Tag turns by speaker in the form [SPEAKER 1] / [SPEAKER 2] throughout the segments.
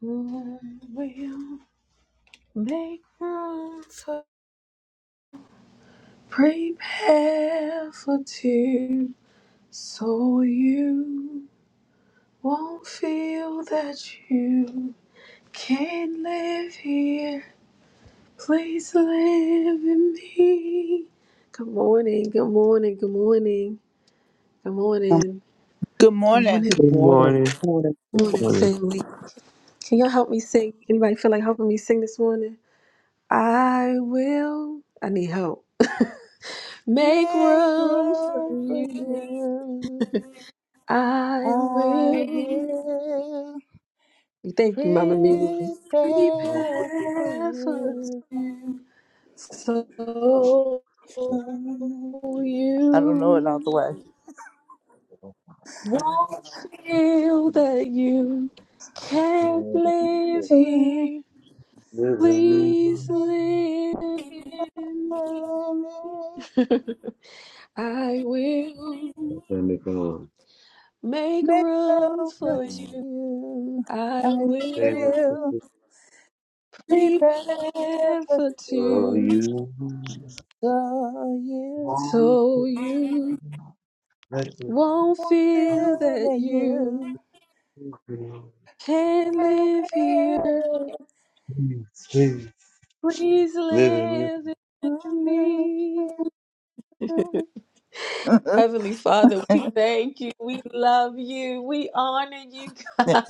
[SPEAKER 1] We'll make room for prepare for two, so you won't feel that you can't live here. Please live in me. Good morning, good morning, good morning, good
[SPEAKER 2] Um,
[SPEAKER 1] morning,
[SPEAKER 3] Good
[SPEAKER 1] good
[SPEAKER 3] morning.
[SPEAKER 1] morning,
[SPEAKER 4] Good
[SPEAKER 1] good
[SPEAKER 5] Good
[SPEAKER 4] morning,
[SPEAKER 5] morning.
[SPEAKER 4] morning,
[SPEAKER 5] Good
[SPEAKER 1] morning,
[SPEAKER 5] morning.
[SPEAKER 1] family. Can y'all help me sing? Anybody feel like helping me sing this morning? I will. I need help. Make
[SPEAKER 3] Make
[SPEAKER 1] room for
[SPEAKER 3] room for
[SPEAKER 1] you.
[SPEAKER 3] you.
[SPEAKER 1] I
[SPEAKER 3] I
[SPEAKER 1] will.
[SPEAKER 3] will
[SPEAKER 1] Thank you, Mama Mia.
[SPEAKER 6] Depending
[SPEAKER 3] prepare for
[SPEAKER 1] Prepare for
[SPEAKER 3] you.
[SPEAKER 1] two. So
[SPEAKER 6] on
[SPEAKER 3] I don't know it
[SPEAKER 1] you
[SPEAKER 3] out the way.
[SPEAKER 1] won't feel that you can't
[SPEAKER 6] all
[SPEAKER 1] live here. Please live in me. I will make
[SPEAKER 3] Make
[SPEAKER 1] room
[SPEAKER 3] room for
[SPEAKER 1] for you.
[SPEAKER 3] you.
[SPEAKER 1] I
[SPEAKER 3] I
[SPEAKER 1] will
[SPEAKER 3] will prepare
[SPEAKER 1] Prepare
[SPEAKER 3] for
[SPEAKER 1] for
[SPEAKER 3] you.
[SPEAKER 1] two,
[SPEAKER 6] you
[SPEAKER 3] So you
[SPEAKER 6] want to
[SPEAKER 1] so you
[SPEAKER 6] let
[SPEAKER 1] won't feel that
[SPEAKER 3] will, you
[SPEAKER 1] you can't live here.
[SPEAKER 6] me feel. Please
[SPEAKER 1] Please
[SPEAKER 6] living with
[SPEAKER 1] live in me.
[SPEAKER 3] will. yes,
[SPEAKER 1] Heavenly Father, we thank you. We love you. We honor you, God.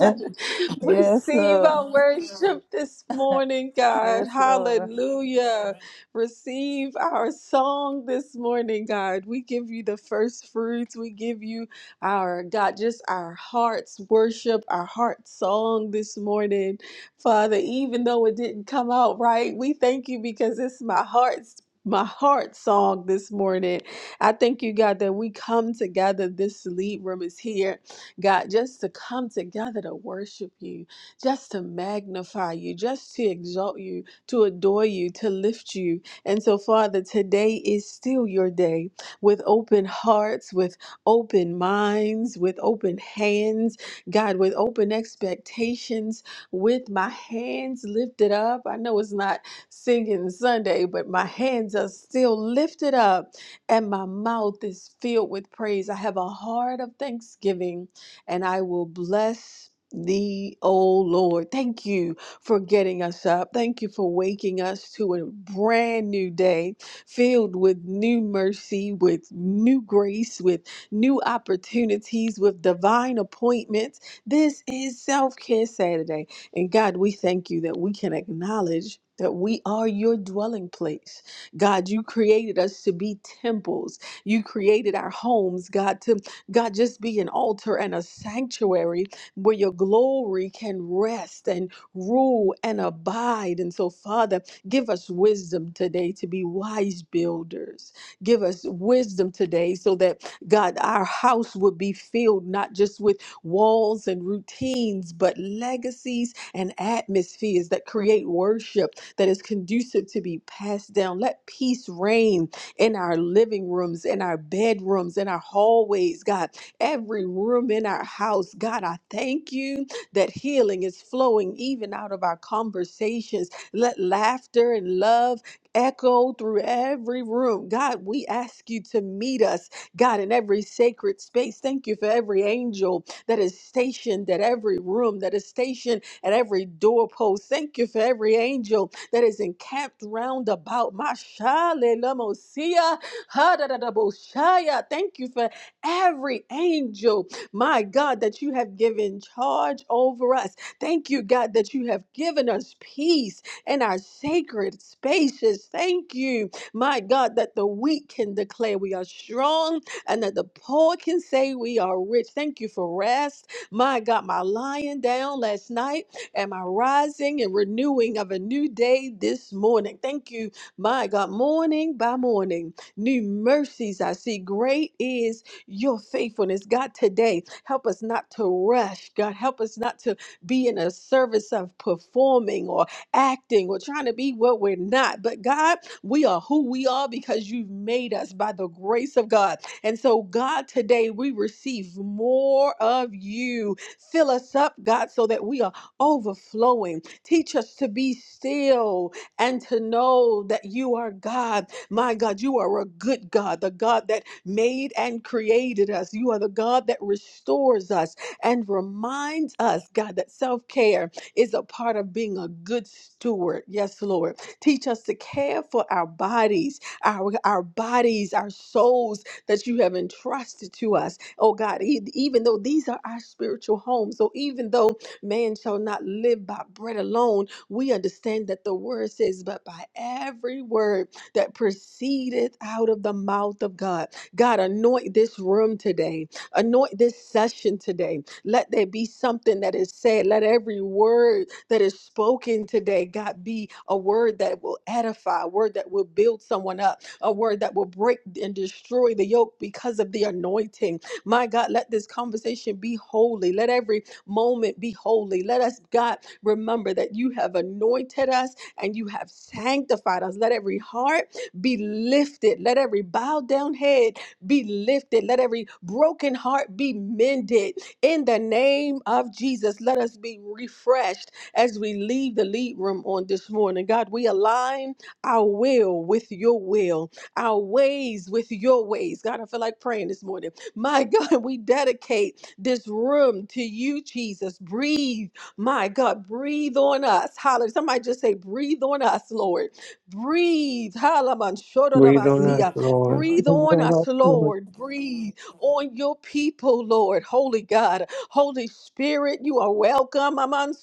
[SPEAKER 1] Receive
[SPEAKER 3] Lord.
[SPEAKER 1] our worship this morning, God.
[SPEAKER 3] Yes, Lord.
[SPEAKER 1] Hallelujah. Receive our song this morning, God. We give you the first fruits. We give you our, God, just our heart's worship, our heart song this morning. Father, even though it didn't come out right, we thank you because it's my heart's. My heart song this morning. I thank you, God, that we come together. This lead room is here, God, just to come together to worship you, just to magnify you, just to exalt you, to adore you, to lift you. And so, Father, today is still your day with open hearts, with open minds, with open hands, God, with open expectations, with my hands lifted up. I know it's not singing Sunday, but my hands are still lifted up and my mouth is filled with praise. I have a heart of thanksgiving, and I will bless thee, O Lord. Thank you for getting us up. Thank you for waking us to a brand new day filled with new mercy, with new grace, with new opportunities, with divine appointments. This is Self Care Saturday. And God, we thank you that we can acknowledge that we are your dwelling place God, you created us to be temples. You created our homes, God, to God just be an altar and a sanctuary where your glory can rest and rule and abide. And so, Father, give us wisdom today to be wise builders. Give us wisdom today so that God, our house would be filled not just with walls and routines, but legacies and atmospheres that create worship that is conducive to be passed down. Let peace reign in our living rooms, in our bedrooms, in our hallways, God, every room in our house. God, I thank you that healing is flowing even out of our conversations. Let laughter and love echo through every room. God, we ask you to meet us, God, in every sacred space. Thank you for every angel that is stationed at every room, that is stationed at every doorpost. Thank you for every angel that is encamped round about. Mashalelamosia, hadadadaboshaya. Thank you for every angel, my God, that you have given charge over us. Thank you, God, that you have given us peace in our sacred spaces. Thank you, my God, that the weak can declare we are strong and that the poet can say we are rich. Thank you for rest. My God, my lying down last night and my rising and renewing of a new day this morning. Thank you, my God, morning by morning. New mercies I see. Great is your faithfulness. God, today, help us not to rush. God, help us not to be in a service of performing or acting or trying to be what we're not. But God, we are who we are because you've made us by the grace of God. And so, God, today we receive more of you. Fill us up, God, so that we are overflowing. Teach us to be still and to know that you are God. My God, you are a good God, the God that made and created us. You are the God that restores us and reminds us, God, that self care is a part of being a good steward. Yes, Lord. Teach us to care for our bodies, our, our bodies, our souls that you have entrusted to us. Oh God, e- even though these are our spiritual homes, so even though man shall not live by bread alone, we understand that the word says, but by every word that proceedeth out of the mouth of God. God, anoint this room today, anoint this session today. Let there be something that is said. Let every word that is spoken today, God, be a word that will edify, a word that will build someone up, a word that will break and destroy the yoke because of the anointing. My God, let this conversation be holy. Let every moment be holy. Let us, God, remember that you have anointed us and you have sanctified us. Let every heart be lifted. Let every bowed down head be lifted. Let every broken heart be mended. In the name of Jesus, let us be refreshed as we leave the lead room on this morning. God, we align our will with your will our ways with your ways. God, I feel like praying this morning. My God, we dedicate this room to you, Jesus. Breathe, my God, breathe on us. Hallelujah. Somebody just say, breathe on us, Lord. Breathe. Halaman
[SPEAKER 5] Breathe on us,
[SPEAKER 1] shodorabasia.
[SPEAKER 5] Lord.
[SPEAKER 1] Breathe
[SPEAKER 4] bring
[SPEAKER 1] on
[SPEAKER 4] God our
[SPEAKER 1] us,
[SPEAKER 4] spirit.
[SPEAKER 1] Lord. Breathe on your people, Lord. Holy God, Holy Spirit, you are welcome. Aman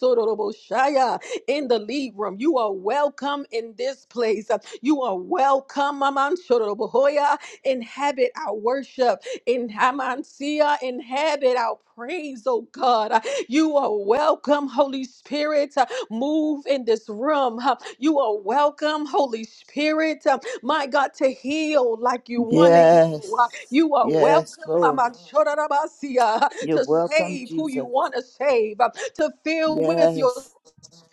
[SPEAKER 1] in the lead room. You are welcome in this place. Uh, You are welcome, Aman Shorobohoya. Inhabit our worship. In Hamansia, inhabit our praise, oh God. Uh, You are welcome, Holy Spirit. Uh, Move in this room. Uh, You are welcome, Holy Spirit. Uh, My God, to heal like you want to heal. Uh,
[SPEAKER 3] Yes.
[SPEAKER 1] You are
[SPEAKER 3] Yes,
[SPEAKER 1] welcome,
[SPEAKER 3] Lord.
[SPEAKER 1] Aman Shorobohoya,
[SPEAKER 3] You're
[SPEAKER 1] to
[SPEAKER 3] welcome,
[SPEAKER 1] save who you
[SPEAKER 3] Jesus.
[SPEAKER 1] want to save, uh, to fill with your
[SPEAKER 3] Yes.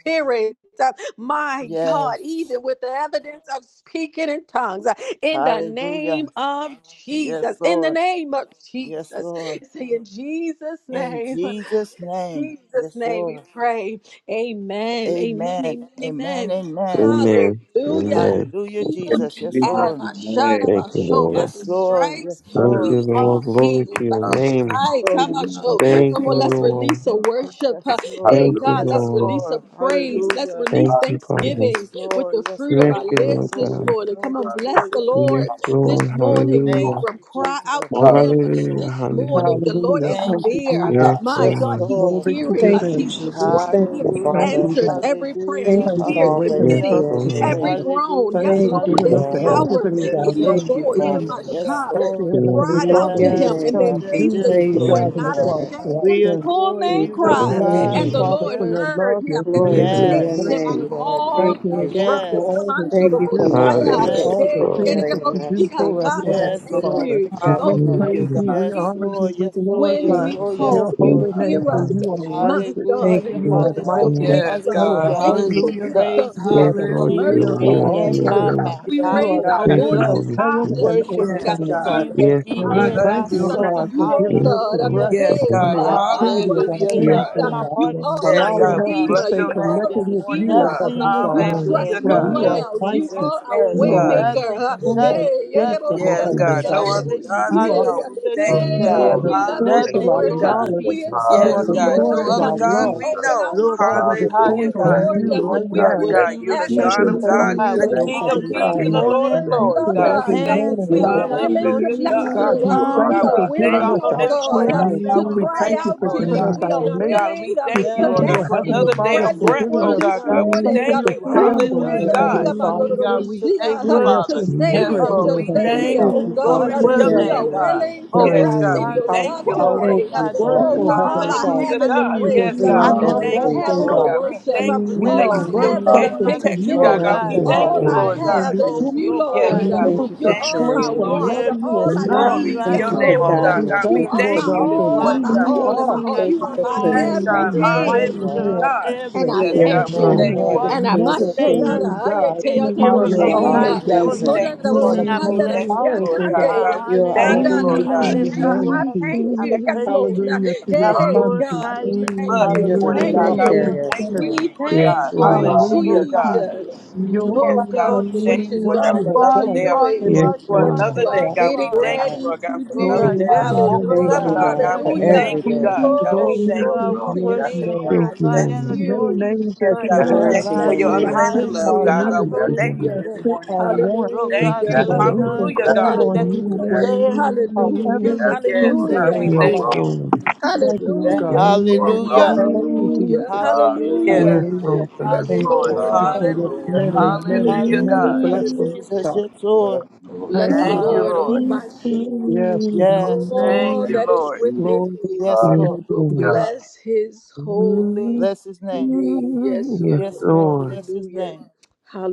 [SPEAKER 1] spirit. uh, My God,
[SPEAKER 3] Yes.
[SPEAKER 1] even with the evidence of speaking in tongues, uh, in the name
[SPEAKER 3] Hallelujah.
[SPEAKER 1] of
[SPEAKER 3] Yes,
[SPEAKER 1] Jesus, in the
[SPEAKER 3] Lord.
[SPEAKER 1] name of
[SPEAKER 3] Yes,
[SPEAKER 1] Jesus,
[SPEAKER 3] Lord.
[SPEAKER 1] say in Jesus'
[SPEAKER 3] In
[SPEAKER 1] name,
[SPEAKER 3] Jesus' name.
[SPEAKER 1] Jesus'
[SPEAKER 3] Yes,
[SPEAKER 1] name we
[SPEAKER 3] Lord.
[SPEAKER 1] pray. Amen. Amen.
[SPEAKER 3] Amen.
[SPEAKER 1] Amen.
[SPEAKER 3] Amen.
[SPEAKER 1] Amen.
[SPEAKER 3] Amen.
[SPEAKER 5] Amen.
[SPEAKER 1] Hallelujah.
[SPEAKER 5] Amen.
[SPEAKER 3] Hallelujah,
[SPEAKER 1] Healed
[SPEAKER 6] and
[SPEAKER 3] Jesus. Yes,
[SPEAKER 6] things like
[SPEAKER 1] and
[SPEAKER 3] Lord.
[SPEAKER 1] I shot up
[SPEAKER 5] Thank
[SPEAKER 1] our
[SPEAKER 5] you,
[SPEAKER 1] show by
[SPEAKER 5] Lord.
[SPEAKER 3] Yes,
[SPEAKER 1] his
[SPEAKER 3] Lord. Yes,
[SPEAKER 1] stripes.
[SPEAKER 5] Thank
[SPEAKER 6] Hallelujah.
[SPEAKER 3] Lord.
[SPEAKER 5] you,
[SPEAKER 1] We are
[SPEAKER 5] Lord. Glory to
[SPEAKER 1] healed by
[SPEAKER 5] your
[SPEAKER 6] Hallelujah.
[SPEAKER 1] his
[SPEAKER 5] name.
[SPEAKER 3] Yes,
[SPEAKER 1] stripes. How
[SPEAKER 3] Lord.
[SPEAKER 1] much show?
[SPEAKER 6] Thank
[SPEAKER 3] Yes,
[SPEAKER 6] you.
[SPEAKER 5] Thank
[SPEAKER 1] Come
[SPEAKER 5] you,
[SPEAKER 1] on,
[SPEAKER 3] Lord.
[SPEAKER 1] let's
[SPEAKER 6] Jesus.
[SPEAKER 5] Lord.
[SPEAKER 1] release a worship.
[SPEAKER 3] Yes,
[SPEAKER 1] Uh,
[SPEAKER 6] Hallelujah.
[SPEAKER 3] Lord.
[SPEAKER 1] Hey
[SPEAKER 5] Thank you,
[SPEAKER 1] God,
[SPEAKER 6] Hallelujah.
[SPEAKER 1] let's
[SPEAKER 3] Yes,
[SPEAKER 5] Lord.
[SPEAKER 1] release a
[SPEAKER 3] Lord.
[SPEAKER 1] praise. Let's
[SPEAKER 3] Hallelujah.
[SPEAKER 1] release
[SPEAKER 5] Thank you, Father.
[SPEAKER 1] thanksgiving
[SPEAKER 3] Yes,
[SPEAKER 1] with
[SPEAKER 3] Lord.
[SPEAKER 1] the
[SPEAKER 3] Yes,
[SPEAKER 1] fruit of
[SPEAKER 5] Bless
[SPEAKER 3] Lord.
[SPEAKER 1] our
[SPEAKER 5] you,
[SPEAKER 3] Yes,
[SPEAKER 1] lips
[SPEAKER 5] Lord
[SPEAKER 3] Lord.
[SPEAKER 1] this
[SPEAKER 5] God.
[SPEAKER 3] Yes,
[SPEAKER 1] morning.
[SPEAKER 3] Lord.
[SPEAKER 1] Come on,
[SPEAKER 3] Yes, Lord.
[SPEAKER 1] bless the
[SPEAKER 3] Yes,
[SPEAKER 6] Hallelujah.
[SPEAKER 3] Lord.
[SPEAKER 5] Yes,
[SPEAKER 1] Lord
[SPEAKER 5] Lord.
[SPEAKER 1] this
[SPEAKER 6] Thank
[SPEAKER 1] morning.
[SPEAKER 3] Thank
[SPEAKER 1] Lead
[SPEAKER 6] you. Jesus.
[SPEAKER 5] Hallelujah.
[SPEAKER 1] from
[SPEAKER 3] you,
[SPEAKER 6] Hallelujah.
[SPEAKER 1] cry
[SPEAKER 3] Jesus.
[SPEAKER 1] out to
[SPEAKER 6] Thank
[SPEAKER 3] Yes,
[SPEAKER 6] you,
[SPEAKER 1] him
[SPEAKER 3] Lord.
[SPEAKER 5] Hallelujah.
[SPEAKER 1] this morning.
[SPEAKER 5] Hallelujah.
[SPEAKER 1] The Lord
[SPEAKER 6] Jesus.
[SPEAKER 4] Hallelujah.
[SPEAKER 1] is
[SPEAKER 4] Thank
[SPEAKER 3] Thank
[SPEAKER 4] you,
[SPEAKER 3] you,
[SPEAKER 1] near.
[SPEAKER 4] Jesus.
[SPEAKER 5] Yes,
[SPEAKER 3] Jesus.
[SPEAKER 1] My
[SPEAKER 3] Yes,
[SPEAKER 1] God,
[SPEAKER 5] Lord.
[SPEAKER 1] He's
[SPEAKER 3] Lord.
[SPEAKER 4] Glory to
[SPEAKER 1] hearing
[SPEAKER 4] your
[SPEAKER 7] Thank
[SPEAKER 1] us.
[SPEAKER 7] you,
[SPEAKER 1] He's
[SPEAKER 4] name.
[SPEAKER 7] Jesus.
[SPEAKER 1] right
[SPEAKER 7] Thank
[SPEAKER 1] here.
[SPEAKER 7] you,
[SPEAKER 1] He
[SPEAKER 4] Thank
[SPEAKER 3] Hallelujah.
[SPEAKER 7] Father.
[SPEAKER 4] you,
[SPEAKER 1] answers
[SPEAKER 4] God.
[SPEAKER 1] every prayer. He
[SPEAKER 3] Hallelujah.
[SPEAKER 7] Thank
[SPEAKER 4] Thank
[SPEAKER 7] you
[SPEAKER 4] you
[SPEAKER 1] hears
[SPEAKER 4] for
[SPEAKER 7] for
[SPEAKER 1] and
[SPEAKER 4] waking
[SPEAKER 7] always
[SPEAKER 4] us
[SPEAKER 5] Yes,
[SPEAKER 3] Hallelujah.
[SPEAKER 1] pities
[SPEAKER 4] up
[SPEAKER 7] being
[SPEAKER 4] this
[SPEAKER 7] there.
[SPEAKER 5] Lord.
[SPEAKER 1] every
[SPEAKER 4] morning.
[SPEAKER 1] groan.
[SPEAKER 4] Thank you
[SPEAKER 1] Yes,
[SPEAKER 3] Hallelujah.
[SPEAKER 4] for
[SPEAKER 7] Thank
[SPEAKER 1] Lord,
[SPEAKER 7] you,
[SPEAKER 4] giving
[SPEAKER 5] Yes,
[SPEAKER 4] us
[SPEAKER 1] there's
[SPEAKER 4] the
[SPEAKER 7] Lord.
[SPEAKER 3] Hallelujah.
[SPEAKER 5] Lord.
[SPEAKER 1] power
[SPEAKER 4] activity of our
[SPEAKER 1] in your
[SPEAKER 3] Hallelujah.
[SPEAKER 4] limbs.
[SPEAKER 7] Thank you,
[SPEAKER 1] voice. In
[SPEAKER 4] Limbs.
[SPEAKER 1] my
[SPEAKER 7] Father.
[SPEAKER 3] Yes,
[SPEAKER 1] shop,
[SPEAKER 4] Thank
[SPEAKER 3] Lord.
[SPEAKER 4] you,
[SPEAKER 5] Yes,
[SPEAKER 7] We
[SPEAKER 4] Heavenly
[SPEAKER 1] cried out
[SPEAKER 7] lift
[SPEAKER 4] Father,
[SPEAKER 1] to
[SPEAKER 7] your
[SPEAKER 5] Lord.
[SPEAKER 4] for your
[SPEAKER 1] Him,
[SPEAKER 3] Yes,
[SPEAKER 1] and
[SPEAKER 7] name
[SPEAKER 3] yes,
[SPEAKER 1] their
[SPEAKER 4] Son,
[SPEAKER 7] up.
[SPEAKER 3] yes,
[SPEAKER 7] We
[SPEAKER 3] yes,
[SPEAKER 1] faces
[SPEAKER 4] Jesus, who
[SPEAKER 7] praise
[SPEAKER 3] Lord.
[SPEAKER 1] were
[SPEAKER 7] you,
[SPEAKER 5] Yes,
[SPEAKER 4] died on the
[SPEAKER 1] not
[SPEAKER 4] cross
[SPEAKER 7] Lord.
[SPEAKER 4] for
[SPEAKER 1] ashamed.
[SPEAKER 4] our
[SPEAKER 1] This
[SPEAKER 3] We
[SPEAKER 4] sins.
[SPEAKER 1] poor
[SPEAKER 3] adore
[SPEAKER 7] We
[SPEAKER 1] man
[SPEAKER 3] you,
[SPEAKER 4] Thank
[SPEAKER 3] Lord
[SPEAKER 4] you,
[SPEAKER 1] cried,
[SPEAKER 4] O
[SPEAKER 7] praise
[SPEAKER 3] God.
[SPEAKER 4] Heavenly
[SPEAKER 1] and the
[SPEAKER 7] you.
[SPEAKER 5] Lord.
[SPEAKER 3] We
[SPEAKER 4] Father,
[SPEAKER 1] Lord
[SPEAKER 4] for your
[SPEAKER 3] worship.
[SPEAKER 1] heard
[SPEAKER 4] love,
[SPEAKER 1] him
[SPEAKER 4] your
[SPEAKER 1] and
[SPEAKER 5] Yes,
[SPEAKER 4] grace,
[SPEAKER 7] Glory
[SPEAKER 4] and
[SPEAKER 7] to
[SPEAKER 5] Lord.
[SPEAKER 4] your
[SPEAKER 7] your
[SPEAKER 1] saved him
[SPEAKER 3] Yes,
[SPEAKER 1] out
[SPEAKER 4] mercy.
[SPEAKER 7] name,
[SPEAKER 1] of
[SPEAKER 7] Lord.
[SPEAKER 4] Thank
[SPEAKER 1] all of
[SPEAKER 7] Thank
[SPEAKER 4] you,
[SPEAKER 7] you.
[SPEAKER 1] his
[SPEAKER 4] Lord, for
[SPEAKER 1] troubles.
[SPEAKER 3] yes,
[SPEAKER 4] all that
[SPEAKER 1] Aman shodo
[SPEAKER 4] you
[SPEAKER 7] Thank you for
[SPEAKER 4] do.
[SPEAKER 7] loving
[SPEAKER 2] Hallelujah,
[SPEAKER 1] Mosiah.
[SPEAKER 7] us.
[SPEAKER 5] Hallelujah,
[SPEAKER 2] God.
[SPEAKER 7] Thank
[SPEAKER 3] yes,
[SPEAKER 7] you
[SPEAKER 4] all the
[SPEAKER 7] for
[SPEAKER 1] Hey,
[SPEAKER 3] Lord.
[SPEAKER 4] things
[SPEAKER 1] yede de
[SPEAKER 4] that
[SPEAKER 7] carrying
[SPEAKER 4] you do
[SPEAKER 7] us.
[SPEAKER 1] Mosiah.
[SPEAKER 7] Thank
[SPEAKER 4] for us,
[SPEAKER 7] you
[SPEAKER 1] God,
[SPEAKER 4] O
[SPEAKER 7] for
[SPEAKER 1] I
[SPEAKER 4] Heavenly
[SPEAKER 3] Yes,
[SPEAKER 2] Yes,
[SPEAKER 1] thank
[SPEAKER 7] putting
[SPEAKER 2] Lord.
[SPEAKER 7] us
[SPEAKER 3] Lord.
[SPEAKER 4] Father.
[SPEAKER 1] you.
[SPEAKER 7] together,
[SPEAKER 4] We
[SPEAKER 1] Oh God,
[SPEAKER 7] Lord.
[SPEAKER 2] Hallelujah,
[SPEAKER 4] praise
[SPEAKER 5] Lord.
[SPEAKER 1] that
[SPEAKER 4] you,
[SPEAKER 1] you
[SPEAKER 4] we
[SPEAKER 2] God.
[SPEAKER 1] hear
[SPEAKER 3] Yes,
[SPEAKER 4] honor
[SPEAKER 1] us.
[SPEAKER 4] you,
[SPEAKER 3] Lord.
[SPEAKER 4] we
[SPEAKER 3] Yes, Lord.
[SPEAKER 1] When
[SPEAKER 3] Yes,
[SPEAKER 4] glorify
[SPEAKER 7] Thank
[SPEAKER 1] we
[SPEAKER 7] you,
[SPEAKER 3] Lord.
[SPEAKER 1] call,
[SPEAKER 4] your
[SPEAKER 7] Father.
[SPEAKER 3] Yes,
[SPEAKER 5] Yes,
[SPEAKER 1] you
[SPEAKER 4] holy
[SPEAKER 3] Lord.
[SPEAKER 4] name,
[SPEAKER 1] hear
[SPEAKER 4] for
[SPEAKER 1] us,
[SPEAKER 5] Lord. um,
[SPEAKER 4] you are
[SPEAKER 1] my
[SPEAKER 4] righteous,
[SPEAKER 1] God,
[SPEAKER 7] Thank
[SPEAKER 1] and
[SPEAKER 3] Hallelujah.
[SPEAKER 7] you,
[SPEAKER 1] you
[SPEAKER 4] you
[SPEAKER 5] Yes,
[SPEAKER 4] are
[SPEAKER 1] give
[SPEAKER 7] Father.
[SPEAKER 1] us your
[SPEAKER 4] mighty,
[SPEAKER 3] Hallelujah.
[SPEAKER 5] Lord.
[SPEAKER 2] Yes,
[SPEAKER 4] you
[SPEAKER 1] favor.
[SPEAKER 2] God.
[SPEAKER 4] are
[SPEAKER 3] Hallelujah.
[SPEAKER 1] Thank you for
[SPEAKER 4] holy,
[SPEAKER 2] Hallelujah, God.
[SPEAKER 1] wisdom.
[SPEAKER 3] Praise
[SPEAKER 4] you
[SPEAKER 3] will
[SPEAKER 1] Thank
[SPEAKER 4] are
[SPEAKER 5] Yes,
[SPEAKER 4] the
[SPEAKER 1] you for
[SPEAKER 5] Lord, to
[SPEAKER 2] Hallelujah,
[SPEAKER 5] your
[SPEAKER 4] creator
[SPEAKER 3] continually
[SPEAKER 4] of
[SPEAKER 1] mercy.
[SPEAKER 3] be
[SPEAKER 5] will,
[SPEAKER 2] God.
[SPEAKER 5] to
[SPEAKER 1] Thank
[SPEAKER 4] all
[SPEAKER 3] in
[SPEAKER 5] your
[SPEAKER 4] earth,
[SPEAKER 3] my
[SPEAKER 7] Hallelujah.
[SPEAKER 1] you.
[SPEAKER 5] will.
[SPEAKER 3] mouth.
[SPEAKER 1] We
[SPEAKER 4] you
[SPEAKER 2] Yes,
[SPEAKER 1] raise
[SPEAKER 4] are the
[SPEAKER 1] our
[SPEAKER 2] God.
[SPEAKER 5] Thank
[SPEAKER 4] creator
[SPEAKER 5] you,
[SPEAKER 3] Hallelujah.
[SPEAKER 4] of
[SPEAKER 1] voices
[SPEAKER 5] Holy
[SPEAKER 4] heaven
[SPEAKER 1] high
[SPEAKER 5] Spirit.
[SPEAKER 1] this
[SPEAKER 4] and
[SPEAKER 1] morning.
[SPEAKER 3] Worship
[SPEAKER 4] earth,
[SPEAKER 3] will
[SPEAKER 2] Yes,
[SPEAKER 4] Heavenly
[SPEAKER 1] We
[SPEAKER 2] God.
[SPEAKER 4] Father.
[SPEAKER 3] continually
[SPEAKER 5] Yes,
[SPEAKER 1] raise
[SPEAKER 3] be
[SPEAKER 4] And
[SPEAKER 1] our
[SPEAKER 4] we
[SPEAKER 5] Lord.
[SPEAKER 3] in
[SPEAKER 4] thank
[SPEAKER 3] my
[SPEAKER 1] voices
[SPEAKER 2] Hallelujah,
[SPEAKER 4] you, O
[SPEAKER 1] unto
[SPEAKER 4] God,
[SPEAKER 3] soul.
[SPEAKER 4] for
[SPEAKER 1] you, oh
[SPEAKER 4] giving
[SPEAKER 5] Yes,
[SPEAKER 2] God.
[SPEAKER 4] us the
[SPEAKER 1] God.
[SPEAKER 5] Lord.
[SPEAKER 3] Hallelujah.
[SPEAKER 4] breath
[SPEAKER 2] Yes,
[SPEAKER 1] Hey,
[SPEAKER 5] God.
[SPEAKER 4] and
[SPEAKER 2] God.
[SPEAKER 4] the
[SPEAKER 3] My
[SPEAKER 1] God, you are
[SPEAKER 4] activity
[SPEAKER 3] mind
[SPEAKER 4] of
[SPEAKER 1] our
[SPEAKER 3] is
[SPEAKER 4] our
[SPEAKER 2] Hallelujah,
[SPEAKER 3] made
[SPEAKER 5] Yes,
[SPEAKER 4] limbs,
[SPEAKER 3] up
[SPEAKER 2] God.
[SPEAKER 3] and
[SPEAKER 4] O
[SPEAKER 1] strength.
[SPEAKER 3] my
[SPEAKER 5] Lord.
[SPEAKER 4] God,
[SPEAKER 1] You
[SPEAKER 3] heart is
[SPEAKER 1] are
[SPEAKER 5] Yes,
[SPEAKER 2] Yes,
[SPEAKER 1] our
[SPEAKER 3] fixed,
[SPEAKER 5] Lord.
[SPEAKER 4] allowing
[SPEAKER 2] God.
[SPEAKER 3] Lord
[SPEAKER 5] Yes,
[SPEAKER 4] us
[SPEAKER 2] We
[SPEAKER 4] to
[SPEAKER 3] God.
[SPEAKER 1] redeemer.
[SPEAKER 2] bless
[SPEAKER 4] stay
[SPEAKER 2] your
[SPEAKER 1] You are
[SPEAKER 2] name
[SPEAKER 1] our
[SPEAKER 3] There
[SPEAKER 2] this
[SPEAKER 4] connected
[SPEAKER 3] is
[SPEAKER 4] with
[SPEAKER 2] morning,
[SPEAKER 4] you, O
[SPEAKER 2] God.
[SPEAKER 1] healer.
[SPEAKER 4] Heavenly
[SPEAKER 3] nothing,
[SPEAKER 1] We
[SPEAKER 4] Father,
[SPEAKER 5] Lord. Yes, Lord.
[SPEAKER 2] Hallelujah,
[SPEAKER 1] trust
[SPEAKER 4] for
[SPEAKER 1] no
[SPEAKER 5] God.
[SPEAKER 2] God.
[SPEAKER 4] you
[SPEAKER 1] one
[SPEAKER 4] are
[SPEAKER 3] hallelujah,
[SPEAKER 1] else. You
[SPEAKER 4] mighty.
[SPEAKER 3] Jesus.
[SPEAKER 1] are our
[SPEAKER 2] Yes,
[SPEAKER 4] You
[SPEAKER 1] way
[SPEAKER 5] Yes,
[SPEAKER 4] are
[SPEAKER 2] God.
[SPEAKER 5] Lord.
[SPEAKER 1] maker. huh?
[SPEAKER 3] Nothing,
[SPEAKER 4] full of
[SPEAKER 1] Hey,
[SPEAKER 3] nothing,
[SPEAKER 1] yerebo
[SPEAKER 4] wisdom,
[SPEAKER 3] nothing
[SPEAKER 4] O
[SPEAKER 3] that
[SPEAKER 2] Yes,
[SPEAKER 3] will
[SPEAKER 1] shanda
[SPEAKER 5] Yes, Lord. Yes, Lord. Yes,
[SPEAKER 4] Heavenly
[SPEAKER 2] God. No
[SPEAKER 1] yala
[SPEAKER 4] Father.
[SPEAKER 2] other
[SPEAKER 3] separate me.
[SPEAKER 6] Hallelujah.
[SPEAKER 2] God we
[SPEAKER 4] You are,
[SPEAKER 1] shie.
[SPEAKER 2] know. We
[SPEAKER 3] Hallelujah,
[SPEAKER 2] thank you,
[SPEAKER 5] Lord.
[SPEAKER 3] Jesus.
[SPEAKER 4] you
[SPEAKER 1] Hey,
[SPEAKER 4] are
[SPEAKER 2] God.
[SPEAKER 5] Yes,
[SPEAKER 4] the
[SPEAKER 1] we love you,
[SPEAKER 4] source of
[SPEAKER 6] Thank
[SPEAKER 3] Nothing,
[SPEAKER 4] our
[SPEAKER 6] you,
[SPEAKER 2] Hallelujah,
[SPEAKER 1] Lord.
[SPEAKER 3] Lord
[SPEAKER 1] huh?
[SPEAKER 2] God.
[SPEAKER 4] knowledge.
[SPEAKER 6] Jesus.
[SPEAKER 1] We
[SPEAKER 3] Jesus,
[SPEAKER 4] You
[SPEAKER 3] that
[SPEAKER 1] exalt
[SPEAKER 4] are
[SPEAKER 2] Yes,
[SPEAKER 4] the
[SPEAKER 1] you,
[SPEAKER 3] you
[SPEAKER 2] God.
[SPEAKER 4] source
[SPEAKER 2] No
[SPEAKER 1] Lord.
[SPEAKER 3] can
[SPEAKER 4] of
[SPEAKER 2] other
[SPEAKER 1] huh?
[SPEAKER 4] our
[SPEAKER 2] God
[SPEAKER 3] do,
[SPEAKER 1] We
[SPEAKER 5] Lord.
[SPEAKER 4] love.
[SPEAKER 2] we
[SPEAKER 1] open our
[SPEAKER 2] know.
[SPEAKER 3] Lord
[SPEAKER 1] mouth
[SPEAKER 4] God,
[SPEAKER 3] God.
[SPEAKER 1] and
[SPEAKER 4] we
[SPEAKER 1] praise
[SPEAKER 2] Hallelujah,
[SPEAKER 3] Hallelujah.
[SPEAKER 4] depend
[SPEAKER 1] you,
[SPEAKER 6] Hallelujah.
[SPEAKER 4] on
[SPEAKER 6] Thank
[SPEAKER 2] God.
[SPEAKER 1] Lord.
[SPEAKER 6] you,
[SPEAKER 1] huh?
[SPEAKER 4] you
[SPEAKER 6] Lord
[SPEAKER 4] right
[SPEAKER 1] We
[SPEAKER 6] God.
[SPEAKER 2] Yes,
[SPEAKER 3] Will
[SPEAKER 1] create
[SPEAKER 4] now,
[SPEAKER 6] Thank
[SPEAKER 1] an
[SPEAKER 2] God.
[SPEAKER 3] you
[SPEAKER 6] you,
[SPEAKER 2] You're the
[SPEAKER 4] each
[SPEAKER 3] reject
[SPEAKER 2] God
[SPEAKER 4] and
[SPEAKER 6] Jesus.
[SPEAKER 1] atmosphere
[SPEAKER 2] of
[SPEAKER 3] us,
[SPEAKER 1] of
[SPEAKER 3] Lord
[SPEAKER 4] every
[SPEAKER 2] God. You're
[SPEAKER 4] day,
[SPEAKER 3] God?
[SPEAKER 1] worship
[SPEAKER 2] the
[SPEAKER 3] We
[SPEAKER 4] O
[SPEAKER 1] uh,
[SPEAKER 6] Thank
[SPEAKER 2] King of
[SPEAKER 6] you,
[SPEAKER 3] come
[SPEAKER 4] Heavenly
[SPEAKER 3] this
[SPEAKER 6] God.
[SPEAKER 2] kings
[SPEAKER 1] because
[SPEAKER 2] and
[SPEAKER 4] Father,
[SPEAKER 2] the
[SPEAKER 6] Thank
[SPEAKER 1] you
[SPEAKER 6] you,
[SPEAKER 2] Lord of
[SPEAKER 3] morning
[SPEAKER 1] first
[SPEAKER 6] thank
[SPEAKER 4] each
[SPEAKER 6] you,
[SPEAKER 2] lords,
[SPEAKER 4] and
[SPEAKER 1] loved
[SPEAKER 2] God.
[SPEAKER 3] with
[SPEAKER 6] thank
[SPEAKER 2] We
[SPEAKER 4] every
[SPEAKER 6] you,
[SPEAKER 1] us. Uh,
[SPEAKER 6] Lord.
[SPEAKER 2] thank
[SPEAKER 4] morning,
[SPEAKER 3] hands
[SPEAKER 2] you.
[SPEAKER 1] We
[SPEAKER 4] O
[SPEAKER 6] It
[SPEAKER 1] are
[SPEAKER 3] lifted
[SPEAKER 4] God.
[SPEAKER 6] is
[SPEAKER 3] up,
[SPEAKER 1] willing
[SPEAKER 3] Lord
[SPEAKER 1] to
[SPEAKER 6] finished
[SPEAKER 2] Hallelujah,
[SPEAKER 1] bless
[SPEAKER 3] Jesus.
[SPEAKER 2] God.
[SPEAKER 3] We
[SPEAKER 4] God,
[SPEAKER 6] because
[SPEAKER 1] you.
[SPEAKER 4] we
[SPEAKER 1] Uh,
[SPEAKER 6] you
[SPEAKER 3] come
[SPEAKER 6] are
[SPEAKER 4] thank
[SPEAKER 1] We
[SPEAKER 4] you
[SPEAKER 2] God,
[SPEAKER 1] are
[SPEAKER 4] for
[SPEAKER 6] God.
[SPEAKER 2] we
[SPEAKER 3] with
[SPEAKER 2] thank
[SPEAKER 4] giving
[SPEAKER 1] willing,
[SPEAKER 4] us
[SPEAKER 3] our
[SPEAKER 6] Hallelujah.
[SPEAKER 2] you on
[SPEAKER 1] oh
[SPEAKER 4] our
[SPEAKER 2] this
[SPEAKER 3] hearts and
[SPEAKER 1] God,
[SPEAKER 2] morning, God.
[SPEAKER 3] mouth
[SPEAKER 1] um,
[SPEAKER 4] children.
[SPEAKER 3] filled
[SPEAKER 1] to
[SPEAKER 2] God,
[SPEAKER 3] with
[SPEAKER 2] we
[SPEAKER 4] We
[SPEAKER 1] cry
[SPEAKER 4] thank
[SPEAKER 2] thank
[SPEAKER 4] you
[SPEAKER 3] praise.
[SPEAKER 2] you,
[SPEAKER 1] out
[SPEAKER 4] for
[SPEAKER 1] to
[SPEAKER 2] Lord
[SPEAKER 4] giving
[SPEAKER 1] you.
[SPEAKER 4] us
[SPEAKER 2] God.
[SPEAKER 1] We
[SPEAKER 4] our
[SPEAKER 1] are
[SPEAKER 3] Hallelujah.
[SPEAKER 2] God,
[SPEAKER 4] mates.
[SPEAKER 1] willing
[SPEAKER 2] we
[SPEAKER 1] um,
[SPEAKER 4] We
[SPEAKER 2] thank you,
[SPEAKER 1] to
[SPEAKER 4] thank
[SPEAKER 2] Lord
[SPEAKER 4] you,
[SPEAKER 3] Yes,
[SPEAKER 5] Yes,
[SPEAKER 2] God,
[SPEAKER 4] O
[SPEAKER 1] bask
[SPEAKER 2] for
[SPEAKER 1] in
[SPEAKER 4] Heavenly
[SPEAKER 5] Lord.
[SPEAKER 1] your
[SPEAKER 2] another day
[SPEAKER 4] Father,
[SPEAKER 3] Jesus,
[SPEAKER 2] of
[SPEAKER 4] for
[SPEAKER 6] Hallelujah.
[SPEAKER 1] presence
[SPEAKER 3] you
[SPEAKER 2] breath,
[SPEAKER 4] giving
[SPEAKER 2] oh
[SPEAKER 1] on
[SPEAKER 4] us
[SPEAKER 1] this
[SPEAKER 2] God.
[SPEAKER 3] worship.
[SPEAKER 2] God, we
[SPEAKER 1] morning.
[SPEAKER 4] something
[SPEAKER 1] Uh,
[SPEAKER 2] thank
[SPEAKER 4] to
[SPEAKER 3] You're
[SPEAKER 2] you.
[SPEAKER 5] Hallelujah.
[SPEAKER 1] We are
[SPEAKER 4] stand
[SPEAKER 3] worthy
[SPEAKER 4] on,
[SPEAKER 3] of
[SPEAKER 2] Hallelujah,
[SPEAKER 4] O
[SPEAKER 3] the
[SPEAKER 1] willing
[SPEAKER 2] God.
[SPEAKER 4] Heavenly
[SPEAKER 1] um, uh,
[SPEAKER 3] worship,
[SPEAKER 1] no,
[SPEAKER 4] Father,
[SPEAKER 1] no, no, no,
[SPEAKER 2] God, we
[SPEAKER 3] Jesus.
[SPEAKER 1] she,
[SPEAKER 3] You're
[SPEAKER 2] thank you,
[SPEAKER 1] uh,
[SPEAKER 4] giving us
[SPEAKER 1] to
[SPEAKER 3] worthy
[SPEAKER 2] Father.
[SPEAKER 1] stay
[SPEAKER 2] Yes,
[SPEAKER 3] of
[SPEAKER 1] here,
[SPEAKER 4] integrity,
[SPEAKER 3] the
[SPEAKER 1] to
[SPEAKER 2] Lord,
[SPEAKER 4] O
[SPEAKER 2] we
[SPEAKER 1] lay
[SPEAKER 4] Heavenly
[SPEAKER 3] praise,
[SPEAKER 2] thank
[SPEAKER 1] here,
[SPEAKER 7] Thank
[SPEAKER 2] you.
[SPEAKER 4] Father.
[SPEAKER 1] oh
[SPEAKER 7] you,
[SPEAKER 3] Jesus.
[SPEAKER 1] God.
[SPEAKER 7] Father,
[SPEAKER 3] You're
[SPEAKER 2] Glory
[SPEAKER 1] Uh,
[SPEAKER 7] for
[SPEAKER 2] to
[SPEAKER 4] Giving
[SPEAKER 2] your
[SPEAKER 4] us
[SPEAKER 1] we
[SPEAKER 3] worthy
[SPEAKER 2] name,
[SPEAKER 1] are
[SPEAKER 7] carrying us.
[SPEAKER 2] God.
[SPEAKER 1] willing
[SPEAKER 3] Oh
[SPEAKER 1] to
[SPEAKER 2] Yes,
[SPEAKER 1] rest
[SPEAKER 3] God,
[SPEAKER 2] God,
[SPEAKER 1] in
[SPEAKER 2] we
[SPEAKER 1] your
[SPEAKER 4] our,
[SPEAKER 2] thank
[SPEAKER 1] love
[SPEAKER 2] you,
[SPEAKER 3] hallelujah,
[SPEAKER 4] our
[SPEAKER 2] Lord.
[SPEAKER 3] Lord
[SPEAKER 1] today.
[SPEAKER 7] Thank you,
[SPEAKER 3] God,
[SPEAKER 4] worth,
[SPEAKER 1] Oh
[SPEAKER 3] there
[SPEAKER 4] O
[SPEAKER 7] Father.
[SPEAKER 3] is
[SPEAKER 1] God, all
[SPEAKER 4] Heavenly
[SPEAKER 1] I
[SPEAKER 3] none
[SPEAKER 4] Father,
[SPEAKER 2] Hallelujah,
[SPEAKER 1] have
[SPEAKER 3] like
[SPEAKER 1] is a
[SPEAKER 2] God.
[SPEAKER 3] you.
[SPEAKER 4] because
[SPEAKER 2] Yes,
[SPEAKER 1] praise.
[SPEAKER 7] We
[SPEAKER 3] I
[SPEAKER 2] God,
[SPEAKER 7] owe
[SPEAKER 4] you
[SPEAKER 2] we
[SPEAKER 3] can
[SPEAKER 4] love
[SPEAKER 1] All
[SPEAKER 2] thank
[SPEAKER 3] search
[SPEAKER 4] us,
[SPEAKER 7] everything
[SPEAKER 2] you,
[SPEAKER 1] I have
[SPEAKER 7] to
[SPEAKER 4] O
[SPEAKER 1] is
[SPEAKER 2] Lord
[SPEAKER 1] a
[SPEAKER 7] you.
[SPEAKER 6] Hallelujah.
[SPEAKER 4] God.
[SPEAKER 3] all
[SPEAKER 2] God.
[SPEAKER 3] over,
[SPEAKER 2] We
[SPEAKER 1] worship.
[SPEAKER 2] thank
[SPEAKER 3] but
[SPEAKER 2] you. We
[SPEAKER 4] We
[SPEAKER 3] there
[SPEAKER 1] All
[SPEAKER 2] thank
[SPEAKER 4] are
[SPEAKER 2] you
[SPEAKER 3] is
[SPEAKER 1] I
[SPEAKER 2] for your
[SPEAKER 4] worth
[SPEAKER 3] still
[SPEAKER 1] have is a
[SPEAKER 2] edge
[SPEAKER 3] none
[SPEAKER 2] of
[SPEAKER 4] something
[SPEAKER 3] like
[SPEAKER 4] to
[SPEAKER 3] you,
[SPEAKER 2] protection,
[SPEAKER 4] you, O
[SPEAKER 3] Lord
[SPEAKER 7] Lord,
[SPEAKER 2] God.
[SPEAKER 1] thanksgiving.
[SPEAKER 6] Hallelujah.
[SPEAKER 2] God,
[SPEAKER 7] lift
[SPEAKER 3] God.
[SPEAKER 2] we
[SPEAKER 4] Heavenly
[SPEAKER 5] Yes,
[SPEAKER 7] us
[SPEAKER 2] thank
[SPEAKER 7] up
[SPEAKER 4] Father.
[SPEAKER 1] All
[SPEAKER 2] you,
[SPEAKER 7] where
[SPEAKER 1] I
[SPEAKER 7] we
[SPEAKER 3] I
[SPEAKER 2] Lord
[SPEAKER 5] Lord.
[SPEAKER 7] need
[SPEAKER 2] God.
[SPEAKER 4] And
[SPEAKER 3] can
[SPEAKER 7] to
[SPEAKER 1] have
[SPEAKER 4] you
[SPEAKER 1] is
[SPEAKER 3] go,
[SPEAKER 7] be.
[SPEAKER 4] give,
[SPEAKER 1] you,
[SPEAKER 3] Lord
[SPEAKER 6] Yes, Lord. Yes,
[SPEAKER 2] Yes,
[SPEAKER 4] and
[SPEAKER 1] Lord.
[SPEAKER 4] you
[SPEAKER 3] God,
[SPEAKER 2] God, we
[SPEAKER 4] give
[SPEAKER 7] Thank
[SPEAKER 4] us
[SPEAKER 7] you for
[SPEAKER 4] the
[SPEAKER 3] but
[SPEAKER 1] You're
[SPEAKER 2] thank
[SPEAKER 1] all
[SPEAKER 4] choice
[SPEAKER 1] I
[SPEAKER 2] you,
[SPEAKER 3] still
[SPEAKER 7] carrying
[SPEAKER 4] to
[SPEAKER 2] Lord
[SPEAKER 7] us.
[SPEAKER 1] want.
[SPEAKER 4] love
[SPEAKER 3] there
[SPEAKER 1] You're
[SPEAKER 2] God.
[SPEAKER 4] you
[SPEAKER 1] all
[SPEAKER 4] or
[SPEAKER 3] is
[SPEAKER 1] I
[SPEAKER 4] not.
[SPEAKER 3] none
[SPEAKER 2] Glory
[SPEAKER 1] need.
[SPEAKER 2] to
[SPEAKER 3] like
[SPEAKER 1] Yes,
[SPEAKER 7] Thank
[SPEAKER 2] your
[SPEAKER 7] you for
[SPEAKER 3] you,
[SPEAKER 2] name, oh
[SPEAKER 1] Lord.
[SPEAKER 3] Lord
[SPEAKER 2] God.
[SPEAKER 7] guiding
[SPEAKER 4] We
[SPEAKER 7] us.
[SPEAKER 2] God,
[SPEAKER 1] You
[SPEAKER 4] thank
[SPEAKER 2] we
[SPEAKER 7] Thank
[SPEAKER 3] Jesus.
[SPEAKER 7] you
[SPEAKER 4] you,
[SPEAKER 1] are
[SPEAKER 4] O
[SPEAKER 7] for
[SPEAKER 2] thank
[SPEAKER 1] my
[SPEAKER 2] you
[SPEAKER 4] God,
[SPEAKER 2] this
[SPEAKER 4] for
[SPEAKER 7] leading
[SPEAKER 1] all
[SPEAKER 3] Why?
[SPEAKER 1] and
[SPEAKER 2] morning,
[SPEAKER 4] who
[SPEAKER 7] us.
[SPEAKER 1] my
[SPEAKER 2] God.
[SPEAKER 4] you
[SPEAKER 2] We
[SPEAKER 1] all
[SPEAKER 3] Because,
[SPEAKER 1] and
[SPEAKER 4] are,
[SPEAKER 1] my
[SPEAKER 3] Lord
[SPEAKER 1] all.
[SPEAKER 3] God,
[SPEAKER 7] Thank
[SPEAKER 1] You
[SPEAKER 7] you
[SPEAKER 1] are
[SPEAKER 7] for
[SPEAKER 3] you
[SPEAKER 2] find your
[SPEAKER 1] my
[SPEAKER 3] are
[SPEAKER 7] putting
[SPEAKER 2] name,
[SPEAKER 7] us all
[SPEAKER 4] for
[SPEAKER 2] God.
[SPEAKER 3] the
[SPEAKER 4] the life
[SPEAKER 7] together,
[SPEAKER 1] everything.
[SPEAKER 4] that
[SPEAKER 2] Hallelujah,
[SPEAKER 3] creator
[SPEAKER 4] you
[SPEAKER 7] Lord.
[SPEAKER 3] of
[SPEAKER 4] are
[SPEAKER 2] God.
[SPEAKER 1] And
[SPEAKER 3] every
[SPEAKER 4] excellent.
[SPEAKER 1] I
[SPEAKER 7] You
[SPEAKER 2] Yes,
[SPEAKER 7] are the
[SPEAKER 5] Yes,
[SPEAKER 3] living
[SPEAKER 2] God,
[SPEAKER 1] thank
[SPEAKER 2] we
[SPEAKER 7] Lord
[SPEAKER 3] thing.
[SPEAKER 7] of
[SPEAKER 1] you.
[SPEAKER 2] thank
[SPEAKER 4] You
[SPEAKER 3] You
[SPEAKER 4] are
[SPEAKER 7] Lord
[SPEAKER 2] you.
[SPEAKER 4] the
[SPEAKER 3] are
[SPEAKER 7] and
[SPEAKER 1] And
[SPEAKER 3] the
[SPEAKER 1] I
[SPEAKER 7] King
[SPEAKER 4] never
[SPEAKER 1] must
[SPEAKER 7] of
[SPEAKER 1] say,
[SPEAKER 3] sustainer
[SPEAKER 1] Yada,
[SPEAKER 4] ending
[SPEAKER 7] Kings.
[SPEAKER 1] I
[SPEAKER 4] God.
[SPEAKER 2] In
[SPEAKER 1] say, I
[SPEAKER 3] and
[SPEAKER 2] the
[SPEAKER 4] You
[SPEAKER 1] will
[SPEAKER 4] are
[SPEAKER 3] giver
[SPEAKER 2] mighty
[SPEAKER 4] the
[SPEAKER 7] You
[SPEAKER 3] of
[SPEAKER 2] name
[SPEAKER 7] are
[SPEAKER 2] of
[SPEAKER 1] see,
[SPEAKER 7] our
[SPEAKER 3] life,
[SPEAKER 4] only
[SPEAKER 2] Jesus, God,
[SPEAKER 3] Lord
[SPEAKER 4] God.
[SPEAKER 2] we
[SPEAKER 1] Hold on,
[SPEAKER 2] thank
[SPEAKER 1] I
[SPEAKER 2] you,
[SPEAKER 7] reason.
[SPEAKER 4] You
[SPEAKER 1] will
[SPEAKER 3] Jesus.
[SPEAKER 4] are
[SPEAKER 2] Lord
[SPEAKER 4] the
[SPEAKER 3] And I
[SPEAKER 1] shy,
[SPEAKER 2] God. We
[SPEAKER 4] most
[SPEAKER 1] Yada,
[SPEAKER 2] thank
[SPEAKER 3] bless
[SPEAKER 1] Yada,
[SPEAKER 2] you,
[SPEAKER 3] you.
[SPEAKER 2] Lord
[SPEAKER 4] powerful
[SPEAKER 2] God.
[SPEAKER 4] God.
[SPEAKER 3] I
[SPEAKER 1] Kande,
[SPEAKER 2] God, we
[SPEAKER 7] You
[SPEAKER 3] honor
[SPEAKER 7] are
[SPEAKER 1] uh, Anda,
[SPEAKER 2] thank
[SPEAKER 7] our
[SPEAKER 3] you.
[SPEAKER 2] you,
[SPEAKER 1] Yada,
[SPEAKER 2] Lord
[SPEAKER 4] Hallelujah
[SPEAKER 3] I
[SPEAKER 1] Yada,
[SPEAKER 4] to
[SPEAKER 2] God.
[SPEAKER 1] will
[SPEAKER 2] We
[SPEAKER 4] your
[SPEAKER 7] reason.
[SPEAKER 3] lift
[SPEAKER 1] shout.
[SPEAKER 3] you
[SPEAKER 1] I
[SPEAKER 4] name,
[SPEAKER 3] up.
[SPEAKER 1] thank
[SPEAKER 4] Jesus.
[SPEAKER 3] I
[SPEAKER 1] you.
[SPEAKER 2] thank
[SPEAKER 5] Lord.
[SPEAKER 2] you
[SPEAKER 1] Yes,
[SPEAKER 3] praise
[SPEAKER 1] Lord. Uh,
[SPEAKER 3] you.
[SPEAKER 4] Hallelujah
[SPEAKER 2] for your
[SPEAKER 4] to your
[SPEAKER 3] I
[SPEAKER 1] Hey,
[SPEAKER 5] Yes,
[SPEAKER 4] son,
[SPEAKER 2] thank you
[SPEAKER 1] God,
[SPEAKER 3] glorify
[SPEAKER 4] Jesus.
[SPEAKER 1] we
[SPEAKER 3] you,
[SPEAKER 5] Lord.
[SPEAKER 2] for your
[SPEAKER 1] thank
[SPEAKER 2] blood this
[SPEAKER 1] you.
[SPEAKER 7] You're
[SPEAKER 1] We
[SPEAKER 3] Jesus.
[SPEAKER 7] the
[SPEAKER 4] Hallelujah to
[SPEAKER 2] morning,
[SPEAKER 7] one
[SPEAKER 1] thank
[SPEAKER 2] God.
[SPEAKER 4] the
[SPEAKER 7] that
[SPEAKER 2] God,
[SPEAKER 1] you.
[SPEAKER 2] we
[SPEAKER 7] carries
[SPEAKER 4] Holy
[SPEAKER 3] Hallelujah.
[SPEAKER 2] thank
[SPEAKER 7] us,
[SPEAKER 4] Trinity.
[SPEAKER 2] you,
[SPEAKER 7] Lord.
[SPEAKER 1] We
[SPEAKER 2] Lord
[SPEAKER 5] Yes,
[SPEAKER 3] You
[SPEAKER 2] God.
[SPEAKER 1] thank
[SPEAKER 3] are,
[SPEAKER 1] you,
[SPEAKER 5] Lord.
[SPEAKER 3] oh
[SPEAKER 2] Hallelujah,
[SPEAKER 4] Hallelujah
[SPEAKER 2] God.
[SPEAKER 4] to
[SPEAKER 3] God.
[SPEAKER 1] Jesus.
[SPEAKER 3] You
[SPEAKER 4] your,
[SPEAKER 2] Yes,
[SPEAKER 3] are,
[SPEAKER 1] Oh,
[SPEAKER 2] God, we
[SPEAKER 1] God,
[SPEAKER 3] Lord
[SPEAKER 1] for what
[SPEAKER 2] thank you,
[SPEAKER 1] you've
[SPEAKER 4] what
[SPEAKER 3] Jesus.
[SPEAKER 2] Lord God,
[SPEAKER 4] you
[SPEAKER 1] done,
[SPEAKER 2] for
[SPEAKER 3] You
[SPEAKER 1] what
[SPEAKER 2] another
[SPEAKER 4] have
[SPEAKER 3] are,
[SPEAKER 1] you're
[SPEAKER 3] you
[SPEAKER 2] day
[SPEAKER 4] done
[SPEAKER 2] of
[SPEAKER 3] are,
[SPEAKER 1] doing
[SPEAKER 4] in
[SPEAKER 3] you
[SPEAKER 5] Yes,
[SPEAKER 4] this
[SPEAKER 3] are, you
[SPEAKER 2] for
[SPEAKER 4] earth,
[SPEAKER 1] what
[SPEAKER 3] are,
[SPEAKER 5] Lord.
[SPEAKER 2] another
[SPEAKER 3] you
[SPEAKER 1] you
[SPEAKER 4] and
[SPEAKER 1] are
[SPEAKER 3] are,
[SPEAKER 2] day,
[SPEAKER 4] God.
[SPEAKER 2] God.
[SPEAKER 3] you
[SPEAKER 7] Thank
[SPEAKER 1] getting
[SPEAKER 7] you,
[SPEAKER 2] We
[SPEAKER 3] are.
[SPEAKER 2] thank you,
[SPEAKER 7] Lord.
[SPEAKER 1] ready
[SPEAKER 2] Lord God,
[SPEAKER 1] to
[SPEAKER 2] for
[SPEAKER 3] Lord
[SPEAKER 2] another day.
[SPEAKER 5] Thank
[SPEAKER 3] God,
[SPEAKER 1] do.
[SPEAKER 4] Glory
[SPEAKER 2] that
[SPEAKER 3] yes,
[SPEAKER 2] You
[SPEAKER 4] to your
[SPEAKER 2] woke
[SPEAKER 3] you
[SPEAKER 2] us
[SPEAKER 4] name,
[SPEAKER 7] Thank
[SPEAKER 2] up,
[SPEAKER 1] Hallelujah.
[SPEAKER 7] you,
[SPEAKER 4] O
[SPEAKER 3] are.
[SPEAKER 2] God.
[SPEAKER 4] Heavenly
[SPEAKER 7] Lord,
[SPEAKER 2] God,
[SPEAKER 3] Yes,
[SPEAKER 7] for
[SPEAKER 2] we
[SPEAKER 4] Father.
[SPEAKER 3] you
[SPEAKER 1] Hallelujah.
[SPEAKER 3] are.
[SPEAKER 2] thank
[SPEAKER 7] every
[SPEAKER 2] you,
[SPEAKER 5] you,
[SPEAKER 7] day.
[SPEAKER 2] God.
[SPEAKER 5] Lord.
[SPEAKER 2] God,
[SPEAKER 1] Oh,
[SPEAKER 2] we
[SPEAKER 3] Yes,
[SPEAKER 4] Glory
[SPEAKER 3] you
[SPEAKER 2] thank you.
[SPEAKER 3] are.
[SPEAKER 4] to
[SPEAKER 1] glory
[SPEAKER 3] We
[SPEAKER 1] to
[SPEAKER 4] your
[SPEAKER 1] your
[SPEAKER 2] We thank
[SPEAKER 1] name,
[SPEAKER 3] worship,
[SPEAKER 4] name.
[SPEAKER 2] you.
[SPEAKER 5] Thank
[SPEAKER 1] God.
[SPEAKER 3] Lord
[SPEAKER 2] We
[SPEAKER 5] you,
[SPEAKER 2] thank
[SPEAKER 3] God,
[SPEAKER 1] Bless
[SPEAKER 3] and
[SPEAKER 2] you.
[SPEAKER 4] The
[SPEAKER 3] adore
[SPEAKER 4] many
[SPEAKER 1] you.
[SPEAKER 3] you.
[SPEAKER 4] names that
[SPEAKER 2] Yes,
[SPEAKER 1] My
[SPEAKER 4] you
[SPEAKER 2] God, we
[SPEAKER 1] God, I
[SPEAKER 7] Glory
[SPEAKER 3] Lord
[SPEAKER 4] have
[SPEAKER 2] thank
[SPEAKER 7] to
[SPEAKER 2] you
[SPEAKER 1] bless
[SPEAKER 2] for
[SPEAKER 3] God,
[SPEAKER 7] your
[SPEAKER 2] your
[SPEAKER 3] you're
[SPEAKER 1] you.
[SPEAKER 4] to
[SPEAKER 1] I
[SPEAKER 3] high
[SPEAKER 2] unfailing
[SPEAKER 7] name.
[SPEAKER 4] fit
[SPEAKER 1] thank
[SPEAKER 3] and
[SPEAKER 2] love,
[SPEAKER 4] our
[SPEAKER 1] you.
[SPEAKER 3] lifted
[SPEAKER 2] God.
[SPEAKER 3] up,
[SPEAKER 2] God,
[SPEAKER 4] needs,
[SPEAKER 2] we
[SPEAKER 3] Lord
[SPEAKER 2] thank
[SPEAKER 5] Lord.
[SPEAKER 2] you
[SPEAKER 1] Hallelujah.
[SPEAKER 4] to
[SPEAKER 2] this
[SPEAKER 3] Jesus.
[SPEAKER 4] fit
[SPEAKER 2] morning,
[SPEAKER 4] our
[SPEAKER 2] God. We
[SPEAKER 4] wants,
[SPEAKER 3] Lord
[SPEAKER 2] thank
[SPEAKER 5] Thank
[SPEAKER 3] God,
[SPEAKER 1] Hallelujah.
[SPEAKER 5] you,
[SPEAKER 4] so
[SPEAKER 2] you.
[SPEAKER 3] there is
[SPEAKER 4] that we
[SPEAKER 5] Father.
[SPEAKER 4] can
[SPEAKER 3] none,
[SPEAKER 2] Hallelujah,
[SPEAKER 1] Hallelujah.
[SPEAKER 7] Thank
[SPEAKER 3] Lord
[SPEAKER 4] call
[SPEAKER 7] you,
[SPEAKER 2] God.
[SPEAKER 3] God,
[SPEAKER 6] Lord.
[SPEAKER 4] on
[SPEAKER 3] that can
[SPEAKER 4] you
[SPEAKER 1] Hallelujah.
[SPEAKER 7] Father.
[SPEAKER 6] Yes,
[SPEAKER 4] wherever
[SPEAKER 3] compare
[SPEAKER 1] Hallelujah.
[SPEAKER 3] to
[SPEAKER 6] yes,
[SPEAKER 4] we
[SPEAKER 3] the
[SPEAKER 2] Yes,
[SPEAKER 3] things
[SPEAKER 4] choose,
[SPEAKER 6] Lord.
[SPEAKER 4] O
[SPEAKER 2] God,
[SPEAKER 3] that
[SPEAKER 2] we
[SPEAKER 3] you
[SPEAKER 6] You
[SPEAKER 1] Hallelujah.
[SPEAKER 7] Thank
[SPEAKER 4] Heavenly
[SPEAKER 6] are
[SPEAKER 7] you,
[SPEAKER 5] Yes,
[SPEAKER 4] Father.
[SPEAKER 2] thank
[SPEAKER 3] do.
[SPEAKER 2] you.
[SPEAKER 6] welcome
[SPEAKER 7] Father.
[SPEAKER 6] in
[SPEAKER 5] Lord.
[SPEAKER 6] this
[SPEAKER 4] Thank
[SPEAKER 6] season.
[SPEAKER 4] you, O
[SPEAKER 2] Thank
[SPEAKER 4] God.
[SPEAKER 2] you,
[SPEAKER 1] Hallelujah.
[SPEAKER 6] You are
[SPEAKER 2] Lord.
[SPEAKER 3] Hallelujah.
[SPEAKER 6] welcome,
[SPEAKER 4] Thank you,
[SPEAKER 6] Jesus.
[SPEAKER 1] Hallelujah.
[SPEAKER 4] Jesus.
[SPEAKER 2] Yes,
[SPEAKER 1] Hallelujah.
[SPEAKER 5] Yes,
[SPEAKER 3] Hallelujah.
[SPEAKER 6] Hallelujah.
[SPEAKER 4] Hallelujah.
[SPEAKER 1] Yes,
[SPEAKER 5] Lord
[SPEAKER 7] Thank
[SPEAKER 2] Lord.
[SPEAKER 7] you,
[SPEAKER 4] Thank
[SPEAKER 1] Lord.
[SPEAKER 4] you
[SPEAKER 3] Hallelujah.
[SPEAKER 4] for
[SPEAKER 7] Father.
[SPEAKER 4] your
[SPEAKER 2] Hallelujah.
[SPEAKER 4] many,
[SPEAKER 1] Hallelujah.
[SPEAKER 6] Hallelujah.
[SPEAKER 4] many,
[SPEAKER 2] Hallelujah,
[SPEAKER 4] many
[SPEAKER 1] Hallelujah.
[SPEAKER 2] God.
[SPEAKER 3] Hallelujah.
[SPEAKER 4] blessings,
[SPEAKER 1] Hallelujah.
[SPEAKER 3] Jesus,
[SPEAKER 4] God.
[SPEAKER 3] yes,
[SPEAKER 6] Yes,
[SPEAKER 3] Lord.
[SPEAKER 6] Lord
[SPEAKER 4] Thank
[SPEAKER 1] Bless
[SPEAKER 6] God.
[SPEAKER 1] the
[SPEAKER 5] God.
[SPEAKER 4] you,
[SPEAKER 2] Thank you,
[SPEAKER 1] Lord,
[SPEAKER 4] Heavenly
[SPEAKER 1] O
[SPEAKER 2] Lord.
[SPEAKER 4] Father.
[SPEAKER 1] my
[SPEAKER 3] Hallelujah.
[SPEAKER 6] Hallelujah.
[SPEAKER 1] soul,
[SPEAKER 4] Yes, Lord.
[SPEAKER 1] and
[SPEAKER 3] Yes,
[SPEAKER 6] God.
[SPEAKER 2] Thank
[SPEAKER 1] all
[SPEAKER 3] Jesus.
[SPEAKER 2] you,
[SPEAKER 6] Thank
[SPEAKER 1] that
[SPEAKER 6] you,
[SPEAKER 1] is
[SPEAKER 2] Lord.
[SPEAKER 1] within
[SPEAKER 6] Jesus.
[SPEAKER 4] glory,
[SPEAKER 1] me
[SPEAKER 3] Yes,
[SPEAKER 5] Yes,
[SPEAKER 3] Lord.
[SPEAKER 4] glory
[SPEAKER 1] will
[SPEAKER 4] to your
[SPEAKER 6] Hallelujah.
[SPEAKER 5] Lord.
[SPEAKER 4] name.
[SPEAKER 1] bless his holy
[SPEAKER 5] Mm,
[SPEAKER 3] Bless his name.
[SPEAKER 1] name. Yes,
[SPEAKER 5] Yes,
[SPEAKER 3] Yes,
[SPEAKER 1] Lord.
[SPEAKER 3] Lord.
[SPEAKER 5] Lord.
[SPEAKER 3] Bless his
[SPEAKER 1] Hallelujah.
[SPEAKER 3] name.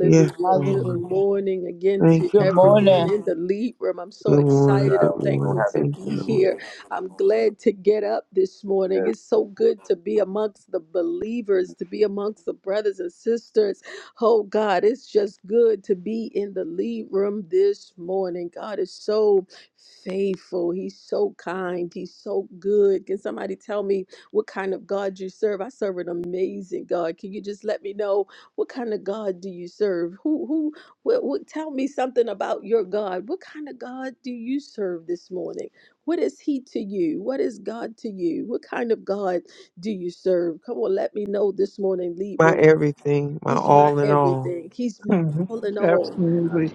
[SPEAKER 5] Yes,
[SPEAKER 1] Good
[SPEAKER 5] Lord.
[SPEAKER 3] Hallelujah.
[SPEAKER 1] morning again
[SPEAKER 5] Thank
[SPEAKER 1] to
[SPEAKER 3] Good
[SPEAKER 5] you,
[SPEAKER 6] God,
[SPEAKER 5] Father.
[SPEAKER 1] everyone
[SPEAKER 3] morning.
[SPEAKER 1] in the lead room. I'm so
[SPEAKER 5] Good morning.
[SPEAKER 1] excited.
[SPEAKER 5] Good
[SPEAKER 1] I'm
[SPEAKER 6] we're so
[SPEAKER 1] thankful
[SPEAKER 5] morning.
[SPEAKER 1] to
[SPEAKER 6] happy to
[SPEAKER 5] Thank
[SPEAKER 1] be
[SPEAKER 5] you,
[SPEAKER 6] be
[SPEAKER 5] Lord.
[SPEAKER 6] here.
[SPEAKER 1] here. I'm glad to get up this morning.
[SPEAKER 6] Yes,
[SPEAKER 1] It's
[SPEAKER 6] Lord
[SPEAKER 1] so good to be amongst the believers, to be amongst the brothers and sisters. Oh, God, it's just good to be in the lead room this morning. God is so faithful. He's so kind. He's so good. Can somebody tell me what kind of God you serve? I serve an amazing God. Can you just let me know what kind of God do you serve? Who who what, what tell me something about your God? What kind of God do you serve this morning? What is he to you? What is God to you? What kind of God do you serve? Come on, let me know this morning, lead
[SPEAKER 5] My
[SPEAKER 1] room.
[SPEAKER 5] everything, my
[SPEAKER 1] He's my
[SPEAKER 5] all in all.
[SPEAKER 1] everything. He's my
[SPEAKER 4] Mhm.
[SPEAKER 1] all in all.
[SPEAKER 6] God.
[SPEAKER 4] Absolutely,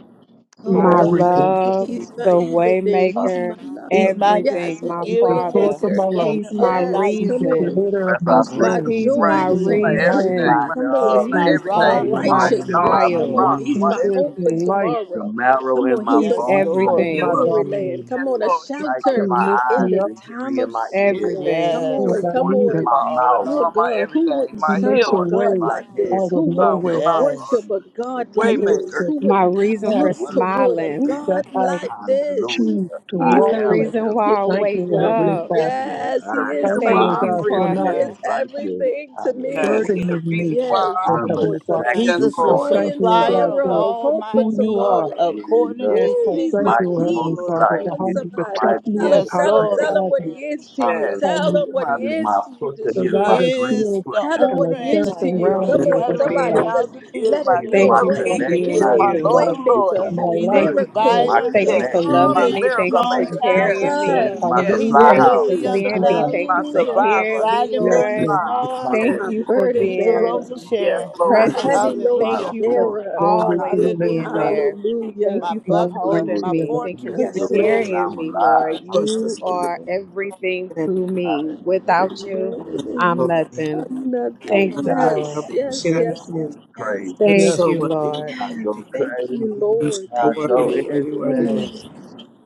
[SPEAKER 1] Oh
[SPEAKER 4] my
[SPEAKER 7] My
[SPEAKER 6] Almost
[SPEAKER 1] God,
[SPEAKER 6] too
[SPEAKER 4] everything.
[SPEAKER 6] good to
[SPEAKER 7] love,
[SPEAKER 6] be
[SPEAKER 1] He's
[SPEAKER 7] the
[SPEAKER 1] my
[SPEAKER 6] true.
[SPEAKER 1] everything. He's my
[SPEAKER 7] waymaker,
[SPEAKER 6] Hallelujah.
[SPEAKER 3] He's
[SPEAKER 1] love.
[SPEAKER 3] my dis-
[SPEAKER 1] Yes,
[SPEAKER 7] everything,
[SPEAKER 1] my
[SPEAKER 7] my
[SPEAKER 4] He's the
[SPEAKER 3] giver and
[SPEAKER 4] source
[SPEAKER 7] Father.
[SPEAKER 4] of
[SPEAKER 1] waymaker.
[SPEAKER 4] my life.
[SPEAKER 3] sustainer
[SPEAKER 7] He's
[SPEAKER 3] of
[SPEAKER 7] my
[SPEAKER 2] Thank you.
[SPEAKER 1] Yes,
[SPEAKER 3] life.
[SPEAKER 4] He's
[SPEAKER 1] come
[SPEAKER 4] the
[SPEAKER 1] on.
[SPEAKER 7] reason.
[SPEAKER 4] creator of
[SPEAKER 6] Breath
[SPEAKER 4] my
[SPEAKER 6] I
[SPEAKER 8] Medicine
[SPEAKER 1] He's
[SPEAKER 8] and
[SPEAKER 1] my
[SPEAKER 4] soul.
[SPEAKER 6] breathe,
[SPEAKER 8] everything
[SPEAKER 7] He's
[SPEAKER 1] joy
[SPEAKER 2] Right.
[SPEAKER 7] my
[SPEAKER 1] in
[SPEAKER 4] He
[SPEAKER 6] the
[SPEAKER 4] is
[SPEAKER 2] Right.
[SPEAKER 1] sorrow.
[SPEAKER 6] air in
[SPEAKER 4] mighty.
[SPEAKER 6] my
[SPEAKER 2] Everything.
[SPEAKER 7] reason.
[SPEAKER 1] Come on,
[SPEAKER 3] He's
[SPEAKER 4] He
[SPEAKER 2] my
[SPEAKER 3] my
[SPEAKER 6] lungs,
[SPEAKER 4] is
[SPEAKER 1] He's
[SPEAKER 8] in
[SPEAKER 1] my
[SPEAKER 2] everything.
[SPEAKER 8] your
[SPEAKER 6] the
[SPEAKER 3] rock.
[SPEAKER 4] awesome.
[SPEAKER 8] name of
[SPEAKER 7] My
[SPEAKER 2] All in
[SPEAKER 6] strength in
[SPEAKER 8] God,
[SPEAKER 2] all,
[SPEAKER 6] my
[SPEAKER 1] righteousness.
[SPEAKER 2] my
[SPEAKER 1] Come on,
[SPEAKER 6] muscles,
[SPEAKER 2] rock,
[SPEAKER 7] smiles.
[SPEAKER 4] He
[SPEAKER 1] He's
[SPEAKER 2] my
[SPEAKER 1] my
[SPEAKER 4] is
[SPEAKER 1] hope
[SPEAKER 4] the
[SPEAKER 1] for
[SPEAKER 2] everything.
[SPEAKER 4] light
[SPEAKER 6] the
[SPEAKER 1] tomorrow.
[SPEAKER 6] marrow
[SPEAKER 1] Come
[SPEAKER 6] in
[SPEAKER 1] on,
[SPEAKER 6] my
[SPEAKER 1] He's a
[SPEAKER 7] He's
[SPEAKER 3] Yes,
[SPEAKER 6] bones,
[SPEAKER 1] rock in
[SPEAKER 2] My
[SPEAKER 4] of
[SPEAKER 8] Newfoundland,
[SPEAKER 1] a
[SPEAKER 3] Lord.
[SPEAKER 2] healer.
[SPEAKER 4] my
[SPEAKER 7] everything.
[SPEAKER 1] weary
[SPEAKER 4] darkness.
[SPEAKER 8] Hallelujah.
[SPEAKER 1] land.
[SPEAKER 2] Yes,
[SPEAKER 1] Come on, a
[SPEAKER 2] Lord, He's
[SPEAKER 6] sight
[SPEAKER 2] my
[SPEAKER 4] He
[SPEAKER 6] in
[SPEAKER 1] shelter
[SPEAKER 6] my
[SPEAKER 2] healer.
[SPEAKER 4] lifts
[SPEAKER 1] in
[SPEAKER 6] eyes,
[SPEAKER 4] me
[SPEAKER 1] the
[SPEAKER 4] up
[SPEAKER 6] the
[SPEAKER 1] time
[SPEAKER 6] hearing
[SPEAKER 1] of
[SPEAKER 6] in my ears,
[SPEAKER 1] storm.
[SPEAKER 7] Everything.
[SPEAKER 1] Come
[SPEAKER 6] the
[SPEAKER 4] when
[SPEAKER 1] on,
[SPEAKER 3] Yes.
[SPEAKER 4] I
[SPEAKER 1] come
[SPEAKER 6] voice
[SPEAKER 4] need
[SPEAKER 6] in
[SPEAKER 4] him.
[SPEAKER 2] My
[SPEAKER 6] my
[SPEAKER 1] on.
[SPEAKER 2] all in
[SPEAKER 6] mouth,
[SPEAKER 1] Oh
[SPEAKER 2] all, my
[SPEAKER 1] God, who
[SPEAKER 2] everything.
[SPEAKER 1] wouldn't
[SPEAKER 4] He
[SPEAKER 2] My
[SPEAKER 6] the
[SPEAKER 1] serve
[SPEAKER 4] makes a
[SPEAKER 1] a
[SPEAKER 2] healer.
[SPEAKER 6] thoughts in
[SPEAKER 1] God
[SPEAKER 4] way
[SPEAKER 6] my
[SPEAKER 1] like
[SPEAKER 6] head.
[SPEAKER 1] this?
[SPEAKER 4] out of
[SPEAKER 1] Who
[SPEAKER 4] no
[SPEAKER 1] wouldn't?
[SPEAKER 2] My
[SPEAKER 6] Of
[SPEAKER 4] way.
[SPEAKER 6] my
[SPEAKER 2] my
[SPEAKER 6] heart.
[SPEAKER 3] Yes.
[SPEAKER 1] worship a
[SPEAKER 6] is
[SPEAKER 1] God
[SPEAKER 4] He
[SPEAKER 1] like
[SPEAKER 4] is
[SPEAKER 1] this?
[SPEAKER 2] waymaker.
[SPEAKER 4] the
[SPEAKER 1] Who
[SPEAKER 7] My
[SPEAKER 1] wouldn't
[SPEAKER 7] reason
[SPEAKER 4] path.
[SPEAKER 6] It's
[SPEAKER 7] for
[SPEAKER 1] look
[SPEAKER 6] William
[SPEAKER 1] toward a
[SPEAKER 6] to me.
[SPEAKER 7] smiling.
[SPEAKER 4] that
[SPEAKER 1] God
[SPEAKER 4] I
[SPEAKER 1] like this?
[SPEAKER 4] choose
[SPEAKER 6] Hallelujah.
[SPEAKER 4] to
[SPEAKER 6] I
[SPEAKER 7] He's
[SPEAKER 4] walk
[SPEAKER 7] the
[SPEAKER 6] am
[SPEAKER 1] Woo,
[SPEAKER 4] in.
[SPEAKER 1] and
[SPEAKER 7] reason
[SPEAKER 6] him.
[SPEAKER 1] we give
[SPEAKER 7] why I
[SPEAKER 4] Thank
[SPEAKER 1] him
[SPEAKER 4] you,
[SPEAKER 7] wake
[SPEAKER 4] O
[SPEAKER 2] The
[SPEAKER 6] He
[SPEAKER 4] Heavenly
[SPEAKER 1] glory.
[SPEAKER 7] up.
[SPEAKER 6] is
[SPEAKER 4] Father.
[SPEAKER 2] reason,
[SPEAKER 6] me.
[SPEAKER 1] Yes,
[SPEAKER 2] the
[SPEAKER 6] I
[SPEAKER 1] he is
[SPEAKER 6] am
[SPEAKER 2] reason
[SPEAKER 4] Thank
[SPEAKER 1] my
[SPEAKER 2] why
[SPEAKER 4] you,
[SPEAKER 6] made
[SPEAKER 4] O
[SPEAKER 6] in
[SPEAKER 7] Thank
[SPEAKER 2] I
[SPEAKER 7] you,
[SPEAKER 6] his
[SPEAKER 4] God, for
[SPEAKER 1] reason.
[SPEAKER 2] breathe.
[SPEAKER 6] image
[SPEAKER 1] He
[SPEAKER 4] not
[SPEAKER 6] and
[SPEAKER 1] is
[SPEAKER 7] Father.
[SPEAKER 6] his likeness.
[SPEAKER 1] everything to
[SPEAKER 2] Yes,
[SPEAKER 1] me.
[SPEAKER 6] Hallelujah.
[SPEAKER 2] He's the
[SPEAKER 4] burdening
[SPEAKER 2] reason
[SPEAKER 4] me,
[SPEAKER 2] why
[SPEAKER 1] Yes,
[SPEAKER 2] I
[SPEAKER 4] O
[SPEAKER 6] I'm
[SPEAKER 1] come
[SPEAKER 2] breathe.
[SPEAKER 6] an
[SPEAKER 1] on,
[SPEAKER 4] Heavenly Father.
[SPEAKER 6] exact
[SPEAKER 3] He's
[SPEAKER 2] Yes,
[SPEAKER 1] somebody.
[SPEAKER 3] a su-
[SPEAKER 4] I
[SPEAKER 2] Lord.
[SPEAKER 6] duplicate
[SPEAKER 1] Joy
[SPEAKER 4] thank
[SPEAKER 6] of
[SPEAKER 1] and
[SPEAKER 4] you, O
[SPEAKER 6] him.
[SPEAKER 3] supplier
[SPEAKER 4] God,
[SPEAKER 3] of
[SPEAKER 4] for
[SPEAKER 1] sorrow,
[SPEAKER 3] all
[SPEAKER 1] hope
[SPEAKER 3] my
[SPEAKER 1] for
[SPEAKER 4] who you
[SPEAKER 3] need
[SPEAKER 4] are.
[SPEAKER 1] tomorrow.
[SPEAKER 3] according
[SPEAKER 6] Hallelujah.
[SPEAKER 7] Yes,
[SPEAKER 3] to
[SPEAKER 4] I
[SPEAKER 1] Woo,
[SPEAKER 7] Lord.
[SPEAKER 1] he's
[SPEAKER 3] his
[SPEAKER 4] thank
[SPEAKER 1] my
[SPEAKER 4] you, O
[SPEAKER 3] riches
[SPEAKER 6] Mighty
[SPEAKER 3] and
[SPEAKER 4] Heavenly
[SPEAKER 1] peace.
[SPEAKER 3] glory.
[SPEAKER 4] Father,
[SPEAKER 1] Come
[SPEAKER 6] multiplier.
[SPEAKER 4] for
[SPEAKER 1] on,
[SPEAKER 6] He
[SPEAKER 4] how
[SPEAKER 6] is
[SPEAKER 4] you
[SPEAKER 6] my
[SPEAKER 1] somebody.
[SPEAKER 4] protect
[SPEAKER 6] mighty
[SPEAKER 4] me
[SPEAKER 1] Tell
[SPEAKER 4] and
[SPEAKER 1] him,
[SPEAKER 3] Yes,
[SPEAKER 4] how
[SPEAKER 1] tell him,
[SPEAKER 4] you
[SPEAKER 6] multiplier.
[SPEAKER 1] tell
[SPEAKER 3] Lord.
[SPEAKER 1] him what
[SPEAKER 4] guide me,
[SPEAKER 1] he is to you.
[SPEAKER 2] Yes,
[SPEAKER 4] how
[SPEAKER 1] Tell
[SPEAKER 9] Yes,
[SPEAKER 4] you
[SPEAKER 1] him
[SPEAKER 6] Hallelujah.
[SPEAKER 1] what
[SPEAKER 6] He
[SPEAKER 1] he
[SPEAKER 2] my
[SPEAKER 6] is my
[SPEAKER 1] is to you
[SPEAKER 6] pusher.
[SPEAKER 1] this
[SPEAKER 6] He is
[SPEAKER 4] provide
[SPEAKER 6] my
[SPEAKER 1] morning.
[SPEAKER 4] a
[SPEAKER 3] He
[SPEAKER 6] grace
[SPEAKER 3] is
[SPEAKER 4] shield
[SPEAKER 3] the
[SPEAKER 1] Tell
[SPEAKER 6] pusher.
[SPEAKER 1] him
[SPEAKER 4] and
[SPEAKER 1] what
[SPEAKER 4] a
[SPEAKER 3] owner
[SPEAKER 1] he
[SPEAKER 3] and
[SPEAKER 1] is
[SPEAKER 4] fence
[SPEAKER 3] the,
[SPEAKER 1] to
[SPEAKER 7] Father,
[SPEAKER 1] you.
[SPEAKER 4] around
[SPEAKER 3] the
[SPEAKER 7] thank
[SPEAKER 4] me,
[SPEAKER 9] Lord
[SPEAKER 1] Come
[SPEAKER 7] you
[SPEAKER 4] O
[SPEAKER 1] on,
[SPEAKER 7] for
[SPEAKER 3] cattle
[SPEAKER 4] Heavenly
[SPEAKER 3] on a
[SPEAKER 6] Hallelujah.
[SPEAKER 1] somebody,
[SPEAKER 4] Father.
[SPEAKER 7] being,
[SPEAKER 1] just
[SPEAKER 3] thousand
[SPEAKER 2] He is
[SPEAKER 1] let
[SPEAKER 3] hills.
[SPEAKER 2] my
[SPEAKER 1] him
[SPEAKER 6] He's
[SPEAKER 3] Yes,
[SPEAKER 2] King
[SPEAKER 4] God,
[SPEAKER 6] my
[SPEAKER 1] know
[SPEAKER 7] thank
[SPEAKER 2] of
[SPEAKER 7] you
[SPEAKER 4] you
[SPEAKER 3] Lord.
[SPEAKER 1] what
[SPEAKER 7] for
[SPEAKER 4] are
[SPEAKER 2] King
[SPEAKER 1] he
[SPEAKER 6] connect
[SPEAKER 4] the
[SPEAKER 2] and He
[SPEAKER 6] when
[SPEAKER 2] is
[SPEAKER 7] being
[SPEAKER 6] I
[SPEAKER 4] breath
[SPEAKER 1] is.
[SPEAKER 2] my
[SPEAKER 6] need to
[SPEAKER 4] of
[SPEAKER 7] you.
[SPEAKER 6] go
[SPEAKER 2] Lord
[SPEAKER 4] my,
[SPEAKER 2] of
[SPEAKER 6] get some
[SPEAKER 1] Waymaker,
[SPEAKER 4] my
[SPEAKER 2] lords.
[SPEAKER 6] more
[SPEAKER 3] He's a
[SPEAKER 4] life
[SPEAKER 6] good.
[SPEAKER 7] Thank you
[SPEAKER 6] He's
[SPEAKER 1] miracle
[SPEAKER 7] for
[SPEAKER 6] my
[SPEAKER 3] provider.
[SPEAKER 7] thank
[SPEAKER 1] worker,
[SPEAKER 7] you for
[SPEAKER 6] connect.
[SPEAKER 2] Yes, He is my
[SPEAKER 7] loving
[SPEAKER 1] promise
[SPEAKER 9] Jesus,
[SPEAKER 3] He's
[SPEAKER 7] me.
[SPEAKER 3] a
[SPEAKER 2] miracle
[SPEAKER 7] Thank you for
[SPEAKER 3] strong
[SPEAKER 1] keeper.
[SPEAKER 4] in
[SPEAKER 2] maker.
[SPEAKER 1] Yes,
[SPEAKER 2] Yes,
[SPEAKER 4] Jesus'
[SPEAKER 7] carrying
[SPEAKER 3] tower.
[SPEAKER 4] name.
[SPEAKER 6] He's
[SPEAKER 1] sir.
[SPEAKER 7] me.
[SPEAKER 2] yes,
[SPEAKER 6] my
[SPEAKER 2] yes,
[SPEAKER 3] He's a
[SPEAKER 6] supply
[SPEAKER 4] Hallelujah.
[SPEAKER 2] yes.
[SPEAKER 7] Thank
[SPEAKER 9] thank
[SPEAKER 7] you
[SPEAKER 6] house.
[SPEAKER 7] for
[SPEAKER 3] lily
[SPEAKER 1] Woo,
[SPEAKER 9] you,
[SPEAKER 3] of
[SPEAKER 4] Thank
[SPEAKER 3] the
[SPEAKER 4] you,
[SPEAKER 7] seeing me.
[SPEAKER 4] God.
[SPEAKER 7] Thank
[SPEAKER 3] valley,
[SPEAKER 2] My
[SPEAKER 7] you for
[SPEAKER 6] Hallelujah.
[SPEAKER 1] hallelujah.
[SPEAKER 3] the
[SPEAKER 2] survivor.
[SPEAKER 7] hearing
[SPEAKER 2] He
[SPEAKER 7] me,
[SPEAKER 3] bright and
[SPEAKER 4] Yes,
[SPEAKER 6] He
[SPEAKER 2] is
[SPEAKER 3] morning
[SPEAKER 6] is
[SPEAKER 7] Lord.
[SPEAKER 4] Lord.
[SPEAKER 2] my
[SPEAKER 6] my
[SPEAKER 3] star.
[SPEAKER 7] Thank
[SPEAKER 6] power
[SPEAKER 2] yes.
[SPEAKER 1] My
[SPEAKER 7] you for
[SPEAKER 6] source.
[SPEAKER 9] Lord.
[SPEAKER 3] He
[SPEAKER 1] burden
[SPEAKER 3] is the
[SPEAKER 7] being
[SPEAKER 3] rose
[SPEAKER 1] bearer,
[SPEAKER 3] of
[SPEAKER 2] Yes,
[SPEAKER 6] Hallelujah.
[SPEAKER 3] Sharon.
[SPEAKER 2] Lord.
[SPEAKER 1] my
[SPEAKER 9] Thank you
[SPEAKER 7] present.
[SPEAKER 6] He
[SPEAKER 9] for
[SPEAKER 1] heavy
[SPEAKER 6] is
[SPEAKER 1] load
[SPEAKER 9] being
[SPEAKER 6] my
[SPEAKER 7] Thank
[SPEAKER 9] the
[SPEAKER 3] Hallelujah.
[SPEAKER 7] you for
[SPEAKER 1] sharer.
[SPEAKER 6] authority.
[SPEAKER 4] Glory to
[SPEAKER 7] always
[SPEAKER 9] hero.
[SPEAKER 4] your name,
[SPEAKER 7] being
[SPEAKER 6] Hallelujah.
[SPEAKER 4] God.
[SPEAKER 3] Hallelujah.
[SPEAKER 7] there.
[SPEAKER 1] Hallelujah.
[SPEAKER 7] Thank
[SPEAKER 3] My
[SPEAKER 7] you for
[SPEAKER 4] Glory
[SPEAKER 3] buckler,
[SPEAKER 7] holding
[SPEAKER 4] to
[SPEAKER 3] my
[SPEAKER 4] your
[SPEAKER 6] Hallelujah.
[SPEAKER 7] me.
[SPEAKER 4] name,
[SPEAKER 6] He
[SPEAKER 7] Thank you
[SPEAKER 6] is
[SPEAKER 4] God.
[SPEAKER 3] fortress.
[SPEAKER 7] for
[SPEAKER 9] We
[SPEAKER 6] the
[SPEAKER 1] Yes,
[SPEAKER 3] Yes,
[SPEAKER 9] thank you
[SPEAKER 6] reason
[SPEAKER 3] Lord.
[SPEAKER 1] Lord.
[SPEAKER 7] carrying
[SPEAKER 6] I'm
[SPEAKER 7] me,
[SPEAKER 9] for your
[SPEAKER 7] Lord.
[SPEAKER 6] alive.
[SPEAKER 9] justice,
[SPEAKER 7] You
[SPEAKER 9] for your
[SPEAKER 7] are
[SPEAKER 6] Hallelujah.
[SPEAKER 7] everything to
[SPEAKER 9] humanity.
[SPEAKER 6] I,
[SPEAKER 7] me. Without you,
[SPEAKER 6] um,
[SPEAKER 9] Bless
[SPEAKER 1] Amen.
[SPEAKER 9] your
[SPEAKER 7] I'm
[SPEAKER 1] Amen.
[SPEAKER 9] holy name.
[SPEAKER 7] nothing.
[SPEAKER 1] I'm
[SPEAKER 6] I would
[SPEAKER 9] I
[SPEAKER 7] Thank
[SPEAKER 1] nothing.
[SPEAKER 7] you,
[SPEAKER 9] see
[SPEAKER 6] die
[SPEAKER 9] it up,
[SPEAKER 1] Yes,
[SPEAKER 7] Lord.
[SPEAKER 6] without
[SPEAKER 9] see
[SPEAKER 1] yes,
[SPEAKER 9] it
[SPEAKER 1] yes,
[SPEAKER 6] him.
[SPEAKER 4] Yes,
[SPEAKER 1] yes,
[SPEAKER 6] I'm
[SPEAKER 4] Lord.
[SPEAKER 1] yes. yes.
[SPEAKER 9] You're
[SPEAKER 6] crazy.
[SPEAKER 4] Yes,
[SPEAKER 7] Thank
[SPEAKER 9] so
[SPEAKER 7] you,
[SPEAKER 4] Lord.
[SPEAKER 9] worthy, worthy,
[SPEAKER 7] Lord.
[SPEAKER 6] I
[SPEAKER 9] worthy.
[SPEAKER 6] go
[SPEAKER 1] Thank you,
[SPEAKER 6] crazy.
[SPEAKER 9] You're so
[SPEAKER 1] Lord.
[SPEAKER 6] I
[SPEAKER 1] Thank you,
[SPEAKER 9] worthy,
[SPEAKER 6] go
[SPEAKER 1] Lord.
[SPEAKER 9] worthy,
[SPEAKER 1] Thank
[SPEAKER 9] worthy,
[SPEAKER 1] you,
[SPEAKER 7] Hmm.
[SPEAKER 6] insane.
[SPEAKER 9] worthy.
[SPEAKER 1] Lord.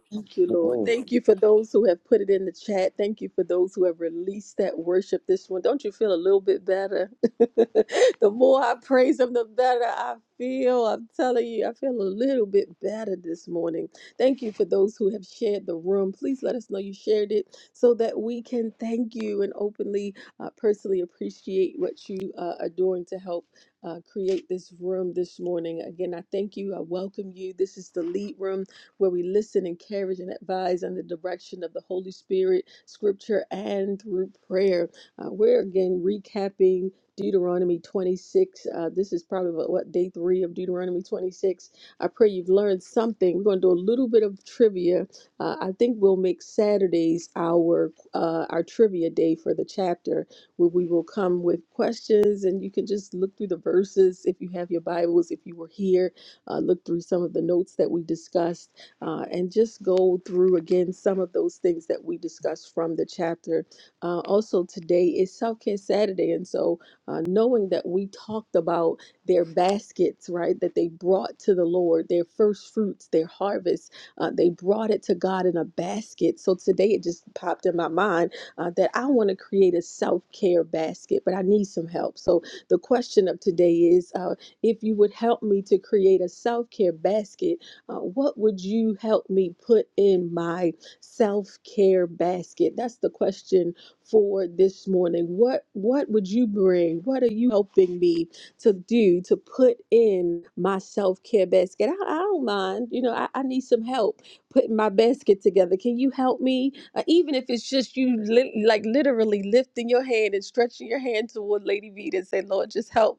[SPEAKER 1] Thank you, Lord.
[SPEAKER 6] Mm-mm.
[SPEAKER 1] Thank you for those who have put it in the chat. Thank you for those who have released that worship this one. Don't you feel a little bit better? the more I praise Him, the better I feel. I'm telling you, I feel a little bit better this morning. Thank you for those who have shared the room. Please let us know you shared it so that we can thank you and openly, uh, personally appreciate what you uh, are doing to help. Uh, create this room this morning. Again, I thank you. I welcome you. This is the lead room where we listen, encourage, and advise under the direction of the Holy Spirit, scripture, and through prayer. Uh, we're again recapping Deuteronomy 26. Uh, this is probably about, what day three of Deuteronomy 26. I pray you've learned something. We're going to do a little bit of trivia. Uh, I think we'll make Saturdays our uh, our trivia day for the chapter, where we will come with questions, and you can just look through the verses if you have your Bibles. If you were here, uh, look through some of the notes that we discussed uh, and just go through again some of those things that we discussed from the chapter. Uh, also, today is Self Care Saturday, and so uh, knowing that we talked about their baskets, right, that they brought to the Lord, their first fruits, their harvest, uh, they brought it to God in a basket. So today it just popped in my mind uh, that I want to create a self care basket, but I need some help. So the question of today is uh, if you would help me to create a self care basket uh, what would you help me put in my self care basket? That's the question for this morning. What what would you bring? What are you helping me to do to put in my self care basket? I, I don't mind. You know, I, I need some help putting my basket together. Can you help me? Uh, even if it's just you, li- like literally lifting your hand and stretching your hand toward Lady V and say, Lord, just help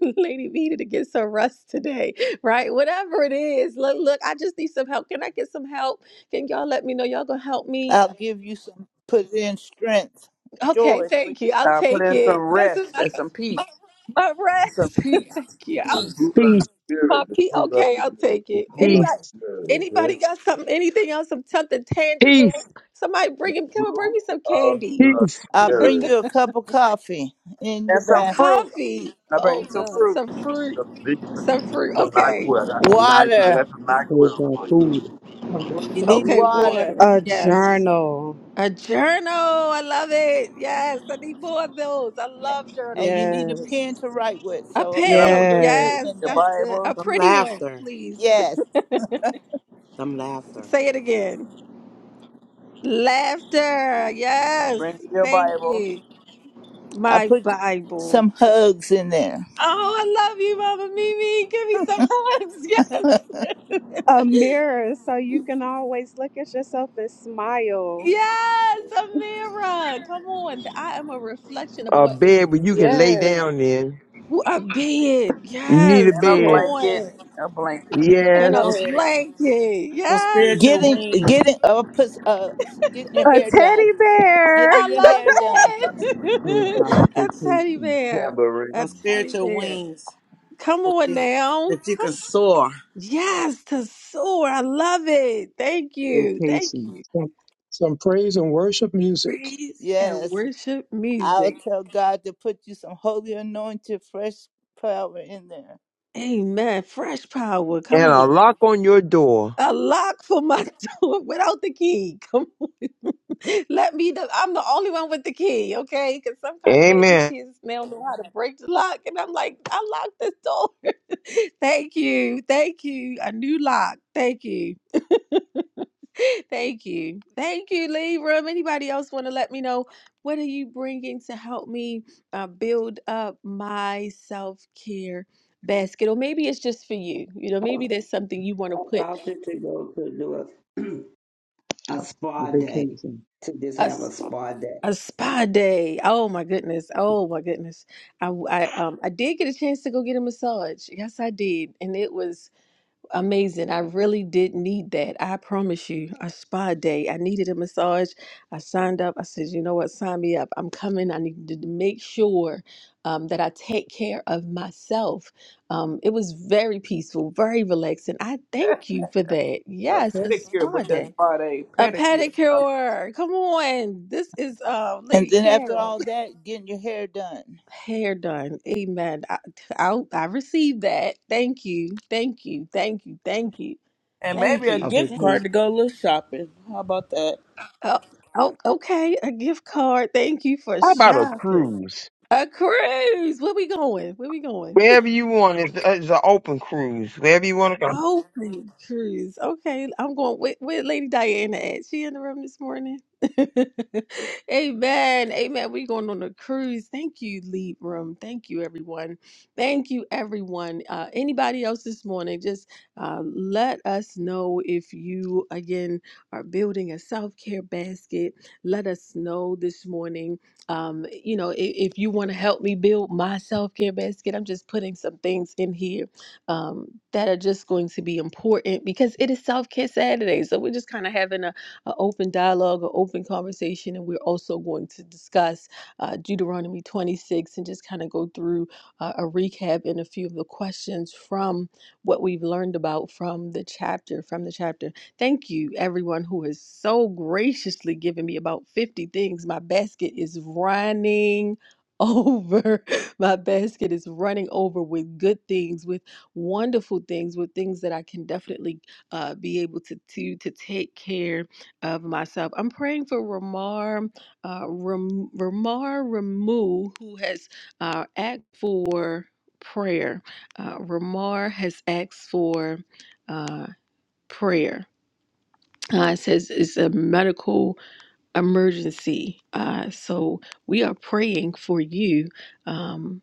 [SPEAKER 1] Lady V needed to get some rest today, right? Whatever it is. Look, look, I just need some help. Can I get some help? Can y'all let me know? Y'all gonna help me?
[SPEAKER 3] I'll give you some, put in strength,
[SPEAKER 1] Okay,
[SPEAKER 3] joy. for you.
[SPEAKER 1] thank you. I'll
[SPEAKER 2] Uh, put
[SPEAKER 1] take
[SPEAKER 2] in some
[SPEAKER 1] it. That's a,
[SPEAKER 2] rest and
[SPEAKER 1] that's
[SPEAKER 2] some peace,
[SPEAKER 1] my
[SPEAKER 2] some
[SPEAKER 1] rest.
[SPEAKER 2] peace,
[SPEAKER 1] thank you.
[SPEAKER 6] The
[SPEAKER 1] I'll,
[SPEAKER 6] fruit of
[SPEAKER 5] Peace,
[SPEAKER 6] the
[SPEAKER 1] my
[SPEAKER 6] spirit. The
[SPEAKER 1] P.
[SPEAKER 6] fruit of
[SPEAKER 1] Okay,
[SPEAKER 6] the,
[SPEAKER 1] I'll take
[SPEAKER 6] the
[SPEAKER 1] it.
[SPEAKER 6] fruit of
[SPEAKER 5] peace,
[SPEAKER 1] Anybody?
[SPEAKER 6] the spirit. Okay.
[SPEAKER 1] Anybody got something? Anything else? Some something
[SPEAKER 5] peace,
[SPEAKER 1] tangible? Somebody
[SPEAKER 6] the
[SPEAKER 1] bring him. Come
[SPEAKER 6] fruit
[SPEAKER 1] on, bring me some
[SPEAKER 6] of
[SPEAKER 1] candy,
[SPEAKER 6] the
[SPEAKER 5] peace.
[SPEAKER 3] I'll bring
[SPEAKER 6] spirit.
[SPEAKER 3] you a
[SPEAKER 2] and
[SPEAKER 3] cup of coffee in the
[SPEAKER 1] a
[SPEAKER 2] some
[SPEAKER 3] bath.
[SPEAKER 2] fruit.
[SPEAKER 1] coffee.
[SPEAKER 2] I
[SPEAKER 1] Oh
[SPEAKER 2] bring some
[SPEAKER 1] God,
[SPEAKER 2] fruit
[SPEAKER 1] some fruit,
[SPEAKER 6] Some big,
[SPEAKER 1] some fruit.
[SPEAKER 6] some
[SPEAKER 1] Okay,
[SPEAKER 6] NyQuil. I got some NyQuil. I
[SPEAKER 3] Water.
[SPEAKER 6] got some NyQuil
[SPEAKER 8] Praise God,
[SPEAKER 6] for you.
[SPEAKER 8] food.
[SPEAKER 4] I want
[SPEAKER 3] You
[SPEAKER 4] to
[SPEAKER 3] need
[SPEAKER 1] okay,
[SPEAKER 4] music,
[SPEAKER 3] water.
[SPEAKER 1] water.
[SPEAKER 7] A
[SPEAKER 1] Yes.
[SPEAKER 7] journal.
[SPEAKER 1] A journal. I love it. Yes. I need more of those. I
[SPEAKER 3] A-
[SPEAKER 1] love
[SPEAKER 3] And
[SPEAKER 1] journals.
[SPEAKER 3] you need a
[SPEAKER 7] Yes.
[SPEAKER 3] pen to write with.
[SPEAKER 1] A
[SPEAKER 3] So
[SPEAKER 2] and a
[SPEAKER 3] I
[SPEAKER 1] pen.
[SPEAKER 3] put pen
[SPEAKER 7] Yes.
[SPEAKER 1] Yes.
[SPEAKER 3] in
[SPEAKER 2] your
[SPEAKER 1] That's
[SPEAKER 3] there.
[SPEAKER 1] good.
[SPEAKER 2] Bible.
[SPEAKER 1] A
[SPEAKER 9] Some
[SPEAKER 1] pretty one,
[SPEAKER 9] laughter.
[SPEAKER 1] please.
[SPEAKER 3] Yes.
[SPEAKER 9] Some laughter.
[SPEAKER 1] Say it again. Laughter. Yes.
[SPEAKER 2] Bring your
[SPEAKER 1] Thank
[SPEAKER 2] Bible
[SPEAKER 1] you.
[SPEAKER 3] I
[SPEAKER 1] My
[SPEAKER 3] put
[SPEAKER 1] Bible.
[SPEAKER 3] some hugs in there.
[SPEAKER 1] Oh, I love you, Mama Mimi. Give me some hugs.
[SPEAKER 7] A
[SPEAKER 1] Yes.
[SPEAKER 7] mirror so you can always look at yourself and smile.
[SPEAKER 1] Yes, Amira. Come on. I am a reflection of
[SPEAKER 5] A
[SPEAKER 1] what is
[SPEAKER 5] bed where you can
[SPEAKER 1] before
[SPEAKER 5] lay
[SPEAKER 7] Yes,
[SPEAKER 1] me.
[SPEAKER 5] down in.
[SPEAKER 1] Who I being.
[SPEAKER 5] You need a
[SPEAKER 1] Yes.
[SPEAKER 2] and a
[SPEAKER 1] Come
[SPEAKER 5] bed.
[SPEAKER 7] yes,
[SPEAKER 2] blanket,
[SPEAKER 1] on.
[SPEAKER 2] a blanket,
[SPEAKER 1] And
[SPEAKER 5] Yes.
[SPEAKER 1] a
[SPEAKER 9] Some,
[SPEAKER 7] yes.
[SPEAKER 1] blanket.
[SPEAKER 9] some
[SPEAKER 1] Yes.
[SPEAKER 9] spiritual
[SPEAKER 3] Getting,
[SPEAKER 9] wings,
[SPEAKER 3] getting, uh, put, uh, s- getting your
[SPEAKER 7] A
[SPEAKER 3] hair done.
[SPEAKER 7] teddy bear.
[SPEAKER 3] Getting
[SPEAKER 1] I
[SPEAKER 3] your hair done.
[SPEAKER 1] love
[SPEAKER 8] Praise
[SPEAKER 1] it.
[SPEAKER 8] God, a
[SPEAKER 1] a teddy
[SPEAKER 8] vacation,
[SPEAKER 1] bear. A
[SPEAKER 9] some
[SPEAKER 6] Tambourine,
[SPEAKER 1] teddy
[SPEAKER 9] spiritual
[SPEAKER 1] bear.
[SPEAKER 9] wings
[SPEAKER 1] Come
[SPEAKER 9] that
[SPEAKER 1] on
[SPEAKER 9] you,
[SPEAKER 1] now.
[SPEAKER 9] that you
[SPEAKER 1] Come.
[SPEAKER 9] can soar.
[SPEAKER 1] Yes, to soar. I love it. Thank you. Thank
[SPEAKER 8] vacation,
[SPEAKER 1] you.
[SPEAKER 4] some, some praise and worship music
[SPEAKER 1] Praise and
[SPEAKER 3] Yes.
[SPEAKER 1] worship
[SPEAKER 3] I'll
[SPEAKER 1] music.
[SPEAKER 3] tell God to put you some holy anointed fresh power in there.
[SPEAKER 1] Amen. Fresh power. Come
[SPEAKER 5] And
[SPEAKER 1] on.
[SPEAKER 5] a lock on your door.
[SPEAKER 1] a lock for my door without the key. Come on. Let me know. I'm the only one with the key, okay? Because some kind of way these
[SPEAKER 5] Amen.
[SPEAKER 1] kids now know how to break the lock. And I'm like, I locked this door. Thank you. Thank you. A new lock. Thank you. Thank you. Thank you, Libram. Anybody else want to let me know what are you bringing to help me uh, build up my self care basket? Or maybe it's just for you. You know, maybe there's something you want to put
[SPEAKER 10] about to, to go to do a, a
[SPEAKER 8] a
[SPEAKER 10] spa day,
[SPEAKER 8] vacation,
[SPEAKER 10] to just have a
[SPEAKER 1] us.
[SPEAKER 10] spa day.
[SPEAKER 1] A spa day. Oh my goodness. Oh my goodness. I, I um I did get a chance to go get a massage. Yes, I did, and it was amazing. I really did need that. I promise you, a spa day. I needed a massage. I signed up. I said, you know what? Sign me up. I'm coming. I need to make sure um, that I take care of myself. Um, it was very peaceful, very relaxing. I thank you for that.
[SPEAKER 2] a
[SPEAKER 1] Yes, a
[SPEAKER 2] pedicure
[SPEAKER 1] spa
[SPEAKER 2] with that
[SPEAKER 1] day.
[SPEAKER 2] spot a
[SPEAKER 1] A
[SPEAKER 2] pedicure, Uh,
[SPEAKER 1] pedicure. Come on. This is uh,
[SPEAKER 3] And
[SPEAKER 1] Lady
[SPEAKER 3] then after
[SPEAKER 1] Carol.
[SPEAKER 3] all that, getting your hair done.
[SPEAKER 1] Hair done. Amen. I, I I received that. Thank you. Thank you. Thank you. Thank you.
[SPEAKER 2] and maybe
[SPEAKER 1] Thank
[SPEAKER 2] a
[SPEAKER 8] a
[SPEAKER 1] you.
[SPEAKER 2] gift
[SPEAKER 1] Thank
[SPEAKER 8] vacation.
[SPEAKER 2] card
[SPEAKER 1] you.
[SPEAKER 2] to go a little shopping. How about that?
[SPEAKER 1] Oh, oh okay. A gift card. Thank you for
[SPEAKER 5] How about a
[SPEAKER 1] shopping.
[SPEAKER 5] cruise?
[SPEAKER 1] A cruise. Where we going? Where we going?
[SPEAKER 5] Wherever you want, it's, it's an open cruise. Wherever you want to go.
[SPEAKER 1] Open cruise. Okay, I'm going with, with Lady Diana at. She in the room this morning. Amen. Amen. we are going on a cruise. Thank you, Lead Room. Thank you, everyone. Thank you, everyone. Uh, anybody else this morning, just uh, let us know if you, again, are building a self care basket. Let us know this morning. Um, you know, if, if you want to help me build my self care basket, I'm just putting some things in here um, that are just going to be important because it is Self Care Saturday. So we're just kind of having a, a open dialogue, an open conversation, and we're also going to discuss uh, Deuteronomy 26 and just kind of go through uh, a recap and a few of the questions from what we've learned about from the chapter. From the chapter, thank you everyone who has so graciously given me about 50 things. My basket is running over. My basket is running over with good things, with wonderful things with things that I can definitely uh, be able to do to take care of myself. I'm praying for Ramar, uh, Ram, Ramar Ramu, who has uh, asked for prayer. Uh, Ramar has asked for uh, prayer. Uh, it says it's a medical emergency. Uh, so we are praying for you. Um,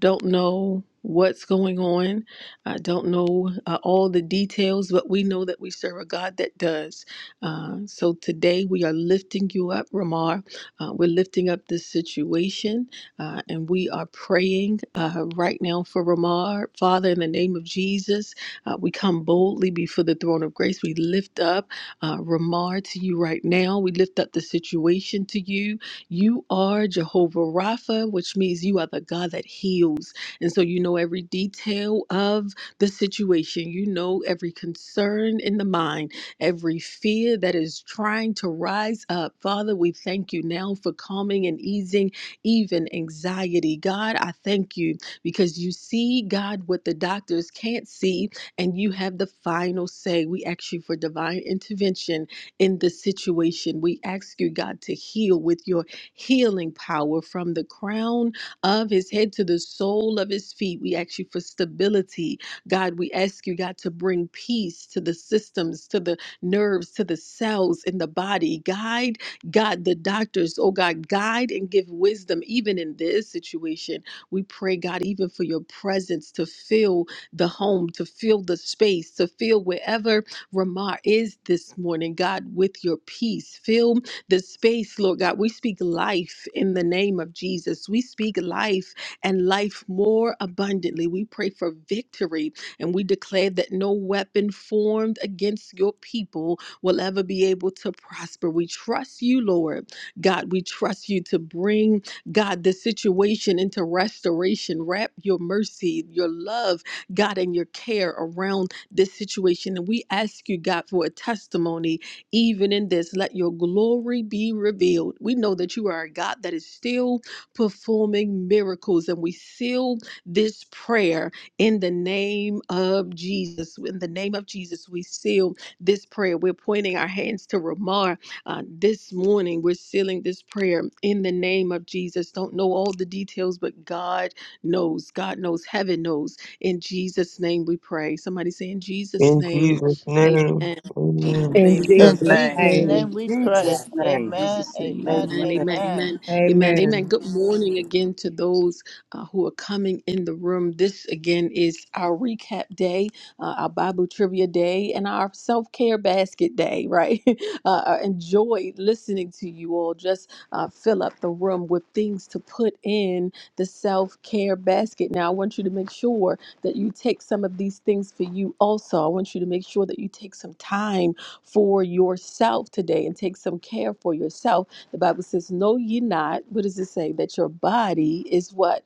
[SPEAKER 1] don't know what's going on. I don't know uh, all the details, but we know that we serve a God that does. Uh, so today we are lifting you up, Ramar. Uh, we're lifting up this situation uh, and we are praying uh, right now for Ramar. Father, in the name of Jesus, uh, we come boldly before the throne of grace. We lift up uh, Ramar to you right now. We lift up the situation to you. You are Jehovah Rapha, which means you are the God that heals. And so you know every detail of the situation, you know every concern in the mind, every fear that is trying to rise up. Father, we thank you now for calming and easing even anxiety. God, I thank you because you see, God, what the doctors can't see, and you have the final say. We ask you for divine intervention in the situation. We ask you, God, to heal with your healing power from the crown of his head to the sole of his feet. We ask you for stability. God, we ask you, God, to bring peace to the systems, to the nerves, to the cells in the body. Guide, God, the doctors, oh God, guide and give wisdom even in this situation. We pray, God, even for your presence to fill the home, to fill the space, to fill wherever Ramar is this morning, God, with your peace. Fill the space, Lord God. We speak life in the name of Jesus. We speak life and life more abundantly. We pray for victory and we declare that no weapon formed against your people will ever be able to prosper. We trust you, Lord. God, we trust you to bring, God, the situation into restoration. Wrap your mercy, your love, God, and your care around this situation. And we ask you, God, for a testimony even in this, let your glory be revealed. We know that you are a God that is still performing miracles, and we seal this prayer in the name of Jesus. In the name of Jesus, we seal this prayer. We're pointing our hands to Ramar uh, this morning. We're sealing this prayer in the name of Jesus. Don't know all the details, but God knows. God knows. Heaven knows. In Jesus' name we pray. Somebody say, In Jesus'
[SPEAKER 5] In
[SPEAKER 1] name,
[SPEAKER 5] Jesus'
[SPEAKER 1] amen.
[SPEAKER 5] name.
[SPEAKER 1] In Jesus'
[SPEAKER 5] Amen.
[SPEAKER 2] In
[SPEAKER 7] In
[SPEAKER 1] name.
[SPEAKER 11] I
[SPEAKER 4] in
[SPEAKER 3] In
[SPEAKER 2] Jesus'
[SPEAKER 7] Jesus'
[SPEAKER 4] these
[SPEAKER 2] name.
[SPEAKER 3] Jesus'
[SPEAKER 4] name.
[SPEAKER 12] In
[SPEAKER 3] name
[SPEAKER 7] name.
[SPEAKER 3] we
[SPEAKER 9] Yeah.
[SPEAKER 3] pray.
[SPEAKER 12] Jesus' name.
[SPEAKER 3] Amen,
[SPEAKER 1] Jesus' name.
[SPEAKER 3] amen,
[SPEAKER 1] Amen.
[SPEAKER 12] Amen.
[SPEAKER 1] Amen.
[SPEAKER 3] amen.
[SPEAKER 1] Amen. Amen. Amen.
[SPEAKER 7] Amen.
[SPEAKER 1] Good morning again to those uh, who are coming in the room. This again is our recap day, uh, our Bible trivia day, and our self care basket day, right? Uh, I enjoy listening to you all. Just uh, fill up the room with things to put in the self care basket. Now, I want you to make sure that you take some of these things for you also. I want you to make sure that you take some time for yourself today and take some care for yourself. The Bible says, Know ye not, what does it say? That your body is what?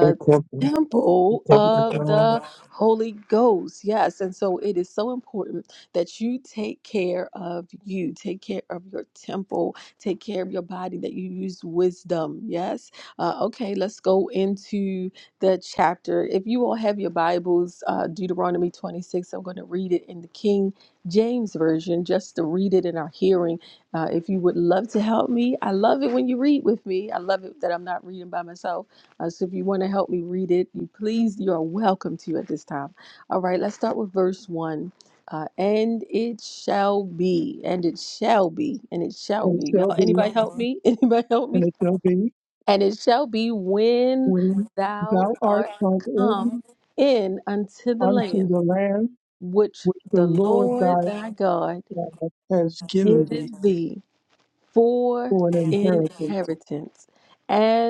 [SPEAKER 5] they covered- they
[SPEAKER 1] temple
[SPEAKER 5] covered with
[SPEAKER 1] of
[SPEAKER 5] God.
[SPEAKER 1] the Holy Ghost. Yes. And so it is so important that you take care of you, take care of your temple, take care of your body, that you use wisdom. Yes. Uh, okay, let's go into the chapter. If you all have your Bibles, uh, Deuteronomy 26, I'm going to read it in the King James Version just to read it in our hearing. Uh, if you would love to help me, I love it when you read with me. I love it that I'm not reading by myself uh, so if you want to help me read it, you please, you are welcome to at this time. All right, let's start with verse one. Uh, and it shall be, and it shall be, and it shall
[SPEAKER 4] And it
[SPEAKER 1] be.
[SPEAKER 4] shall
[SPEAKER 1] Y'all,
[SPEAKER 4] be,
[SPEAKER 1] anybody help me? Anybody help
[SPEAKER 4] and
[SPEAKER 1] me?
[SPEAKER 4] it shall be
[SPEAKER 1] And it shall be when
[SPEAKER 4] when
[SPEAKER 1] thou
[SPEAKER 4] thou art
[SPEAKER 1] art
[SPEAKER 4] come in
[SPEAKER 1] come in unto the
[SPEAKER 4] unto
[SPEAKER 1] land
[SPEAKER 4] the land
[SPEAKER 1] which
[SPEAKER 4] which the
[SPEAKER 1] the
[SPEAKER 4] Lord
[SPEAKER 1] Lord
[SPEAKER 4] thy
[SPEAKER 1] thy God
[SPEAKER 4] God has given thee
[SPEAKER 1] giveth thee for
[SPEAKER 4] for an inheritance
[SPEAKER 1] inheritance,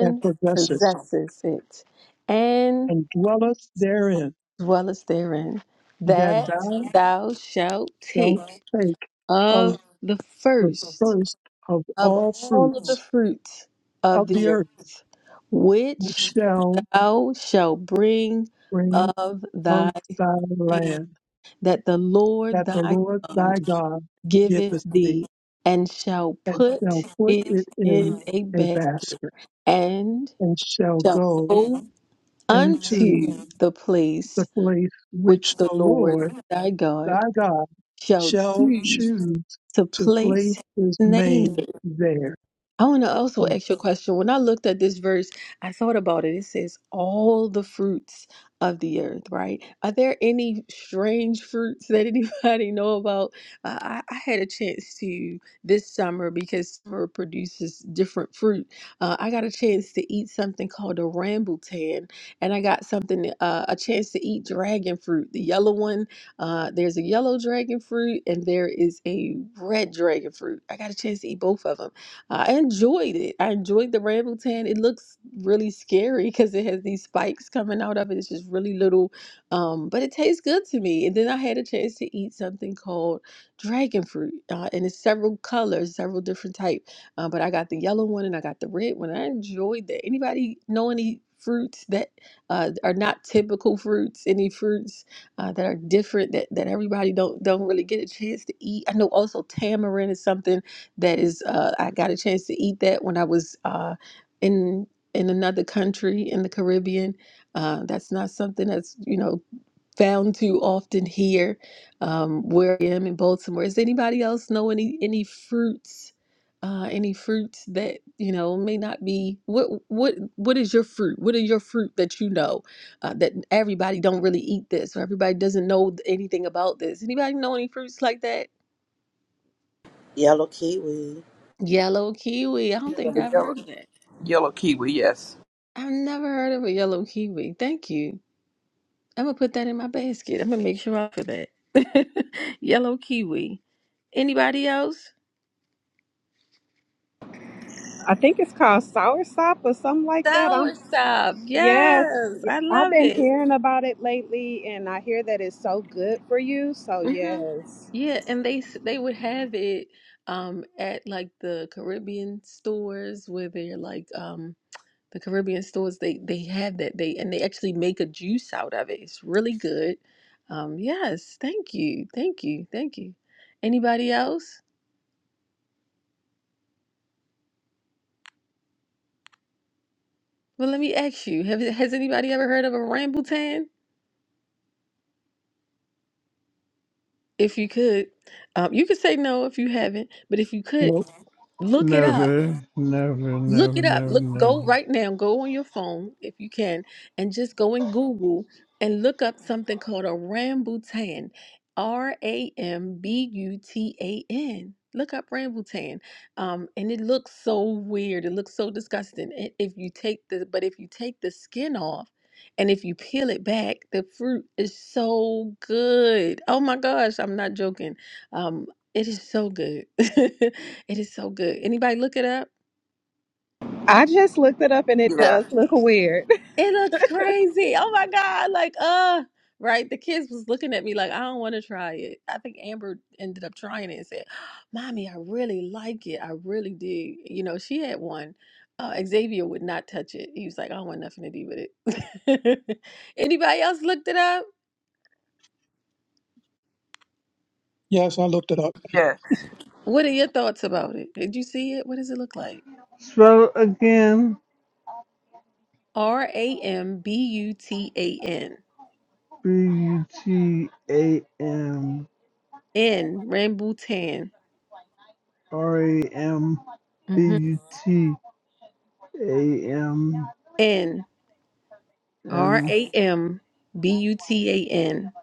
[SPEAKER 4] and possesseth,
[SPEAKER 1] possesses it, and
[SPEAKER 4] and dwelleth therein,
[SPEAKER 1] as well as therein,
[SPEAKER 4] that
[SPEAKER 1] that
[SPEAKER 4] thou
[SPEAKER 1] thou shalt take
[SPEAKER 4] shalt take of
[SPEAKER 1] of the
[SPEAKER 4] the
[SPEAKER 1] first
[SPEAKER 4] first of
[SPEAKER 1] of
[SPEAKER 4] all
[SPEAKER 1] all of the
[SPEAKER 4] fruits
[SPEAKER 1] fruits
[SPEAKER 4] of
[SPEAKER 1] of
[SPEAKER 4] the
[SPEAKER 1] the
[SPEAKER 4] earth
[SPEAKER 1] earth,
[SPEAKER 4] which
[SPEAKER 1] which
[SPEAKER 4] shall
[SPEAKER 1] thou shalt bring
[SPEAKER 4] bring
[SPEAKER 1] of
[SPEAKER 4] of
[SPEAKER 1] thy
[SPEAKER 4] thy
[SPEAKER 1] land,
[SPEAKER 4] land
[SPEAKER 1] that the Lord
[SPEAKER 4] that the
[SPEAKER 1] thy
[SPEAKER 4] Lord
[SPEAKER 1] God
[SPEAKER 4] thy God
[SPEAKER 1] giveth
[SPEAKER 4] giveth thee,
[SPEAKER 1] thee, and shall
[SPEAKER 4] and
[SPEAKER 1] put
[SPEAKER 4] shall put it
[SPEAKER 1] it
[SPEAKER 4] in
[SPEAKER 1] in a
[SPEAKER 4] a
[SPEAKER 1] basket,
[SPEAKER 4] basket,
[SPEAKER 1] and
[SPEAKER 4] and shall
[SPEAKER 1] shall
[SPEAKER 4] go
[SPEAKER 1] go
[SPEAKER 4] into
[SPEAKER 1] unto the
[SPEAKER 4] the
[SPEAKER 1] place
[SPEAKER 4] place which
[SPEAKER 1] which the
[SPEAKER 4] the
[SPEAKER 1] Lord
[SPEAKER 4] Lord
[SPEAKER 1] thy
[SPEAKER 4] thy
[SPEAKER 1] God
[SPEAKER 4] God
[SPEAKER 1] shall
[SPEAKER 4] shall
[SPEAKER 1] choose
[SPEAKER 4] choose
[SPEAKER 1] to
[SPEAKER 4] to place
[SPEAKER 1] place
[SPEAKER 4] his
[SPEAKER 1] his name
[SPEAKER 4] name there.
[SPEAKER 1] I want to also ask you a question. When I looked at this verse, I thought about it. It says, All the fruits of the earth, right? Are there any strange fruits that anybody know about? Uh, I, I had a chance to this summer because summer produces different fruit. Uh, I got a chance to eat something called a rambutan, and I got something, uh, a chance to eat dragon fruit, the yellow one. Uh, there's a yellow dragon fruit, and there is a red dragon fruit. I got a chance to eat both of them I enjoyed it. I enjoyed the Rambleton. It looks really scary because it has these spikes coming out of it. It's just really little, um, but it tastes good to me. And then I had a chance to eat something called dragon fruit, uh, and it's several colors, several different type. Uh, but I got the yellow one and I got the red one. I enjoyed that. Anybody know any fruits that uh, are not typical fruits? Any fruits uh, that are different that, that everybody don't don't really get a chance to eat? I know also tamarind is something that is uh, I got a chance to eat that when I was uh, in in another country in the Caribbean. Uh, that's not something that's you know found too often here um, where I am in Baltimore. Does anybody else know any any fruits? Uh, any fruits that you know may not be what what what is your fruit? What are your fruit that you know uh, that everybody don't really eat this or everybody doesn't know anything about this? Anybody know any fruits like that?
[SPEAKER 9] Yellow kiwi.
[SPEAKER 1] Yellow kiwi. I don't
[SPEAKER 2] Yeah,
[SPEAKER 1] think I
[SPEAKER 2] the
[SPEAKER 1] ever
[SPEAKER 2] yellow,
[SPEAKER 1] heard of that.
[SPEAKER 2] yellow kiwi. Yes.
[SPEAKER 1] I've never heard of a yellow kiwi. Thank you. I'm gonna put that in my basket. I'm gonna make sure I for that. yellow kiwi. Anybody else?
[SPEAKER 7] I think it's called soursop or something like that.
[SPEAKER 1] Sour
[SPEAKER 7] I'm
[SPEAKER 1] soursop.
[SPEAKER 7] yes.
[SPEAKER 1] Yes, I
[SPEAKER 7] I've
[SPEAKER 1] love
[SPEAKER 7] been
[SPEAKER 1] it.
[SPEAKER 7] hearing about it lately and I hear that it's so good for you. So
[SPEAKER 1] hmm
[SPEAKER 7] yes.
[SPEAKER 1] Yeah, and they s- they would have it um at like the Caribbean stores where they're like um the Caribbean stores they they have that they and they actually make a juice out of it. It's really good. Um yes, thank you. Thank you. Thank you. Anybody else? Well, let me ask you, have, has anybody ever heard of a rambutan? If you could, um, you could say no if you haven't, but if you could,
[SPEAKER 4] Nope.
[SPEAKER 1] look it up.
[SPEAKER 13] Never, never,
[SPEAKER 1] Look
[SPEAKER 13] never,
[SPEAKER 1] it up.
[SPEAKER 13] never,
[SPEAKER 1] Look, go
[SPEAKER 13] never.
[SPEAKER 1] right now. Go on your phone if you can, and just go in Google and look up something called a rambutan. R A M B U T A N. Look up rambutan, um, and it looks so weird. It looks so disgusting. I- If you take the, but if you take the skin off, and if you peel it back, the fruit is so good. Oh my gosh, I'm not joking. Um, it is so good. it is so good. Anybody look it up?
[SPEAKER 7] I just looked it up and it
[SPEAKER 2] Yeah.
[SPEAKER 7] does look weird.
[SPEAKER 1] It looks crazy. Oh my God. Like, uh, right. The kids was looking at me like, I don't want to try it. I think Amber ended up trying it and said, Mommy, I really like it. I really do. You know, she had one. Uh, Xavier would not touch it. He was like, I don't want nothing to do with it. Anybody else looked it up?
[SPEAKER 4] Yes, I looked it up.
[SPEAKER 2] Yes.
[SPEAKER 1] What are your thoughts about it? Did you see it? What does it look like?
[SPEAKER 13] Spell it again.
[SPEAKER 1] R A M B U T A N.
[SPEAKER 13] B U T A M
[SPEAKER 1] N. Rambutan.
[SPEAKER 13] R A M B
[SPEAKER 1] Mm-hmm.
[SPEAKER 13] U T A M
[SPEAKER 1] N. R
[SPEAKER 13] and
[SPEAKER 1] A M B U T A N.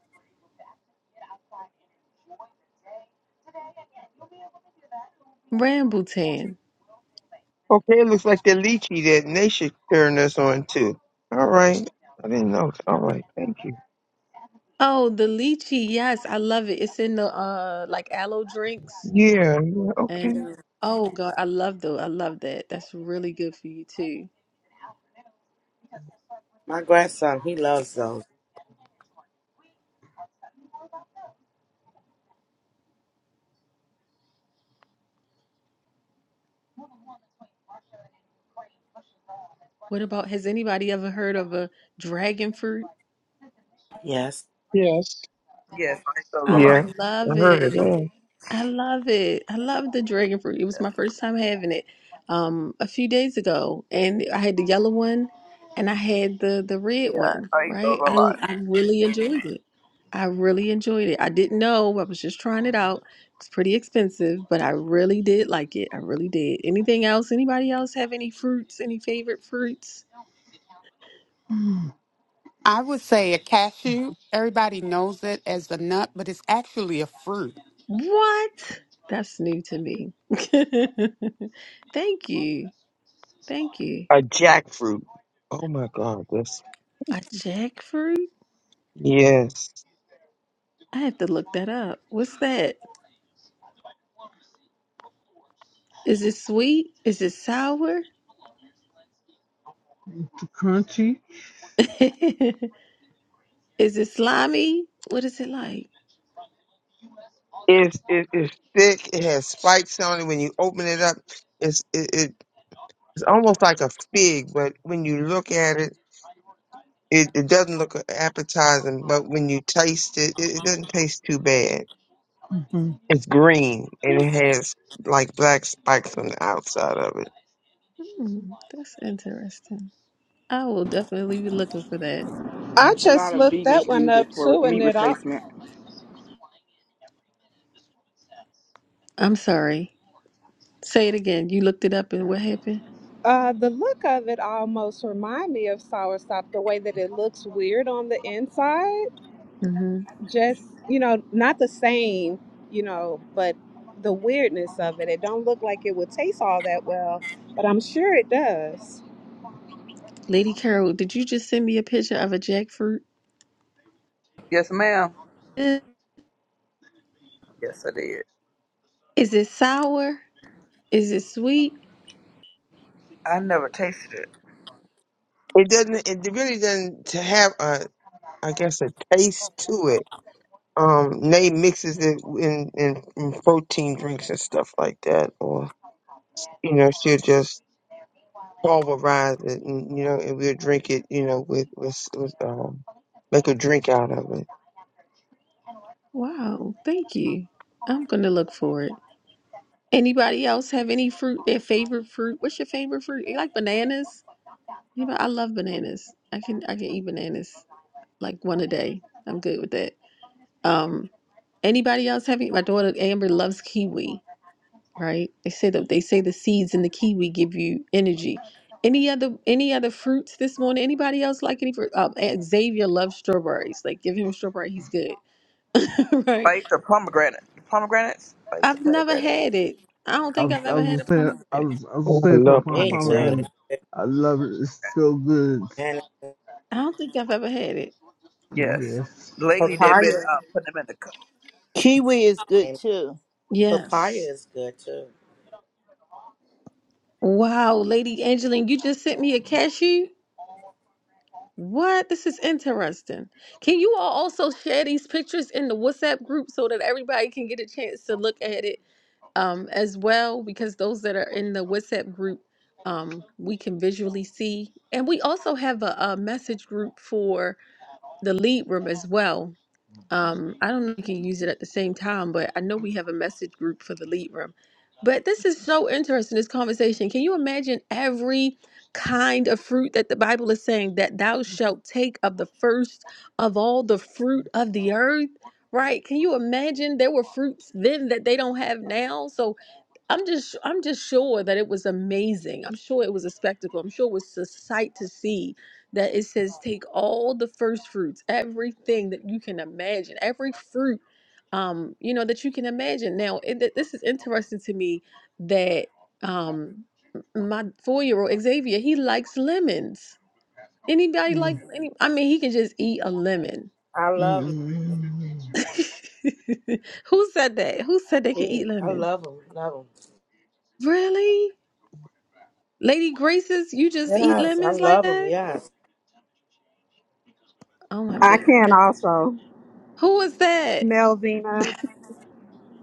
[SPEAKER 1] Rambutan.
[SPEAKER 5] Okay, it looks like the lychee that Nation turned us on to. All right. I didn't know. All right. Thank you.
[SPEAKER 1] Oh, the lychee. Yes, I love it. It's in the uh like aloe drinks.
[SPEAKER 5] Yeah. Yeah.
[SPEAKER 1] And
[SPEAKER 5] Okay.
[SPEAKER 1] uh, oh God, I love though. I love that. That's really good for you too.
[SPEAKER 9] My grandson, he loves those.
[SPEAKER 1] What about has anybody ever heard of a dragon fruit?
[SPEAKER 9] Yes.
[SPEAKER 4] Yes.
[SPEAKER 2] Yes. I eat those a
[SPEAKER 1] I
[SPEAKER 2] lot.
[SPEAKER 5] Yeah. I
[SPEAKER 1] love
[SPEAKER 5] heard of
[SPEAKER 1] it.
[SPEAKER 5] that.
[SPEAKER 1] I love it. I love the dragon fruit. It was my first time having it um a few days ago and I had the yellow one and I had the the red
[SPEAKER 2] Yeah,
[SPEAKER 1] one,
[SPEAKER 2] I eat those
[SPEAKER 1] right?
[SPEAKER 2] a
[SPEAKER 1] I
[SPEAKER 2] lot.
[SPEAKER 1] I really enjoyed it. I really enjoyed it. I didn't know. I was just trying it out. It's pretty expensive, but I really did like it. I really did. Anything else? Anybody else have any fruits? Any favorite fruits?
[SPEAKER 14] I would say a cashew. Everybody knows it as a nut, but it's actually a fruit.
[SPEAKER 1] What? That's new to me. Thank you. Thank you.
[SPEAKER 5] A jackfruit. Oh my God. That's,
[SPEAKER 1] A jackfruit?
[SPEAKER 5] yes.
[SPEAKER 1] I have to look that up. What's that? Is it sweet? Is it sour?
[SPEAKER 13] the crunchy.
[SPEAKER 1] is it slimy? What is it like?
[SPEAKER 5] It's, it, it's thick. It has spikes on it. When you open it up, it's, it, it, it's almost like a fig, but when you look at it, it, it doesn't look appetizing, but when you taste it, it, it doesn't taste too bad.
[SPEAKER 13] hmm
[SPEAKER 5] It's green
[SPEAKER 1] Like-
[SPEAKER 5] and it has like black spikes on the outside of it.
[SPEAKER 1] Hmm, that's interesting. I will definitely be looking for that.
[SPEAKER 7] I
[SPEAKER 15] A
[SPEAKER 7] just
[SPEAKER 15] lot of
[SPEAKER 7] looked that
[SPEAKER 15] vegans
[SPEAKER 7] one
[SPEAKER 15] use
[SPEAKER 7] up
[SPEAKER 15] it for
[SPEAKER 7] too and
[SPEAKER 15] meat
[SPEAKER 7] it
[SPEAKER 15] replacement.
[SPEAKER 1] I'm sorry. Say it again. You looked it up and what happened?
[SPEAKER 7] Uh, the look of it almost remind me of soursop. The way that it looks weird on the inside,
[SPEAKER 1] hmm
[SPEAKER 7] just you know, not the same, you know, but the weirdness of it. It don't look like it would taste all that well, but I'm sure it does.
[SPEAKER 1] Lady Carol, did you just send me a picture of a jackfruit?
[SPEAKER 2] Yes, ma'am.
[SPEAKER 1] Eh,
[SPEAKER 2] Yes, I did.
[SPEAKER 1] Is it sour? Is it sweet?
[SPEAKER 2] I never tasted it.
[SPEAKER 5] It doesn't. It really doesn't to have a, I guess, a taste to it. Um, Nay mixes it in, in in protein drinks and stuff like that, or you know, she'll just pulverize it, and you know, and we'll drink it, you know, with with, with um, make a drink out of it.
[SPEAKER 1] Wow, thank you. I'm going to look for it. Anybody else have any fruit? Their favorite fruit? What's your favorite fruit? You like bananas? Anybody? I love bananas. I can I can eat bananas like one a day. I'm good with that. Um, anybody else having? My daughter Amber loves kiwi. Right? They say that they say the seeds in the kiwi give you energy. Any other any other fruits this morning? Anybody else like any fruit? Um, Xavier loves strawberries. Like give him a strawberry, he's good.
[SPEAKER 2] I
[SPEAKER 1] right?
[SPEAKER 2] ate the pomegranate. Pomegranates? I ate the
[SPEAKER 1] I've never
[SPEAKER 2] pomegranate.
[SPEAKER 1] had it. I don't
[SPEAKER 13] I
[SPEAKER 1] think
[SPEAKER 13] was,
[SPEAKER 1] I've
[SPEAKER 13] I
[SPEAKER 1] ever had a
[SPEAKER 13] was saying, I
[SPEAKER 1] pomegranate.
[SPEAKER 13] was, I was
[SPEAKER 5] Oh, I
[SPEAKER 13] saying for
[SPEAKER 5] love
[SPEAKER 13] Pom
[SPEAKER 9] Me too.
[SPEAKER 5] pomegranate.
[SPEAKER 13] Pomegranate. I love it. It's so good.
[SPEAKER 9] And
[SPEAKER 1] I don't think I've ever had it.
[SPEAKER 2] Yes.
[SPEAKER 13] Yes.
[SPEAKER 2] Lately, they've been
[SPEAKER 9] papaya.
[SPEAKER 2] uh, putting them in the cup.
[SPEAKER 3] Kiwi is good
[SPEAKER 9] And
[SPEAKER 3] too.
[SPEAKER 9] papaya
[SPEAKER 1] Yes.
[SPEAKER 9] is good too.
[SPEAKER 1] Wow, Lady Angeline, you just sent me a cashew? What? This is interesting. Can you all also share these pictures in the WhatsApp group so that everybody can get a chance to look at it um, as well? Because those that are in the WhatsApp group, um, we can visually see. And we also have a, a message group for the lead room as well. Um, I don't know if you can use it at the same time, but I know we have a message group for the lead room. But this is so interesting, this conversation. Can you imagine every kind of fruit that the Bible is saying that thou shalt take of the first of all the fruit of the earth? Right? Can you imagine there were fruits then that they don't have now? So I'm just I'm just sure that it was amazing. I'm sure it was a spectacle. I'm sure it was a sight to see that it says take all the first fruits, everything that you can imagine, every fruit um you know that you can imagine. Now, it, th- this is interesting to me that um m- my 4-year-old Xavier, he likes lemons. Anybody like
[SPEAKER 13] Mm.
[SPEAKER 1] any I mean, he can just eat a lemon.
[SPEAKER 9] I love
[SPEAKER 13] Mm.
[SPEAKER 1] Who said that? Who said they could eat
[SPEAKER 9] lemon. I
[SPEAKER 1] lemon?
[SPEAKER 9] love them. Love them.
[SPEAKER 1] Really? Lady Graces, you just eat
[SPEAKER 9] Yes, I
[SPEAKER 1] lemons like
[SPEAKER 9] love them.
[SPEAKER 1] that?
[SPEAKER 9] Yes.
[SPEAKER 1] Oh my
[SPEAKER 7] I
[SPEAKER 1] good.
[SPEAKER 7] can also
[SPEAKER 1] Who was that?
[SPEAKER 7] Melvina.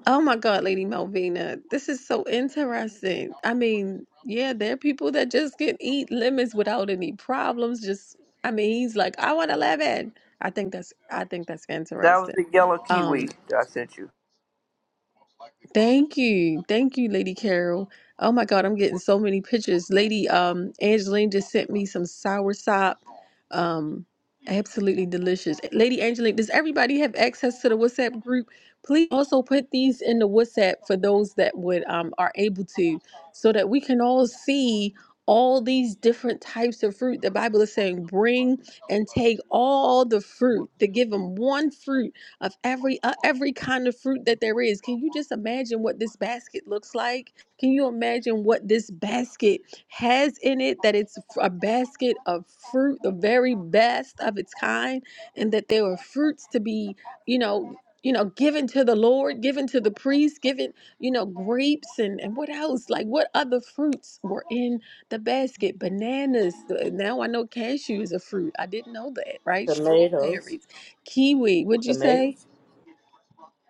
[SPEAKER 1] Oh my God, Lady Malvina. This is so interesting. I mean, yeah, there are people that just can eat lemons without any problems. Just I mean, he's like, I want a lemon. I think that's I think that's
[SPEAKER 2] That was
[SPEAKER 1] interesting.
[SPEAKER 2] the yellow kiwi
[SPEAKER 1] Um
[SPEAKER 2] that I sent you.
[SPEAKER 1] Thank you. Thank you, Lady Carol. Oh my God, I'm getting so many pictures. Lady um Angeline just sent me some soursop. Um absolutely delicious. Lady Angeline, does everybody have access to the WhatsApp group? Please also put these in the WhatsApp for those that would um are able to so that we can all see all these different types of fruit. The Bible is saying bring and take all the fruit to give them one fruit of every uh, every kind of fruit that there is. Can you just imagine what this basket looks like? Can you imagine what this basket has in it that it's f- a basket of fruit, the very best of its kind and that there were fruits to be, you know, you know, given to the Lord, given to the priest, given, you know, grapes and, and what else? Like what other fruits were in the basket? Bananas. uh, Now I know cashew is a fruit. I didn't know that, right?
[SPEAKER 9] Tomatoes.
[SPEAKER 1] Strawberries, kiwi. What'd you say?
[SPEAKER 9] Tomatoes.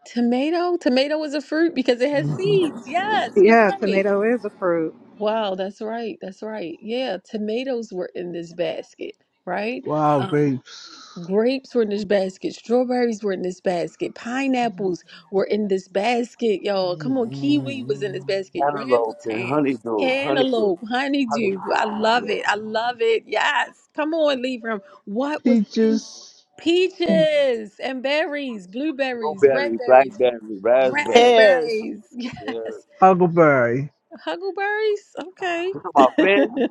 [SPEAKER 1] Tomato? Tomato is a fruit because it has
[SPEAKER 13] Mm-hmm.
[SPEAKER 1] seeds. Yes, you're
[SPEAKER 7] Yeah,
[SPEAKER 1] right.
[SPEAKER 7] tomato is a fruit.
[SPEAKER 1] Wow, that's right. That's right. Yeah, tomatoes were in this basket, right?
[SPEAKER 13] Wild
[SPEAKER 1] Um,
[SPEAKER 13] grapes.
[SPEAKER 1] grapes were in this basket. Strawberries were in this basket. Pineapples were in this basket, y'all. Come on, kiwi was in this
[SPEAKER 13] Mm.
[SPEAKER 1] basket.
[SPEAKER 6] cantaloupe, and
[SPEAKER 1] Rambutan,
[SPEAKER 6] honeydew, honeydew,
[SPEAKER 1] cantaloupe,
[SPEAKER 6] honeydew.
[SPEAKER 1] honeydew. I love
[SPEAKER 6] Yeah.
[SPEAKER 1] it. I love it. Yes. Come on, Libram. What was in
[SPEAKER 13] Peaches.
[SPEAKER 4] And,
[SPEAKER 1] peaches and berries, blueberries, red
[SPEAKER 6] Blueberry,
[SPEAKER 1] berries,
[SPEAKER 6] blackberry, raspberry.
[SPEAKER 3] Pears,
[SPEAKER 1] Raspberries.
[SPEAKER 6] Yeah. You
[SPEAKER 1] Yes.
[SPEAKER 13] Huckleberry.
[SPEAKER 1] Huckleberries. Okay.
[SPEAKER 6] talking about Finn?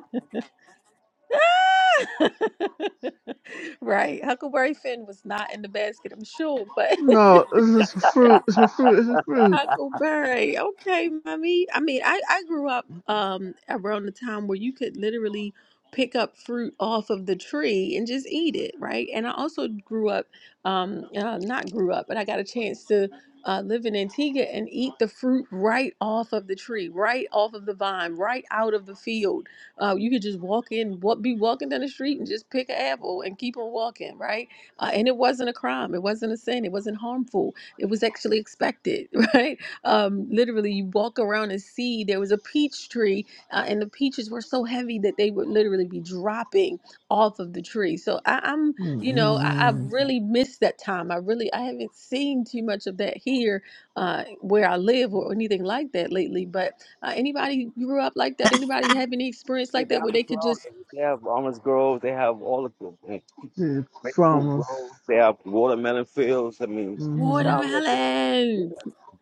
[SPEAKER 1] right. Huckleberry Finn was not in the basket, I'm sure, but
[SPEAKER 13] No, it's a fruit. It's a fruit. It's a fruit.
[SPEAKER 1] Huckleberry. Okay, mommy. I mean, I, I grew up um around the time where you could literally pick up fruit off of the tree and just eat it, right? And I also grew up, um, uh, not grew up, but I got a chance to uh, live in Antigua and eat the fruit right off of the tree, right off of the vine, right out of the field. Uh, you could just walk in, what be walking down the street and just pick an apple and keep on walking, right? Uh, and it wasn't a crime, it wasn't a sin, it wasn't harmful, it was actually expected right? Um, literally, you walk around and see there was a peach tree, uh, and the peaches were so heavy that they would literally be dropping off of the tree. So I, I'm, you know, I, I've
[SPEAKER 13] Mm-hmm.
[SPEAKER 1] really missed that time. I really, I haven't seen too much of that here, uh, where I live or anything like that lately. But uh, anybody grew up like that? Anybody have any experience
[SPEAKER 6] Yeah,
[SPEAKER 1] like that
[SPEAKER 6] down
[SPEAKER 1] where
[SPEAKER 6] the
[SPEAKER 1] they could
[SPEAKER 6] floor.
[SPEAKER 1] just
[SPEAKER 6] They have almond groves. They have all of them. And
[SPEAKER 13] It's
[SPEAKER 6] Grapefruit
[SPEAKER 13] promise.
[SPEAKER 6] groves. They have watermelon fields. I mean,
[SPEAKER 13] Mm-hmm.
[SPEAKER 6] down there. Just,
[SPEAKER 1] watermelon?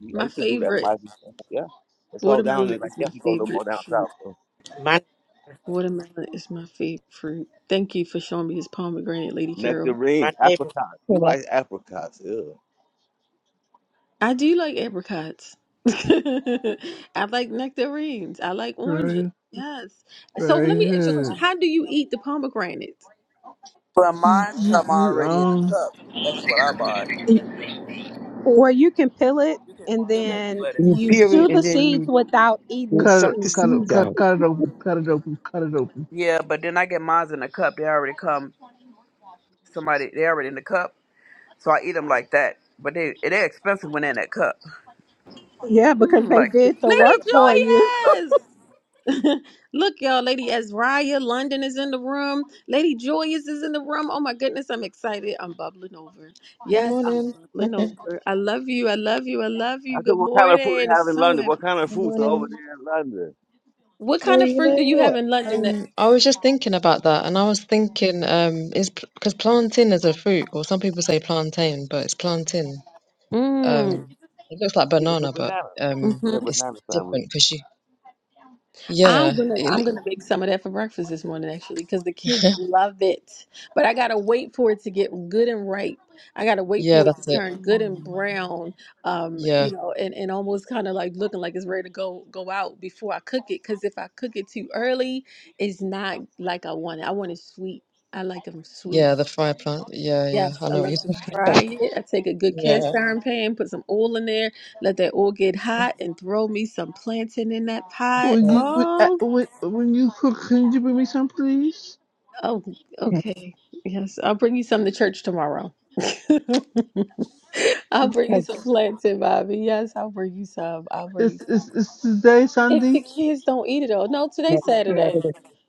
[SPEAKER 6] yeah. I
[SPEAKER 1] My
[SPEAKER 6] used to do that.
[SPEAKER 1] favorite.
[SPEAKER 6] My yeah. It's all down
[SPEAKER 1] Watermelon
[SPEAKER 6] there. Like
[SPEAKER 1] is
[SPEAKER 6] you
[SPEAKER 1] my
[SPEAKER 6] have to go a little
[SPEAKER 1] favorite.
[SPEAKER 6] more down south.
[SPEAKER 9] My
[SPEAKER 1] Watermelon is my favorite fruit. Thank you for showing me this pomegranate, Lady Carol.
[SPEAKER 9] my
[SPEAKER 6] Nectarines,
[SPEAKER 9] neighbor.
[SPEAKER 6] apricots.
[SPEAKER 4] and
[SPEAKER 6] Who likes apricots? Ew.
[SPEAKER 1] I do like apricots. I like nectarines. I like oranges.
[SPEAKER 13] Right?
[SPEAKER 1] Yes. So let
[SPEAKER 13] Very
[SPEAKER 1] me ask you a question.
[SPEAKER 13] good.
[SPEAKER 1] How do you eat the pomegranate?
[SPEAKER 2] But
[SPEAKER 13] You,
[SPEAKER 2] mine
[SPEAKER 13] you,
[SPEAKER 2] come
[SPEAKER 13] you,
[SPEAKER 2] already in the
[SPEAKER 13] um,
[SPEAKER 2] cup. That's what I buy.
[SPEAKER 7] Or you can peel it
[SPEAKER 2] You can
[SPEAKER 7] and
[SPEAKER 2] peel it,
[SPEAKER 7] then
[SPEAKER 2] but it's...
[SPEAKER 5] You
[SPEAKER 7] you
[SPEAKER 5] peel it
[SPEAKER 7] chew the
[SPEAKER 5] and then
[SPEAKER 7] seeds
[SPEAKER 5] you,
[SPEAKER 7] without eating
[SPEAKER 5] you
[SPEAKER 7] the
[SPEAKER 13] cut it,
[SPEAKER 5] suck the
[SPEAKER 13] cut
[SPEAKER 7] seeds.
[SPEAKER 13] it,
[SPEAKER 5] seeds
[SPEAKER 13] cut,
[SPEAKER 5] out.
[SPEAKER 13] cut it open, cut it open, cut it open.
[SPEAKER 2] Yeah, but then I get mine in the cup. They already come. Somebody, they already in the cup. So I eat them like that. But they, they're expensive when they're in that cup.
[SPEAKER 7] Yeah, because they
[SPEAKER 1] Mm.
[SPEAKER 2] Like
[SPEAKER 7] did the
[SPEAKER 1] Lady
[SPEAKER 7] work
[SPEAKER 2] $67
[SPEAKER 7] for
[SPEAKER 2] in
[SPEAKER 7] you.
[SPEAKER 2] the cup.
[SPEAKER 1] Joyous! Look, y'all, Lady Azraya, London is in the room. Lady Joyous is in the room. Oh my goodness, I'm excited. I'm bubbling over.
[SPEAKER 16] Good
[SPEAKER 1] Yes, I'm
[SPEAKER 16] morning.
[SPEAKER 1] bubbling
[SPEAKER 16] Good
[SPEAKER 1] over. I love you. I love you. I love
[SPEAKER 6] I
[SPEAKER 1] you.
[SPEAKER 6] said,
[SPEAKER 1] Good
[SPEAKER 6] what kind of fruit
[SPEAKER 1] morning.
[SPEAKER 6] they have
[SPEAKER 1] It's
[SPEAKER 6] in
[SPEAKER 1] so
[SPEAKER 6] London? What
[SPEAKER 1] happy.
[SPEAKER 6] kind of fruits are over
[SPEAKER 16] morning.
[SPEAKER 6] there in London?
[SPEAKER 1] What
[SPEAKER 16] Well,
[SPEAKER 1] kind of
[SPEAKER 16] you
[SPEAKER 1] fruit
[SPEAKER 16] know
[SPEAKER 1] do you have
[SPEAKER 16] what?
[SPEAKER 1] in London? That-
[SPEAKER 16] Um, I was just thinking about that, and I was thinking, um, is because plantain is a fruit, or some people say plantain, but it's plantain.
[SPEAKER 1] mm.
[SPEAKER 16] Um, it looks like
[SPEAKER 6] See, it's a
[SPEAKER 16] banana, but
[SPEAKER 6] banana. It's
[SPEAKER 16] um,
[SPEAKER 6] in
[SPEAKER 1] mm-hmm.
[SPEAKER 6] the
[SPEAKER 16] it's
[SPEAKER 6] banana family.
[SPEAKER 16] different because you, yeah,
[SPEAKER 1] I'm gonna
[SPEAKER 16] it,
[SPEAKER 1] I'm gonna make some of that for breakfast this morning actually because the
[SPEAKER 16] loo-
[SPEAKER 1] kids love it. But I gotta wait for it to get good and ripe. I gotta wait
[SPEAKER 16] yeah,
[SPEAKER 1] for it
[SPEAKER 16] that's
[SPEAKER 1] to
[SPEAKER 16] it.
[SPEAKER 1] turn good and brown, um,
[SPEAKER 16] Yeah,
[SPEAKER 1] you know, and, and almost kind of like looking like it's ready to go go out before I cook it. Cause if I cook it too early, it's not like I want it. I want it sweet. I like them
[SPEAKER 16] yeah,
[SPEAKER 1] sweet.
[SPEAKER 16] the fire plant. Yeah, yeah,
[SPEAKER 1] Yes,
[SPEAKER 16] I
[SPEAKER 1] I
[SPEAKER 16] know what
[SPEAKER 1] love
[SPEAKER 16] you're
[SPEAKER 1] to
[SPEAKER 16] talking
[SPEAKER 1] fry
[SPEAKER 16] about.
[SPEAKER 1] it. I take a good
[SPEAKER 16] Yeah. yeah.
[SPEAKER 1] cast iron pan, put some oil in there, let that oil get hot, and throw me some plantain in that pot.
[SPEAKER 13] When you when, uh,
[SPEAKER 1] Oh
[SPEAKER 13] when, when you cook, can you bring me some, please?
[SPEAKER 1] Oh,
[SPEAKER 4] I, I,
[SPEAKER 1] okay. Yes, I'll bring you some to church tomorrow.
[SPEAKER 13] T-
[SPEAKER 1] I'll bring
[SPEAKER 4] I,
[SPEAKER 1] you
[SPEAKER 4] I,
[SPEAKER 1] some plants in, Bobby. Yes, I'll bring you some. I'll bring you
[SPEAKER 13] Is is
[SPEAKER 1] some.
[SPEAKER 13] is today
[SPEAKER 1] If
[SPEAKER 13] Sunday?
[SPEAKER 1] the kids don't eat it all. No, today's Saturday.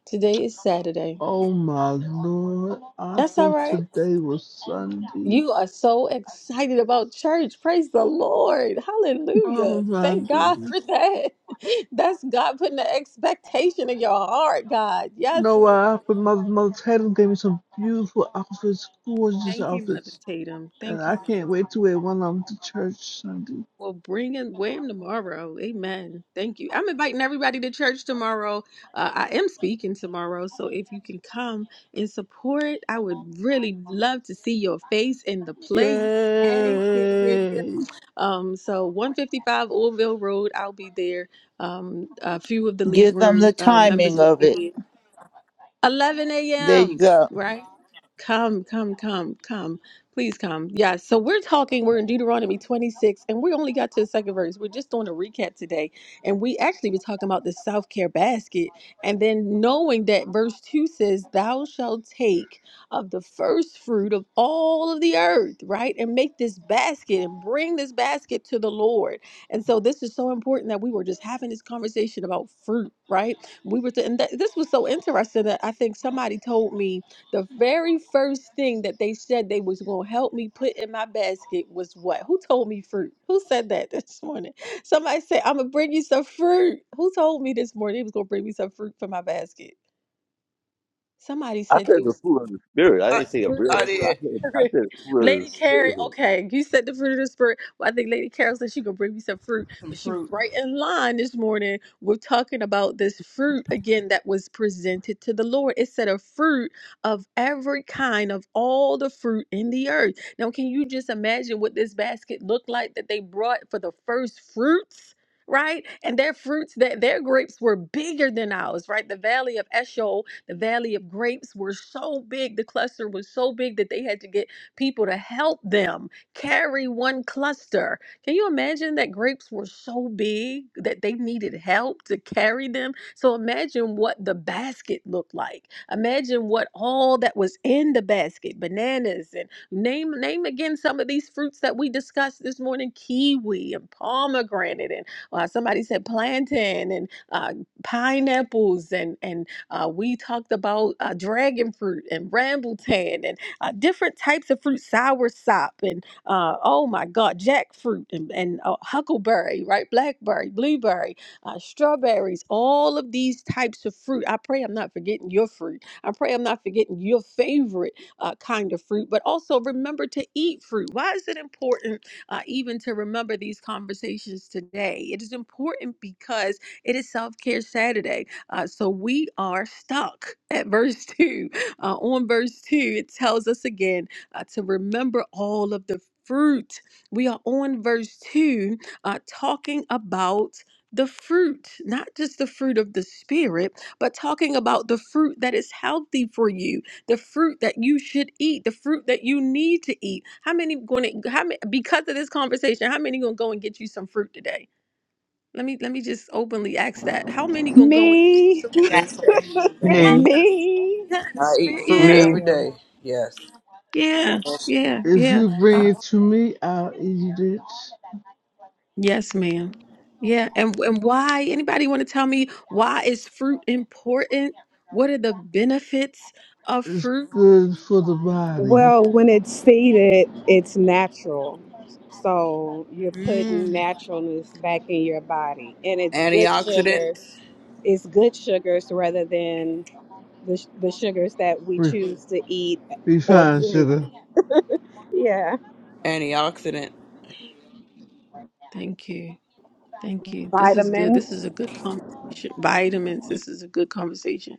[SPEAKER 1] Today is Saturday.
[SPEAKER 13] Oh my lord! I
[SPEAKER 1] That's all
[SPEAKER 13] thought
[SPEAKER 1] right.
[SPEAKER 13] today was Sunday.
[SPEAKER 1] You are so excited about church. Praise the Lord.
[SPEAKER 13] Oh
[SPEAKER 1] Hallelujah.
[SPEAKER 13] my
[SPEAKER 1] Thank God for
[SPEAKER 13] goodness!
[SPEAKER 1] that. That's God putting the expectation in your heart, God. Yes, Lord.
[SPEAKER 13] Noah, but my, my title gave me some beautiful outfits, gorgeous
[SPEAKER 1] Thank you, Mother
[SPEAKER 13] outfits,
[SPEAKER 1] Tatum.
[SPEAKER 13] and
[SPEAKER 1] Thank you,
[SPEAKER 13] I
[SPEAKER 1] Mother
[SPEAKER 13] can't wait to wear one of them to church Sunday.
[SPEAKER 1] Well, bring him. in him tomorrow. Amen. Thank you. I'm inviting everybody to church tomorrow. Uh, I am speaking tomorrow. So if you can come and support, I would really love to see your face in the place. Yay, yeah, yeah, yeah.
[SPEAKER 13] Yay!
[SPEAKER 1] Um, so 155 Oldville Road, I'll be there. Um, a few of the lead
[SPEAKER 3] give them
[SPEAKER 1] room
[SPEAKER 3] the
[SPEAKER 1] uh,
[SPEAKER 3] timing
[SPEAKER 1] members will
[SPEAKER 3] of
[SPEAKER 1] be
[SPEAKER 3] it.
[SPEAKER 1] there. 11
[SPEAKER 3] There you
[SPEAKER 1] a.m.
[SPEAKER 3] go.
[SPEAKER 1] Right? Come, come, come, come. Please come. Yeah. So we're talking, we're in Deuteronomy 26, and we only got to the second verse. We're just doing a recap today. And we actually were talking about the self care basket. And then knowing that verse 2 says, Thou shalt take of the first fruit of all of the earth, right? And make this basket and bring this basket to the Lord. And so this is so important that we were just having this conversation about fruit, right? We were, th- and th- this was so interesting that I think somebody told me the very first thing that they said they was going to help me put in my basket was what? Who told me fruit? Who said that this morning? Somebody said, I'm going to bring you some fruit. Who told me this morning they was going to bring me some fruit for my basket? Somebody
[SPEAKER 6] I
[SPEAKER 1] said they
[SPEAKER 6] said the fruit of the spirit. I
[SPEAKER 2] I,
[SPEAKER 6] didn't say a
[SPEAKER 1] fruit of
[SPEAKER 6] real
[SPEAKER 2] I
[SPEAKER 1] the
[SPEAKER 6] fruit.
[SPEAKER 1] spirit.
[SPEAKER 6] I
[SPEAKER 2] did.
[SPEAKER 6] said I said fruit of the
[SPEAKER 1] Lady Carrie,
[SPEAKER 6] spirit.
[SPEAKER 1] okay, you said the fruit of the spirit. Well, I think Lady Carol said she could bring me some fruit, but she was
[SPEAKER 2] Fruit.
[SPEAKER 1] right in line this morning. We're talking about this fruit again that was presented to the Lord. It said a fruit of every kind of all the fruit in the earth. Now, can you just imagine what this basket looked like that they brought for the first fruits? Right, and their fruits that their grapes were bigger than ours, right? The valley of Eshol the Valley of Grapes were so big, the cluster was so big that they had to get people to help them carry one cluster. Can you imagine that grapes were so big that they needed help to carry them? So imagine what the basket looked like. Imagine what all that was in the basket, bananas and name name again some of these fruits that we discussed this morning, kiwi and pomegranate and uh, somebody said plantain and uh, pineapples and and uh, we talked about uh, dragon fruit and rambutan and uh, different types of fruit, sour sop and uh, oh my God, jackfruit and, and uh, huckleberry, right? Blackberry, blueberry, uh, strawberries, all of these types of fruit. I pray I'm not forgetting your fruit. I pray I'm not forgetting your favorite uh, kind of fruit, but also remember to eat fruit. Why is it important uh, even to remember these conversations today? It is important because it is Self Care Saturday uh, so we are stuck at verse 2. Uh, on verse 2, it tells us again uh, to remember all of the fruit. We are on verse 2 uh, talking about the fruit, not just the fruit of the Spirit, but talking about the fruit that is healthy for you, the fruit that you should eat, the fruit that you need to eat. How many going to, how many, because of this conversation, how many going to go and get you some fruit today? Let me let me just openly ask that. How many gonna go and eat
[SPEAKER 7] Me.
[SPEAKER 1] some
[SPEAKER 9] I
[SPEAKER 1] fruit
[SPEAKER 9] got some
[SPEAKER 1] today?
[SPEAKER 9] today.
[SPEAKER 5] Me,
[SPEAKER 1] Yes,
[SPEAKER 7] Me?
[SPEAKER 2] I
[SPEAKER 1] yes,
[SPEAKER 2] eat fruit
[SPEAKER 1] yeah,
[SPEAKER 5] me.
[SPEAKER 2] every day. Yes.
[SPEAKER 1] yeah,
[SPEAKER 9] Delicious.
[SPEAKER 1] yeah,
[SPEAKER 13] If
[SPEAKER 1] yeah.
[SPEAKER 13] you bring it to me, I'll eat it.
[SPEAKER 1] Yes, ma'am. Yeah, and and why? Anybody want to tell me why is fruit important? What are the benefits of
[SPEAKER 13] It's
[SPEAKER 1] fruit?
[SPEAKER 13] good for the body.
[SPEAKER 7] Well, when it's seeded, it's natural. So you're putting
[SPEAKER 1] Mm,
[SPEAKER 7] naturalness back in your body. And it's good
[SPEAKER 2] Antioxidant,
[SPEAKER 7] sugar. It's good sugars rather than the, sh- the sugars that we
[SPEAKER 13] Re-
[SPEAKER 7] choose to eat or
[SPEAKER 13] refined
[SPEAKER 7] drink.
[SPEAKER 13] sugar.
[SPEAKER 7] Yeah.
[SPEAKER 2] antioxidant
[SPEAKER 1] thank you. Thank you. This is good. This is a
[SPEAKER 7] Vitamins,
[SPEAKER 1] good conversation. Vitamins. This is a good conversation.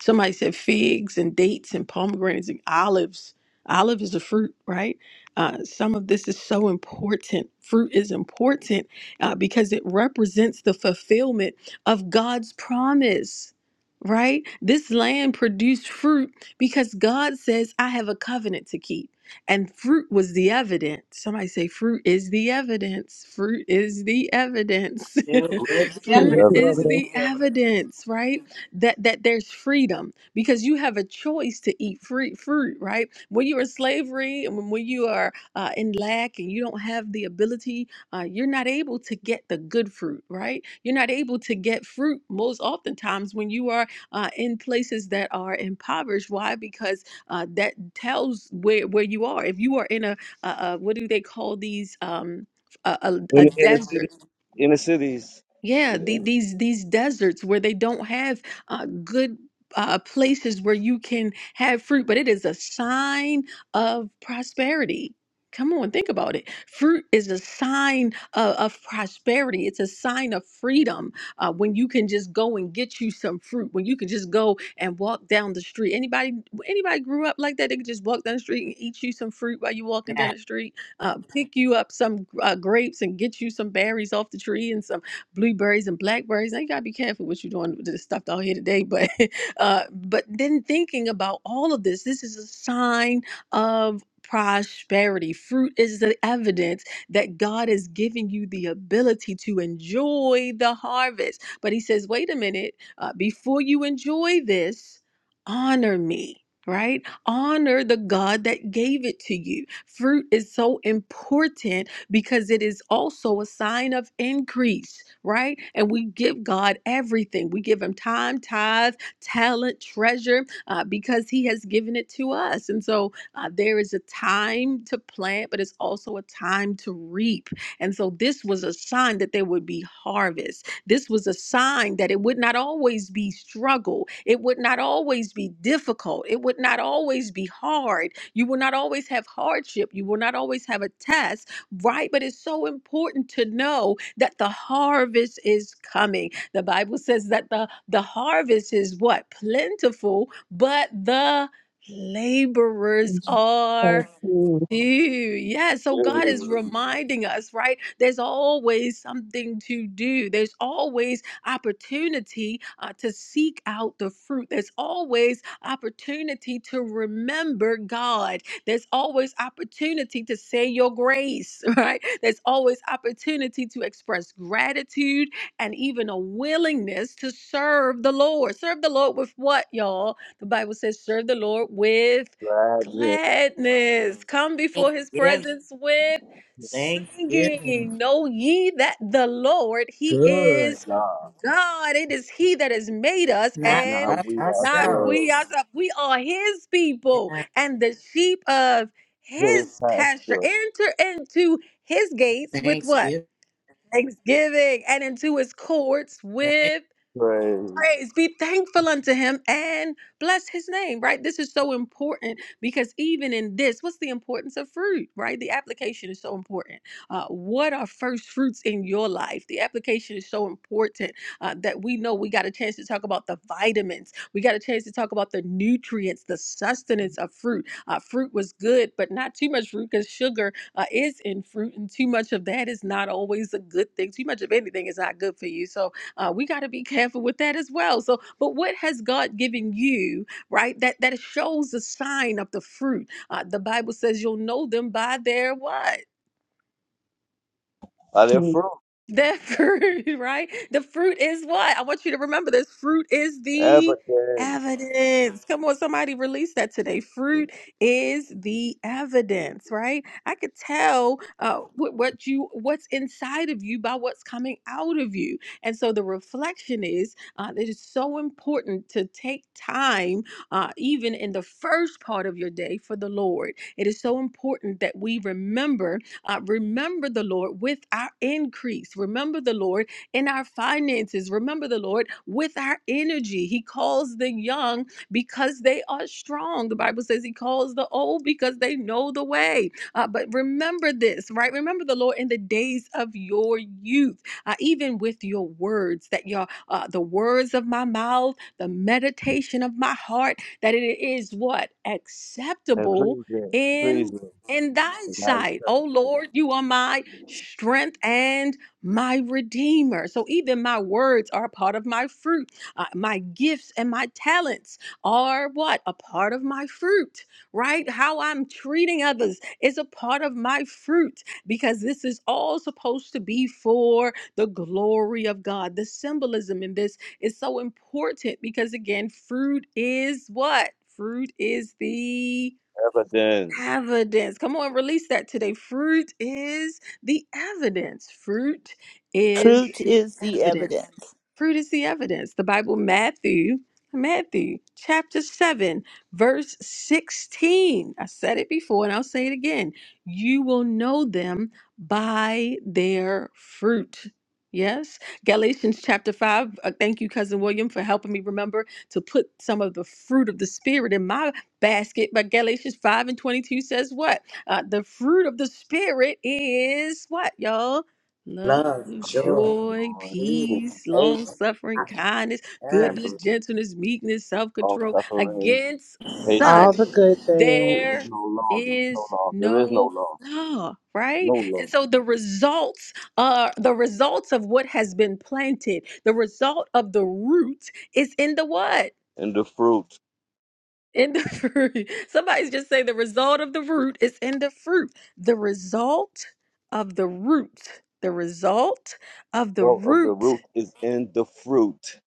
[SPEAKER 1] Somebody said figs and dates and pomegranates and olives. Olive is a fruit, right? Uh, some of this is so important. Fruit is important uh, because it represents the fulfillment of God's promise, right? This land produced fruit because God says, I have a covenant to keep. And fruit was the evidence. Somebody say, fruit is the evidence. Fruit is the evidence.
[SPEAKER 9] Dude, it's heaven.
[SPEAKER 1] fruit
[SPEAKER 6] Whatever.
[SPEAKER 1] is the
[SPEAKER 2] evidence.
[SPEAKER 1] evidence, right? That that there's freedom because you have a choice to eat free fruit, right? When you are in slavery and when when you are uh, in lack and you don't have the ability, uh, you're not able to get the good fruit, right? You're not able to get fruit most oftentimes when you are uh, in places that are impoverished. Why? Because uh, that tells where where you are. If you are in a, a, a what do they call these um, a, a, a
[SPEAKER 6] In in the
[SPEAKER 1] desert
[SPEAKER 6] city, in the cities,
[SPEAKER 1] yeah,
[SPEAKER 6] in
[SPEAKER 1] the,
[SPEAKER 6] the
[SPEAKER 1] these these deserts where they don't have uh, good uh, places where you can have fruit, but it is a sign of prosperity. Come on, think about it. Fruit is a sign of, of prosperity. It's a sign of freedom uh, when you can just go and get you some fruit. When you can just go and walk down the street. anybody anybody grew up like that? They could just walk down the street and eat you some fruit while you walking down
[SPEAKER 9] Yeah.
[SPEAKER 1] the street. Uh, pick you up some uh, grapes and get you some berries off the tree and some blueberries and blackberries. Now you gotta be careful what you're doing with this stuff down here today. But uh, but then thinking about all of this, this is a sign of prosperity. Fruit is the evidence that God is giving you the ability to enjoy the harvest. But He says, wait a minute, uh, before you enjoy this, honor me. Right? Honor the God that gave it to you. Fruit is so important because it is also a sign of increase, right? And we give God everything. We give Him time, tithe, talent, treasure, uh, because He has given it to us. And so uh, there is a time to plant, but it's also a time to reap. And so this was a sign that there would be harvest. This was a sign that it would not always be struggle. It would not always be difficult. It would not always be hard. You will not always have hardship. You will not always have a test right? But it's so important to know that the harvest is coming. The Bible says that the, the harvest is what? Plentiful, but the laborers are do. Yeah. So God
[SPEAKER 6] inner
[SPEAKER 1] is reminding us, right? There's always something to do. There's always opportunity uh, to seek out the fruit. There's always opportunity to remember God. There's always opportunity to say your grace, right? There's always opportunity to express gratitude and even a willingness to serve the Lord. Serve the Lord with what, y'all? The Bible says, serve the Lord with
[SPEAKER 6] driving
[SPEAKER 1] gladness. Come before his
[SPEAKER 9] Thanksgiving.
[SPEAKER 1] presence with singing.
[SPEAKER 9] Thanksgiving.
[SPEAKER 1] Know ye that the Lord, he
[SPEAKER 9] Good.
[SPEAKER 1] is
[SPEAKER 6] God,
[SPEAKER 1] God. It is he that has made us
[SPEAKER 6] and
[SPEAKER 9] Not
[SPEAKER 6] now
[SPEAKER 1] and
[SPEAKER 9] us
[SPEAKER 6] we
[SPEAKER 1] not we
[SPEAKER 6] ourselves
[SPEAKER 9] ourselves.
[SPEAKER 1] ourselves. We are his people
[SPEAKER 9] Yeah.
[SPEAKER 1] and the sheep of
[SPEAKER 6] His
[SPEAKER 1] his pasture.
[SPEAKER 6] pastor
[SPEAKER 1] Enter into his gates with what?
[SPEAKER 9] Thanksgiving.
[SPEAKER 1] Thanksgiving and into his courts
[SPEAKER 9] Right.
[SPEAKER 1] with
[SPEAKER 6] praise.
[SPEAKER 1] praise, be thankful unto him and bless his name, right? This is so important because even in this, what's the importance of fruit, right? The application is so important. Uh, what are first fruits in your life? The application is so important uh, that we know we got a chance to talk about the vitamins, we got a chance to talk about the nutrients, the sustenance of fruit. Uh, fruit was good, but not too much fruit because sugar uh, is in fruit, and too much of that is not always a good thing. Too much of anything is not good for you. So, uh, we got to be careful with that as well. So, but what has God given you, right? That that shows the sign of the fruit. Uh, the Bible says you'll know them by their what?
[SPEAKER 6] Are there fruit
[SPEAKER 1] The fruit, right? The fruit is what? I want you to remember this. Fruit is
[SPEAKER 6] ever
[SPEAKER 1] the evidence. Come on, somebody release that today. Fruit is the evidence, right? I could tell uh, what, what you, what's inside of you by what's coming out of you. And so the reflection is uh, it is so important to take time, uh, even in the first part of your day, for the Lord. It is so important that we remember uh, remember the Lord with our increase. Remember the Lord in our finances. Remember the Lord with our energy. He calls the young because they are strong. The Bible says He calls the old because they know the way. Uh, but remember this, right? Remember the Lord in the days of your youth, uh, even with your words, that your uh, the words of my mouth, the meditation of my heart, that it is what
[SPEAKER 6] and
[SPEAKER 1] acceptable.
[SPEAKER 6] pleasing,
[SPEAKER 1] In
[SPEAKER 6] pleasing?
[SPEAKER 1] in thy
[SPEAKER 6] and nice
[SPEAKER 1] sight. O Lord, you are my strength and my redeemer. So even my words are a part of my fruit. Uh, my gifts and my talents are what? A part of my fruit, right? How I'm treating others is a part of my fruit because this is all supposed to be for the glory of God. The symbolism in this is so important because, again, fruit is what? Fruit is the
[SPEAKER 6] evidence
[SPEAKER 1] evidence. Come on, release that today. Fruit is the evidence. Fruit is
[SPEAKER 3] Fruit
[SPEAKER 1] the
[SPEAKER 3] is the
[SPEAKER 1] evidence.
[SPEAKER 3] evidence.
[SPEAKER 1] Fruit is the evidence. The Bible, Matthew, Matthew chapter 7, verse 16. I said it before and I'll say it again. You will know them by their fruit. Yes. Galatians chapter 5. Uh, thank you, Cousin William, for helping me remember to put some of the fruit of the Spirit in my basket. But Galatians 5 and 22 says what? Uh, the fruit of the Spirit is what, y'all? Love,
[SPEAKER 9] Love.
[SPEAKER 6] of
[SPEAKER 9] Joy.
[SPEAKER 1] joy,
[SPEAKER 6] your
[SPEAKER 9] Peace.
[SPEAKER 6] existence
[SPEAKER 1] peace, long
[SPEAKER 9] Patience.
[SPEAKER 1] suffering,
[SPEAKER 9] I-
[SPEAKER 1] kindness,
[SPEAKER 9] Yeah.
[SPEAKER 6] and
[SPEAKER 1] goodness,
[SPEAKER 6] belief
[SPEAKER 1] gentleness, meekness, self
[SPEAKER 6] of
[SPEAKER 1] control.
[SPEAKER 6] suffering,
[SPEAKER 1] Against
[SPEAKER 7] all
[SPEAKER 6] patience.
[SPEAKER 7] the
[SPEAKER 1] such,
[SPEAKER 7] good
[SPEAKER 6] There is
[SPEAKER 7] things.
[SPEAKER 1] there
[SPEAKER 6] no law. There is no
[SPEAKER 1] is
[SPEAKER 6] law. There is no
[SPEAKER 1] no
[SPEAKER 6] law.
[SPEAKER 1] law, right?
[SPEAKER 6] No law.
[SPEAKER 1] And so the results are the results of what has been planted, the result of the root is in the what?
[SPEAKER 6] And the fruit,
[SPEAKER 1] In the fruit. Somebody's just saying the result of the root is in the fruit. The result of the root. The result of the
[SPEAKER 6] growth of the
[SPEAKER 1] root
[SPEAKER 6] root is in the fruit.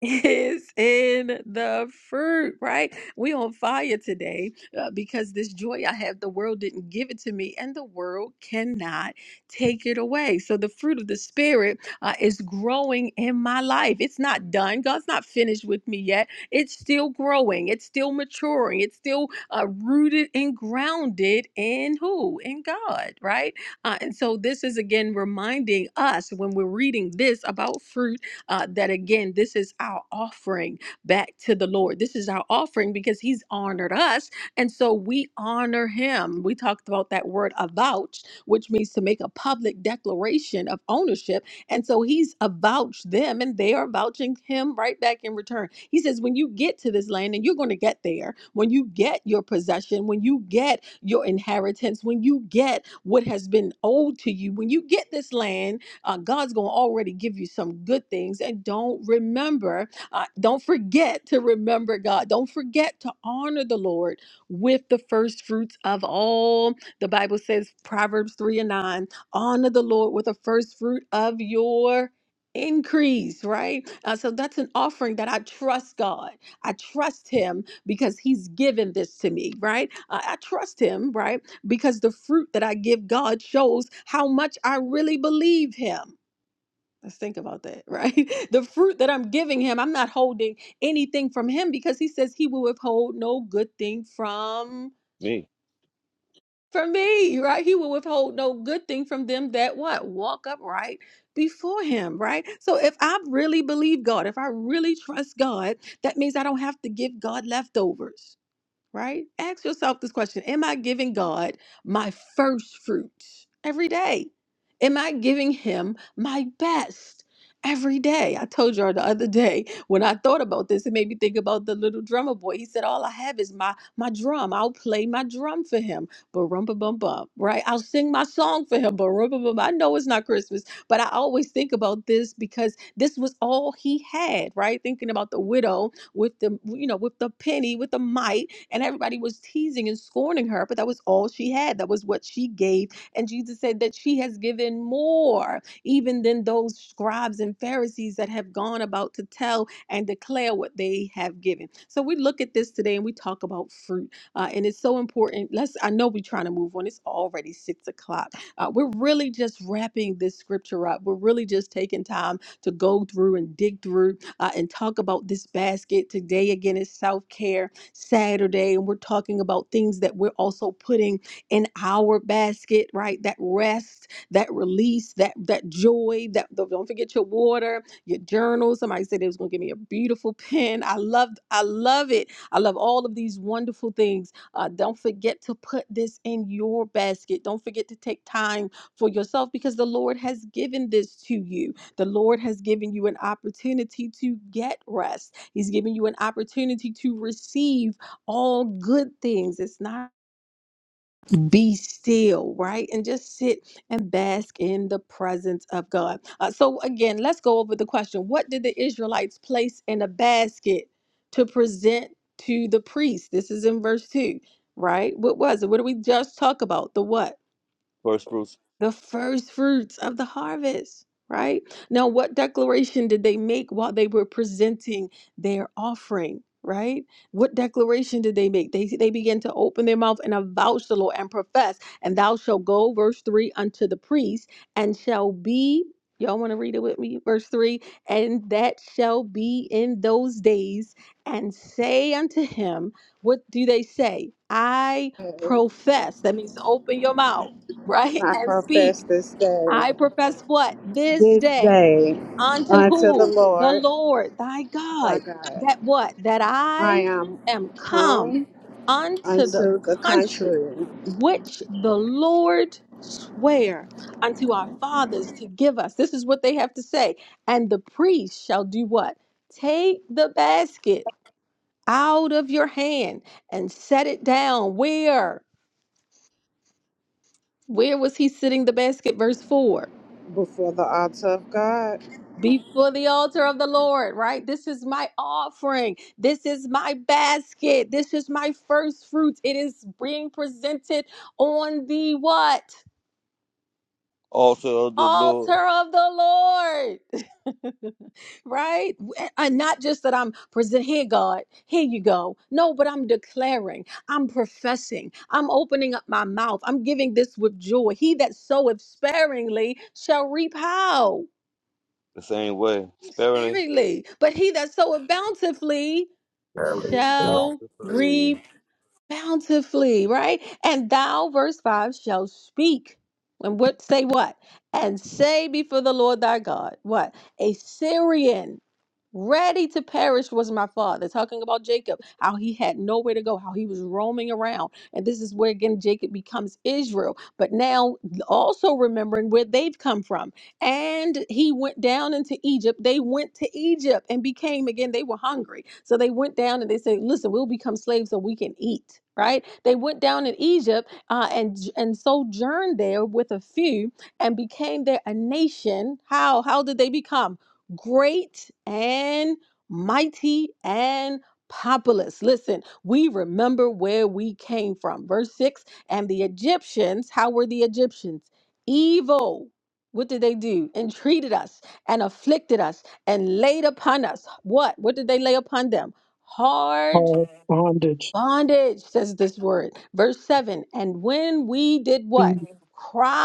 [SPEAKER 1] is in the fruit, right? We on fire today uh, because this joy I have, the world didn't give it to me, and the world cannot take it away. So the fruit of the spirit uh, is growing in my life. It's not done. God's not finished with me yet. It's still growing. It's still maturing. It's still uh, rooted and grounded in who? In God, right? Uh, and so this is again reminding us when we're reading this about fruit uh, that again, this is our offering back to the Lord. This is our offering because He's honored us. And so we honor Him. We talked about that word avouched, which means to make a public declaration of ownership. And so He's avouched them and they are vouching Him right back in return. He says, when you get to this land, and you're going to get there, when you get your possession, when you get your inheritance, when you get what has been owed to you, when you get this land, uh, God's going to already give you some good things. And don't remember, uh, don't forget to remember God. Don't forget to honor the Lord with the first fruits of all. The Bible says, Proverbs 3 and 9, honor the Lord with the first fruit of your increase right Uh, so that's an offering that i trust god i trust him because he's given this to me right Uh, i trust him right because the fruit that I give God shows how much I really believe Him. Let's think about that, right? The fruit that I'm giving Him, I'm not holding anything from Him because He says He will withhold no good thing from
[SPEAKER 6] Me,
[SPEAKER 1] from me, right? He will withhold no good thing from them that what walk upright before Him, right? So if I really believe God, if I really trust God, that means I don't have to give God leftovers right? Ask yourself this question Am I giving God my first fruits every day? Am I giving Him my best every day? I told y'all the other day when I thought about this, it made me think about the little drummer boy. He said, All I have is my, my drum. I'll play my drum for Him, but rum bum bum, right? I'll sing my song for Him, but rum bum bum. I know it's not Christmas, but I always think about this because this was all He had, right? Thinking about the widow with the, you know, with the penny, with the mite and everybody was teasing and scorning her, but that was all she had. That was what she gave. And Jesus said that she has given more, even than those scribes and Pharisees that have gone about to tell and declare what they have given. So we look at this today and we talk about fruit. Uh, and it's so important. Let's I know we're trying to move on. It's already six o'clock. Uh, we're really just wrapping this scripture up. We're really just taking time to go through and dig through uh, and talk about this basket. Today again is self-care Saturday, and we're talking about things that we're also putting in our basket, right? That rest, that release, that that joy. That the, don't forget your water, your journal. Somebody said they was gonna give me a beautiful pen. I love, I love it. I love all of these wonderful things. Uh, don't forget to put this in your basket. Don't forget to take time for yourself because the Lord has given this to you the Lord has given you an opportunity to get rest. He's given you an opportunity to receive all good things. It's not be still, right? And just sit and bask in the presence of God. Uh, so, again, let's go over the question What did the Israelites place in a basket to present to the priest? This is in verse 2, right? What was it? What did we just talk about? The what?
[SPEAKER 6] first fruits,
[SPEAKER 1] the first fruits of the harvest, right? Now, what declaration did they make while they were presenting their offering? Right? What declaration did they make? They they began to open their mouth and avouch the Lord and profess, and thou shalt go, verse three, unto the priest, and shall be. Y'all want to read it with me? Verse three, and that shall be in those days, and say unto him, What do they say? I profess. That means open your mouth right?
[SPEAKER 7] I
[SPEAKER 1] And
[SPEAKER 7] profess
[SPEAKER 1] speak.
[SPEAKER 7] this day,
[SPEAKER 1] I profess what? This
[SPEAKER 7] this
[SPEAKER 1] day
[SPEAKER 7] day
[SPEAKER 1] unto
[SPEAKER 7] unto the
[SPEAKER 1] who? The
[SPEAKER 7] Lord
[SPEAKER 1] Lord thy
[SPEAKER 7] thy
[SPEAKER 1] God.
[SPEAKER 7] God.
[SPEAKER 1] That what? That
[SPEAKER 7] I
[SPEAKER 1] I
[SPEAKER 7] am
[SPEAKER 1] am
[SPEAKER 7] come.
[SPEAKER 1] come unto the
[SPEAKER 7] unto the
[SPEAKER 1] country
[SPEAKER 7] contrary
[SPEAKER 1] which the Lord swear unto our fathers to give us. This is what they have to say. And the priest shall do what? Take the basket out of your hand and set it down. Where? Where was he sitting the basket? Verse 4
[SPEAKER 7] before the altar of God,
[SPEAKER 1] before the altar of the Lord, right? This is my offering. This is my basket. This is my first fruits. It is being presented on the what?
[SPEAKER 6] also of the Lord.
[SPEAKER 1] Altar of the Lord, right? And not just that I'm present here, God, here you go. No, but I'm declaring, I'm professing, I'm opening up my mouth, I'm giving this with joy. He that soweth sparingly shall reap how?
[SPEAKER 6] The same way, sparingly.
[SPEAKER 1] sparingly, but he that soweth bountifully
[SPEAKER 6] You we found
[SPEAKER 1] shall
[SPEAKER 6] the free,
[SPEAKER 1] reap bountifully, right? And thou, verse 5, shall speak. And what say what? And say before the Lord thy God, what? A Syrian ready to perish was my father talking about jacob how he had nowhere to go how he was roaming around and this is where again jacob becomes israel but now also remembering where they've come from and he went down into egypt they went to egypt and became again they were hungry so they went down and they said listen we'll become slaves so we can eat right they went down in egypt uh, and and sojourned there with a few and became there a nation how how did they become great and mighty and populous. Listen, we remember where we came from. Verse 6 And the Egyptians, how were the Egyptians? Evil. What did they do? Entreated us and afflicted us and laid upon us. What? What did they lay upon them? Hard
[SPEAKER 4] all bondage,
[SPEAKER 1] Bondage, says this word. Verse 7 And when we did what?
[SPEAKER 4] feet,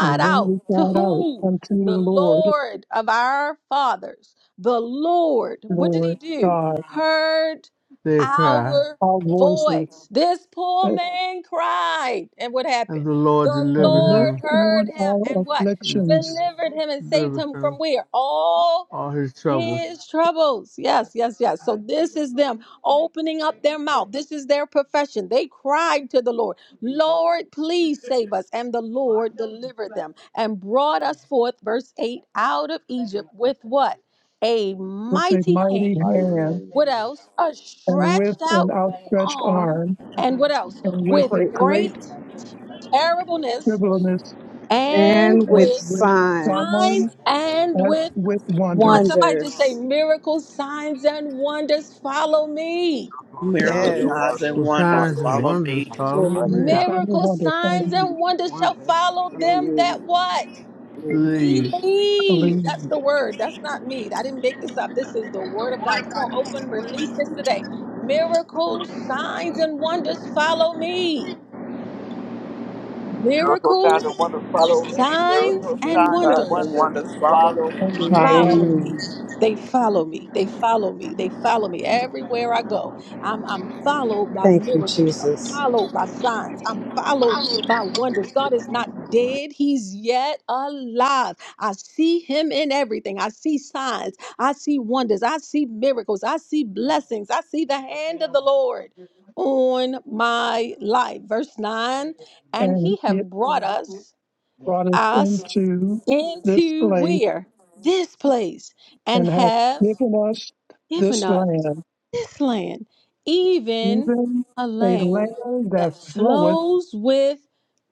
[SPEAKER 4] and when we
[SPEAKER 1] out to
[SPEAKER 4] cried out
[SPEAKER 1] who?
[SPEAKER 4] unto
[SPEAKER 1] The
[SPEAKER 4] the Lord,
[SPEAKER 1] Lord of our fathers. The Lord, what did he
[SPEAKER 4] Lord
[SPEAKER 1] do?
[SPEAKER 4] God,
[SPEAKER 1] Heard
[SPEAKER 13] They cry,
[SPEAKER 1] our
[SPEAKER 4] our voices,
[SPEAKER 1] voice. This poor
[SPEAKER 4] and,
[SPEAKER 1] man cried. And what
[SPEAKER 13] and
[SPEAKER 1] happened?
[SPEAKER 13] the Lord
[SPEAKER 1] The
[SPEAKER 4] and
[SPEAKER 13] delivered
[SPEAKER 1] Lord
[SPEAKER 4] looked
[SPEAKER 13] him,
[SPEAKER 1] heard
[SPEAKER 4] on
[SPEAKER 1] him
[SPEAKER 4] our
[SPEAKER 1] and what?
[SPEAKER 4] afflictions
[SPEAKER 1] Delivered him and saved
[SPEAKER 13] delivered
[SPEAKER 1] him from
[SPEAKER 13] him
[SPEAKER 1] where? all.
[SPEAKER 13] all his troubles.
[SPEAKER 1] His troubles. Yes, yes, yes. So this is them opening up their mouth. This is their profession. They cried to the Lord, Lord, please save us. And the Lord delivered them and brought us forth, verse 8, out of Egypt with what? A
[SPEAKER 4] with a
[SPEAKER 1] mighty
[SPEAKER 4] mighty
[SPEAKER 1] hand.
[SPEAKER 4] hand,
[SPEAKER 6] fighting,
[SPEAKER 1] What else? A
[SPEAKER 4] and with
[SPEAKER 1] stretched
[SPEAKER 4] an
[SPEAKER 1] out
[SPEAKER 4] outstretched
[SPEAKER 6] um,
[SPEAKER 1] arm.
[SPEAKER 4] arm,
[SPEAKER 1] And what else?
[SPEAKER 4] and with
[SPEAKER 1] With
[SPEAKER 4] a
[SPEAKER 1] great
[SPEAKER 4] great
[SPEAKER 6] and
[SPEAKER 1] terribleness
[SPEAKER 4] tribulus,
[SPEAKER 1] and
[SPEAKER 7] and
[SPEAKER 4] and
[SPEAKER 7] with
[SPEAKER 1] with
[SPEAKER 4] with
[SPEAKER 1] signs
[SPEAKER 7] signs,
[SPEAKER 4] signs,
[SPEAKER 1] and
[SPEAKER 4] as
[SPEAKER 1] with
[SPEAKER 4] with
[SPEAKER 1] one.
[SPEAKER 4] wonders.
[SPEAKER 1] Somebody just say
[SPEAKER 7] wonders,
[SPEAKER 1] miracles, signs, and wonders follow me.
[SPEAKER 6] close down
[SPEAKER 2] Miracle
[SPEAKER 6] your
[SPEAKER 2] signs
[SPEAKER 7] yes,
[SPEAKER 6] water,
[SPEAKER 2] and
[SPEAKER 13] Will
[SPEAKER 2] wonders
[SPEAKER 13] signs
[SPEAKER 6] follow
[SPEAKER 13] and
[SPEAKER 6] me,
[SPEAKER 2] follow
[SPEAKER 13] wonders
[SPEAKER 2] me.
[SPEAKER 6] follow
[SPEAKER 13] follow
[SPEAKER 6] me
[SPEAKER 4] He
[SPEAKER 6] right
[SPEAKER 4] is the
[SPEAKER 6] now.
[SPEAKER 13] me?
[SPEAKER 4] sound of
[SPEAKER 1] Miracles,
[SPEAKER 4] wonders,
[SPEAKER 1] signs, and
[SPEAKER 4] hallelujah,
[SPEAKER 1] wonders shall
[SPEAKER 7] wonders.
[SPEAKER 1] follow
[SPEAKER 7] Follow
[SPEAKER 1] them that
[SPEAKER 7] me,
[SPEAKER 1] what?
[SPEAKER 2] Miracle
[SPEAKER 13] Leave
[SPEAKER 1] Believe.
[SPEAKER 7] you
[SPEAKER 4] hallelujah,
[SPEAKER 1] That's the word. That's not me. I didn't make this up. This is the word of God. Come on, open, release this today. Miracles, signs, and wonders follow me.
[SPEAKER 6] Miracle signs and
[SPEAKER 1] Miracles,
[SPEAKER 6] wonders follow me.
[SPEAKER 1] signs,
[SPEAKER 6] Miracle
[SPEAKER 1] and
[SPEAKER 6] signs and
[SPEAKER 2] signs
[SPEAKER 1] wonders.
[SPEAKER 2] and
[SPEAKER 6] wonders
[SPEAKER 2] wonders follow
[SPEAKER 6] follow
[SPEAKER 2] me.
[SPEAKER 4] hallelujah,
[SPEAKER 6] me.
[SPEAKER 7] follow
[SPEAKER 1] follow
[SPEAKER 7] me.
[SPEAKER 4] hallelujah.
[SPEAKER 1] me. They follow me. They follow me. They follow me everywhere I go. I'm I'm followed by
[SPEAKER 7] Thank you,
[SPEAKER 1] miracles. I'm
[SPEAKER 7] Jesus.
[SPEAKER 1] followed by signs. I'm followed by wonders. God is not dead. He's yet alive. I see him in everything. I see signs. I see wonders. I see miracles. I see blessings. I see the hand of the Lord on my life. Verse 9, and
[SPEAKER 4] and
[SPEAKER 1] he
[SPEAKER 4] it
[SPEAKER 1] have brought
[SPEAKER 4] brought us
[SPEAKER 1] us
[SPEAKER 4] into this
[SPEAKER 1] into
[SPEAKER 4] place
[SPEAKER 1] where? This place, and
[SPEAKER 4] and hath
[SPEAKER 1] have
[SPEAKER 4] given us
[SPEAKER 1] given
[SPEAKER 4] this
[SPEAKER 1] us
[SPEAKER 4] land,
[SPEAKER 1] this land, even
[SPEAKER 4] even
[SPEAKER 1] a
[SPEAKER 4] a
[SPEAKER 1] land
[SPEAKER 4] land
[SPEAKER 1] that
[SPEAKER 4] that floweth
[SPEAKER 1] flows with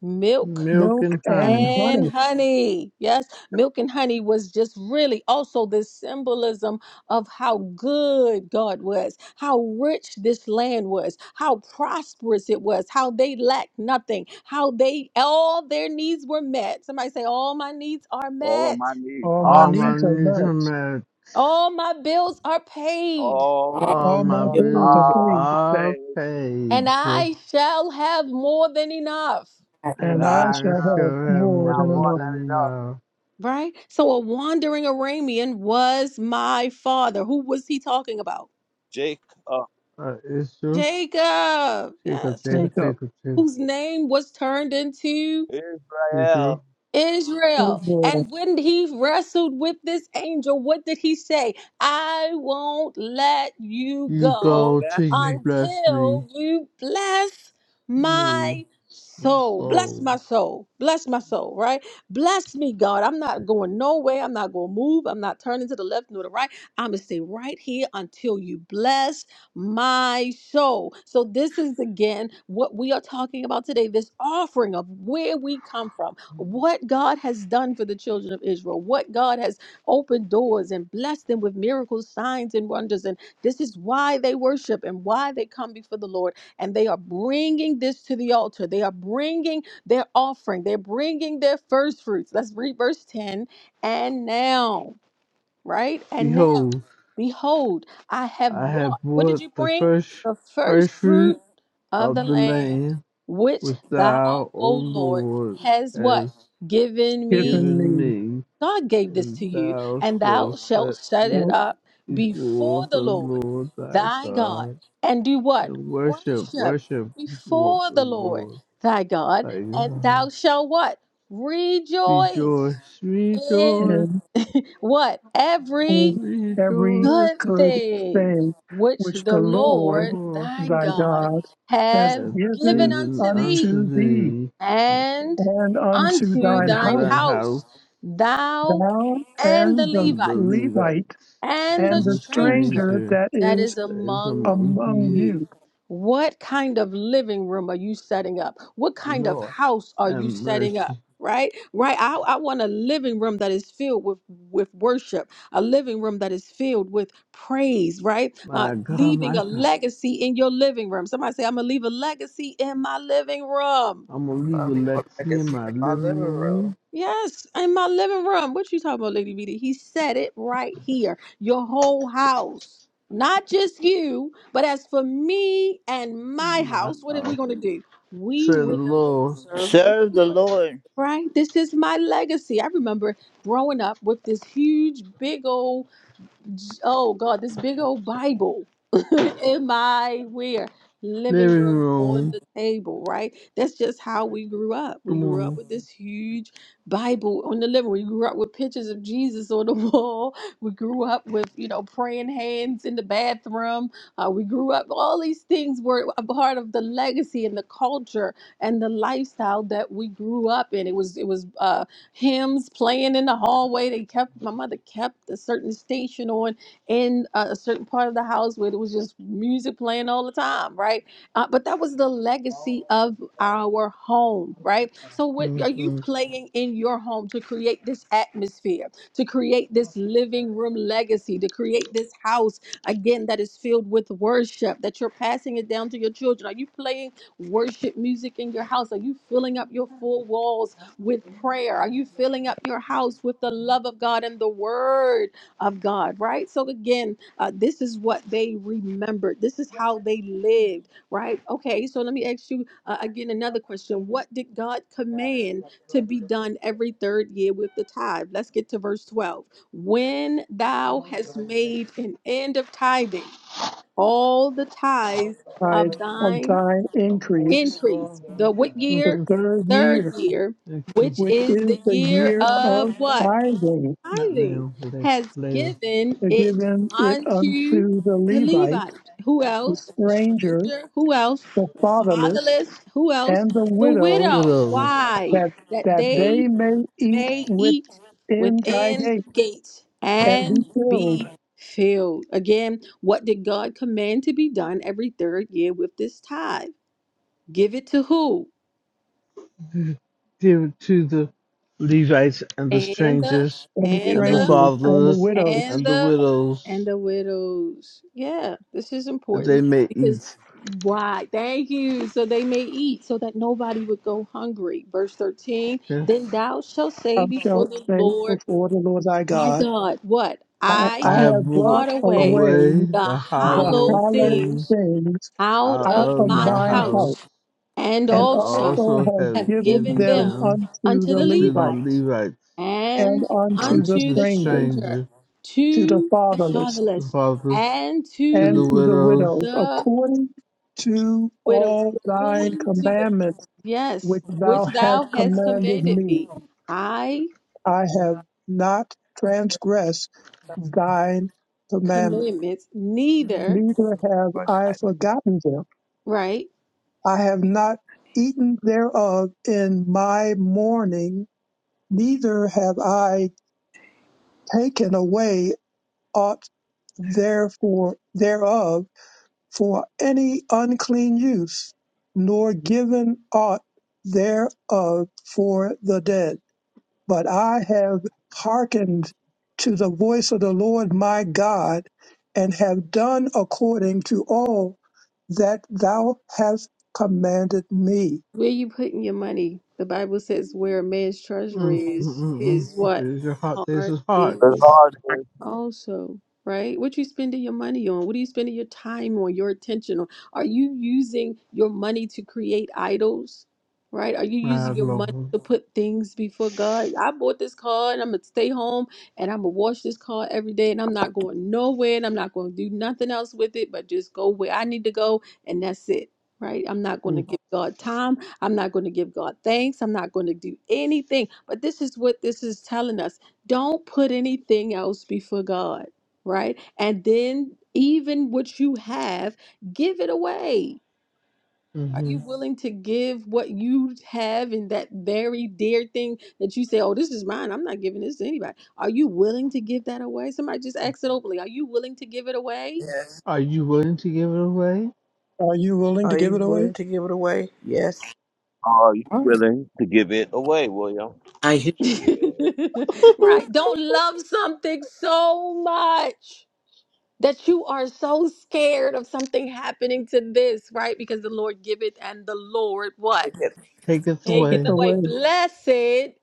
[SPEAKER 1] milk
[SPEAKER 13] milk
[SPEAKER 4] milk
[SPEAKER 13] and
[SPEAKER 4] and
[SPEAKER 13] honey,
[SPEAKER 1] and
[SPEAKER 4] honey.
[SPEAKER 1] honey. Yes, milk and honey was just really also this symbolism of how good God was, how rich this land was, how prosperous it was, how they lacked nothing, how they all their needs were met. Somebody say, All my needs are
[SPEAKER 6] All of
[SPEAKER 1] met
[SPEAKER 6] my needs
[SPEAKER 4] All my
[SPEAKER 6] are
[SPEAKER 13] all my
[SPEAKER 6] met.
[SPEAKER 4] needs are
[SPEAKER 13] needs
[SPEAKER 4] met,
[SPEAKER 13] are met.
[SPEAKER 1] All my bills are paid,
[SPEAKER 6] All the
[SPEAKER 13] All
[SPEAKER 4] all my
[SPEAKER 13] my
[SPEAKER 6] bills
[SPEAKER 4] bills are
[SPEAKER 13] bills
[SPEAKER 6] are
[SPEAKER 4] paid,
[SPEAKER 13] are
[SPEAKER 6] paid.
[SPEAKER 1] and
[SPEAKER 13] paid,
[SPEAKER 1] I shall have more than enough.
[SPEAKER 9] Oh,
[SPEAKER 6] And
[SPEAKER 4] and
[SPEAKER 13] and
[SPEAKER 6] I
[SPEAKER 4] I shall
[SPEAKER 13] I
[SPEAKER 6] have
[SPEAKER 4] have
[SPEAKER 13] sure have
[SPEAKER 6] now
[SPEAKER 4] more than
[SPEAKER 13] more
[SPEAKER 6] more
[SPEAKER 4] enough
[SPEAKER 6] than
[SPEAKER 13] than
[SPEAKER 6] enough.
[SPEAKER 13] enough.
[SPEAKER 1] Right? So a wandering Aramean was my father. Who was he talking about?
[SPEAKER 6] Jacob,
[SPEAKER 13] Uh, Israel,
[SPEAKER 1] Jacob.
[SPEAKER 13] Jacob,
[SPEAKER 1] Yes,
[SPEAKER 4] to
[SPEAKER 13] Jacob,
[SPEAKER 4] take
[SPEAKER 1] Jacob.
[SPEAKER 4] up.
[SPEAKER 13] Jacob, Jacob,
[SPEAKER 1] Whose name was turned into?
[SPEAKER 6] Israel,
[SPEAKER 13] Israel,
[SPEAKER 1] Israel.
[SPEAKER 4] Israel
[SPEAKER 1] And when he wrestled with this angel, what did he say? I won't let you
[SPEAKER 13] you
[SPEAKER 6] will you
[SPEAKER 13] go
[SPEAKER 1] go
[SPEAKER 13] till
[SPEAKER 6] bless me?
[SPEAKER 13] you bless me,
[SPEAKER 1] until you bless
[SPEAKER 13] me,
[SPEAKER 1] my soul. Bless my
[SPEAKER 13] soul.
[SPEAKER 1] soul. Bless my soul, right? Bless me, God. I'm not going nowhere. I'm not going to move. I'm not turning to the left nor the right. I'm going to stay right here until you bless my soul. So, this is again what we are talking about today this offering of where we come from what God has done for the children of Israel, what God has opened doors and blessed them with miracles, signs, and wonders. And this is why they worship and why they come before the Lord. And they are bringing this to the altar. They are bringing their offering, they're bringing their first fruits. Let's read verse 10. And now right? And now,
[SPEAKER 13] Behold,
[SPEAKER 1] behold, I have
[SPEAKER 13] I
[SPEAKER 1] brought,
[SPEAKER 13] have
[SPEAKER 1] what did
[SPEAKER 13] brought
[SPEAKER 1] you
[SPEAKER 13] the
[SPEAKER 1] bring?
[SPEAKER 13] first,
[SPEAKER 1] The
[SPEAKER 13] first
[SPEAKER 1] first
[SPEAKER 13] fruit
[SPEAKER 1] fruit of the
[SPEAKER 13] of the
[SPEAKER 1] land,
[SPEAKER 13] land
[SPEAKER 1] which
[SPEAKER 13] which
[SPEAKER 1] thou,
[SPEAKER 13] thou, O
[SPEAKER 1] O Lord,
[SPEAKER 13] Lord,
[SPEAKER 1] has what?
[SPEAKER 13] hast
[SPEAKER 1] Given me.
[SPEAKER 4] given
[SPEAKER 13] given
[SPEAKER 4] me
[SPEAKER 13] me,
[SPEAKER 1] God gave this
[SPEAKER 13] and
[SPEAKER 1] to you,
[SPEAKER 13] thou
[SPEAKER 1] and
[SPEAKER 13] shalt
[SPEAKER 1] thou
[SPEAKER 13] set
[SPEAKER 1] shalt shut
[SPEAKER 13] it
[SPEAKER 1] it
[SPEAKER 4] out
[SPEAKER 1] up
[SPEAKER 13] before
[SPEAKER 1] before
[SPEAKER 13] the
[SPEAKER 1] the Lord
[SPEAKER 13] Lord thy
[SPEAKER 1] thy God,
[SPEAKER 13] God,
[SPEAKER 1] and do what?
[SPEAKER 13] and worship,
[SPEAKER 1] Worship
[SPEAKER 13] worship before
[SPEAKER 1] before
[SPEAKER 13] the
[SPEAKER 1] the Lord
[SPEAKER 13] Lord
[SPEAKER 1] thy God,
[SPEAKER 13] thy
[SPEAKER 1] and
[SPEAKER 13] God.
[SPEAKER 1] thou shalt what? Rejoice
[SPEAKER 13] Rejoice,
[SPEAKER 1] in
[SPEAKER 13] rejoice,
[SPEAKER 4] and
[SPEAKER 1] what? every
[SPEAKER 4] in every
[SPEAKER 13] rejoice,
[SPEAKER 1] good
[SPEAKER 4] good
[SPEAKER 1] things
[SPEAKER 4] thing
[SPEAKER 1] which
[SPEAKER 4] which the
[SPEAKER 1] the
[SPEAKER 4] Lord
[SPEAKER 1] Lord
[SPEAKER 13] for
[SPEAKER 1] thy
[SPEAKER 4] thy
[SPEAKER 13] thou
[SPEAKER 1] God
[SPEAKER 4] God hath
[SPEAKER 1] have
[SPEAKER 13] hast
[SPEAKER 1] given
[SPEAKER 4] given
[SPEAKER 13] given
[SPEAKER 1] unto thee
[SPEAKER 13] unto
[SPEAKER 4] unto thee
[SPEAKER 13] thee,
[SPEAKER 1] and
[SPEAKER 4] and unto
[SPEAKER 1] unto
[SPEAKER 4] thine
[SPEAKER 13] unto
[SPEAKER 1] thine
[SPEAKER 4] house
[SPEAKER 13] thine house,
[SPEAKER 1] house, thou
[SPEAKER 4] thou
[SPEAKER 1] and the
[SPEAKER 4] and the
[SPEAKER 13] and the
[SPEAKER 1] Levites
[SPEAKER 4] Levite
[SPEAKER 13] Levites,
[SPEAKER 1] and the
[SPEAKER 4] and
[SPEAKER 13] and
[SPEAKER 4] the
[SPEAKER 13] the
[SPEAKER 1] stranger
[SPEAKER 4] stranger
[SPEAKER 13] stranger
[SPEAKER 4] that
[SPEAKER 1] that
[SPEAKER 4] is
[SPEAKER 1] is
[SPEAKER 13] that is
[SPEAKER 1] among
[SPEAKER 13] among
[SPEAKER 4] among
[SPEAKER 13] thee,
[SPEAKER 1] you.
[SPEAKER 4] you
[SPEAKER 1] What kind of living room are you setting up? What kind of
[SPEAKER 13] Lord,
[SPEAKER 1] house are you
[SPEAKER 13] and
[SPEAKER 1] setting up?
[SPEAKER 13] mercy.
[SPEAKER 1] Right? Right. I, I want a living room that is filled with, with worship, a living room that is filled with praise, right? Uh,
[SPEAKER 13] My God,
[SPEAKER 1] leaving
[SPEAKER 13] my
[SPEAKER 1] a
[SPEAKER 13] God,
[SPEAKER 1] legacy in your living room. Somebody say, I'm going to leave a legacy in my living room
[SPEAKER 13] I'm gonna leave
[SPEAKER 2] Follow me for
[SPEAKER 13] Alexi in
[SPEAKER 2] legacy
[SPEAKER 13] my
[SPEAKER 2] in my living
[SPEAKER 13] living room
[SPEAKER 2] room.
[SPEAKER 1] Yes, in my living room. What you talking about, Lady BD? He said it right here. Your whole house. Not just you, but as for me and my
[SPEAKER 13] my
[SPEAKER 1] house, what are
[SPEAKER 13] house,
[SPEAKER 1] we going to do? We
[SPEAKER 13] said the
[SPEAKER 1] will
[SPEAKER 13] Lord,
[SPEAKER 1] serve the
[SPEAKER 3] Serve the
[SPEAKER 1] Lord.
[SPEAKER 3] Lord.
[SPEAKER 1] Right? This is my legacy. I remember growing up with this huge, big old j- oh God, this big old Bible in my where living
[SPEAKER 13] living
[SPEAKER 1] room on
[SPEAKER 13] room.
[SPEAKER 1] the table, right? That's just how we grew up. We
[SPEAKER 13] Come
[SPEAKER 1] grew up
[SPEAKER 13] on.
[SPEAKER 1] with this huge Bible on the living. room. We grew up with pictures of Jesus on the wall. We grew up with you know praying hands in the bathroom. Uh, we grew up. All these things were a part of the legacy and the culture and the lifestyle that we grew up in. It was it was. Uh, hymns playing in the hallway. They kept my mother kept a certain station on in a a certain part of the house where there was just music playing all the time, right? Uh, but that was the legacy of our home, right? So what are you
[SPEAKER 13] Mm-hmm.
[SPEAKER 1] playing in your home to create this atmosphere, to create this living room legacy, to create this house again that is filled with worship that you're passing it down to your children? Are you playing worship music in your house? Are you filling up your four walls with prayer? Are you filling up your house with the love of God and the word of God, right? So, again, uh, this is what they remembered. This is how they lived, right? Okay, so let me ask you uh, again another question. What did God command to be done every third year with the tithe? Let's get to verse 12. When thou hast made an end of tithing, all the tithes
[SPEAKER 4] tithe
[SPEAKER 1] of
[SPEAKER 4] of
[SPEAKER 1] thine
[SPEAKER 4] thine increase,
[SPEAKER 1] increase. The what
[SPEAKER 4] the
[SPEAKER 1] year?
[SPEAKER 13] Mm-hmm.
[SPEAKER 4] third
[SPEAKER 1] Third
[SPEAKER 4] year,
[SPEAKER 1] year,
[SPEAKER 13] Thank you.
[SPEAKER 1] which
[SPEAKER 4] which
[SPEAKER 1] is
[SPEAKER 4] is
[SPEAKER 1] the
[SPEAKER 4] the
[SPEAKER 1] year
[SPEAKER 4] year
[SPEAKER 1] of
[SPEAKER 4] of
[SPEAKER 1] what?
[SPEAKER 4] tithing,
[SPEAKER 13] Not
[SPEAKER 1] Tithing,
[SPEAKER 13] now, but
[SPEAKER 1] has
[SPEAKER 13] later.
[SPEAKER 1] given it
[SPEAKER 4] giving it
[SPEAKER 1] unto
[SPEAKER 4] unto the
[SPEAKER 1] the
[SPEAKER 4] Levite,
[SPEAKER 1] Levite. Who
[SPEAKER 4] the
[SPEAKER 1] else? The
[SPEAKER 4] stranger,
[SPEAKER 1] stranger? Who else?
[SPEAKER 4] the
[SPEAKER 1] The
[SPEAKER 4] fatherless,
[SPEAKER 1] fatherless? Who else?
[SPEAKER 4] and the
[SPEAKER 1] The
[SPEAKER 4] widow,
[SPEAKER 1] widow.
[SPEAKER 13] Widows.
[SPEAKER 1] Why?
[SPEAKER 4] that
[SPEAKER 1] That
[SPEAKER 4] that they
[SPEAKER 1] they
[SPEAKER 4] may eat
[SPEAKER 1] may eat
[SPEAKER 4] within thy
[SPEAKER 1] within
[SPEAKER 4] gate
[SPEAKER 1] the gates
[SPEAKER 4] and be
[SPEAKER 1] and
[SPEAKER 4] filled,
[SPEAKER 1] be filled. Again, what did God command to be done every third year with this tithe? Give it to who?
[SPEAKER 13] Give it to the Levites and the
[SPEAKER 1] and the
[SPEAKER 13] strangers
[SPEAKER 4] and the
[SPEAKER 1] and
[SPEAKER 13] and the
[SPEAKER 6] Levi,
[SPEAKER 1] the
[SPEAKER 4] strangers and the
[SPEAKER 13] fatherless
[SPEAKER 4] widows
[SPEAKER 1] and
[SPEAKER 13] and the
[SPEAKER 1] the and
[SPEAKER 13] widows
[SPEAKER 1] the widows. Yeah, this is
[SPEAKER 13] that they
[SPEAKER 1] important
[SPEAKER 13] may
[SPEAKER 1] because
[SPEAKER 13] eat.
[SPEAKER 1] why? Thank you. So they may eat, so that nobody would go hungry. Verse thirteen. Then
[SPEAKER 13] Since
[SPEAKER 1] thou shalt say
[SPEAKER 4] thou
[SPEAKER 1] before
[SPEAKER 4] shalt
[SPEAKER 1] the
[SPEAKER 4] say
[SPEAKER 1] Lord
[SPEAKER 4] before the Lord thy
[SPEAKER 1] thy
[SPEAKER 4] God,
[SPEAKER 1] God, what
[SPEAKER 4] I, I
[SPEAKER 1] I
[SPEAKER 13] I
[SPEAKER 1] have
[SPEAKER 13] have
[SPEAKER 4] have
[SPEAKER 13] brought
[SPEAKER 1] brought
[SPEAKER 4] brought
[SPEAKER 1] away
[SPEAKER 4] away
[SPEAKER 13] away
[SPEAKER 1] the
[SPEAKER 13] the
[SPEAKER 4] the
[SPEAKER 1] hollow
[SPEAKER 13] hollow
[SPEAKER 4] hallowed
[SPEAKER 13] thing
[SPEAKER 1] things
[SPEAKER 4] things
[SPEAKER 1] out
[SPEAKER 13] out
[SPEAKER 4] out
[SPEAKER 1] of
[SPEAKER 13] of
[SPEAKER 4] of
[SPEAKER 1] mine
[SPEAKER 13] my
[SPEAKER 4] thine house,
[SPEAKER 1] house,
[SPEAKER 13] house.
[SPEAKER 1] and
[SPEAKER 4] and
[SPEAKER 13] and
[SPEAKER 1] also
[SPEAKER 4] also
[SPEAKER 13] also
[SPEAKER 4] have
[SPEAKER 13] have
[SPEAKER 1] have
[SPEAKER 4] given
[SPEAKER 1] given
[SPEAKER 13] given
[SPEAKER 4] them
[SPEAKER 1] them
[SPEAKER 13] them
[SPEAKER 4] unto
[SPEAKER 1] unto
[SPEAKER 4] the
[SPEAKER 1] the
[SPEAKER 13] unto
[SPEAKER 4] Levite,
[SPEAKER 13] the
[SPEAKER 1] Levites
[SPEAKER 13] Levites,
[SPEAKER 4] and
[SPEAKER 1] and
[SPEAKER 4] unto
[SPEAKER 13] unto
[SPEAKER 4] the
[SPEAKER 1] unto
[SPEAKER 13] the
[SPEAKER 1] the
[SPEAKER 4] stranger,
[SPEAKER 1] stranger,
[SPEAKER 13] stranger,
[SPEAKER 4] to the
[SPEAKER 1] to the
[SPEAKER 4] fatherless,
[SPEAKER 13] the
[SPEAKER 1] fatherless,
[SPEAKER 13] fatherless,
[SPEAKER 1] and
[SPEAKER 13] to
[SPEAKER 4] and
[SPEAKER 13] the
[SPEAKER 1] to
[SPEAKER 4] to the
[SPEAKER 13] widows.
[SPEAKER 4] widows,
[SPEAKER 1] the
[SPEAKER 4] according to
[SPEAKER 1] widows,
[SPEAKER 4] all thine
[SPEAKER 1] according to the
[SPEAKER 4] commandments
[SPEAKER 1] yes,
[SPEAKER 4] which
[SPEAKER 1] which
[SPEAKER 4] thou hast
[SPEAKER 1] thou hast
[SPEAKER 4] commanded
[SPEAKER 1] commanded
[SPEAKER 4] me.
[SPEAKER 1] me. I
[SPEAKER 4] I have not transgressed thine commandments.
[SPEAKER 1] commandments, neither,
[SPEAKER 4] neither have
[SPEAKER 2] Oh My
[SPEAKER 4] I
[SPEAKER 2] God,
[SPEAKER 4] forgotten them.
[SPEAKER 1] right?
[SPEAKER 4] I have not eaten thereof in my mourning, neither have I taken away aught therefore thereof for any unclean use, nor given aught thereof for the dead. but I have hearkened to the voice of the Lord my God, and have done according to all that thou hast commanded me.
[SPEAKER 1] Where you putting your money? The Bible says where a man's treasury
[SPEAKER 13] Mm, mm,
[SPEAKER 1] is,
[SPEAKER 13] mm, mm.
[SPEAKER 1] his what?
[SPEAKER 13] This is hard. This
[SPEAKER 1] Heart
[SPEAKER 13] is hard,
[SPEAKER 6] the
[SPEAKER 1] is.
[SPEAKER 6] Lord is,
[SPEAKER 1] also, right? What you spending your money on? What are you spending your time on, your attention on? Are you using your money to create idols? Right? Are you
[SPEAKER 13] my
[SPEAKER 1] using your money
[SPEAKER 13] Lord.
[SPEAKER 1] to put things before God? I bought this car and I'm gonna stay home and I'm gonna wash this car every day and I'm not going nowhere and I'm not gonna do nothing else with it but just go where I need to go and that's it. Right? I'm not going to
[SPEAKER 13] Mm,
[SPEAKER 1] give God time. I'm not going to give God thanks. I'm not going to do anything. But this is what this is telling us. Don't put anything else before God, right? And then, even what you have, give it away. Are
[SPEAKER 13] hmm
[SPEAKER 1] you Mhm. willing to give what you have in that very dear thing that you say, oh, this is mine? I'm not giving this to anybody. Are you willing to give that away? Somebody just ask it openly. Are you willing to give it away?
[SPEAKER 2] yes.
[SPEAKER 13] Are you willing to give it away?
[SPEAKER 4] Are you willing
[SPEAKER 2] Are
[SPEAKER 4] to give
[SPEAKER 2] you
[SPEAKER 4] it away?
[SPEAKER 2] willing to give it away? Yes.
[SPEAKER 6] are you
[SPEAKER 9] heart.
[SPEAKER 6] willing to give it away, William?
[SPEAKER 9] I hear
[SPEAKER 6] Yeah.
[SPEAKER 1] right. Don't love something so much that you are so scared of something happening to this, right? Because the Lord giveth and the Lord what?
[SPEAKER 2] Take it.
[SPEAKER 13] Take it
[SPEAKER 4] Take
[SPEAKER 1] Take
[SPEAKER 4] it
[SPEAKER 1] it
[SPEAKER 13] away.
[SPEAKER 1] away.
[SPEAKER 4] away.
[SPEAKER 1] Blessed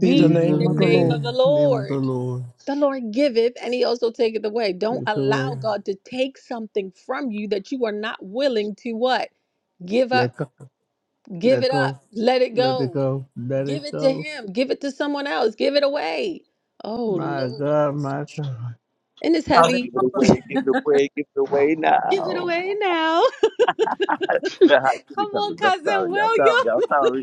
[SPEAKER 4] Be the
[SPEAKER 13] Be the
[SPEAKER 4] name
[SPEAKER 1] the
[SPEAKER 4] of the
[SPEAKER 1] name
[SPEAKER 4] Lord.
[SPEAKER 1] of the
[SPEAKER 13] man, name of the
[SPEAKER 1] Lord.
[SPEAKER 13] Lord.
[SPEAKER 1] The Lord giveth, and He also taketh away.
[SPEAKER 13] Take
[SPEAKER 1] Don't
[SPEAKER 13] it
[SPEAKER 1] allow
[SPEAKER 13] away.
[SPEAKER 1] God to take something from you that you are not willing to what? Give up.
[SPEAKER 13] Let go.
[SPEAKER 1] Give
[SPEAKER 13] Let
[SPEAKER 1] it up.
[SPEAKER 13] go.
[SPEAKER 1] Let it
[SPEAKER 13] Let it
[SPEAKER 1] go.
[SPEAKER 13] go. Let it
[SPEAKER 1] Give it to
[SPEAKER 13] go.
[SPEAKER 1] Him. Give it to someone else. Give it away. Oh
[SPEAKER 13] My
[SPEAKER 1] Lord,
[SPEAKER 13] God, my God.
[SPEAKER 1] and it's
[SPEAKER 6] Now
[SPEAKER 9] calling
[SPEAKER 1] heavy.
[SPEAKER 6] Give it
[SPEAKER 9] all of
[SPEAKER 6] away, give it away, give it away
[SPEAKER 1] Give it
[SPEAKER 6] now.
[SPEAKER 1] away now.
[SPEAKER 6] Yeah, hot chili
[SPEAKER 1] Come on,
[SPEAKER 6] peppers. I'm
[SPEAKER 1] cousin
[SPEAKER 6] sorry, y'all.
[SPEAKER 1] William.
[SPEAKER 6] Sorry, y'all. Sorry.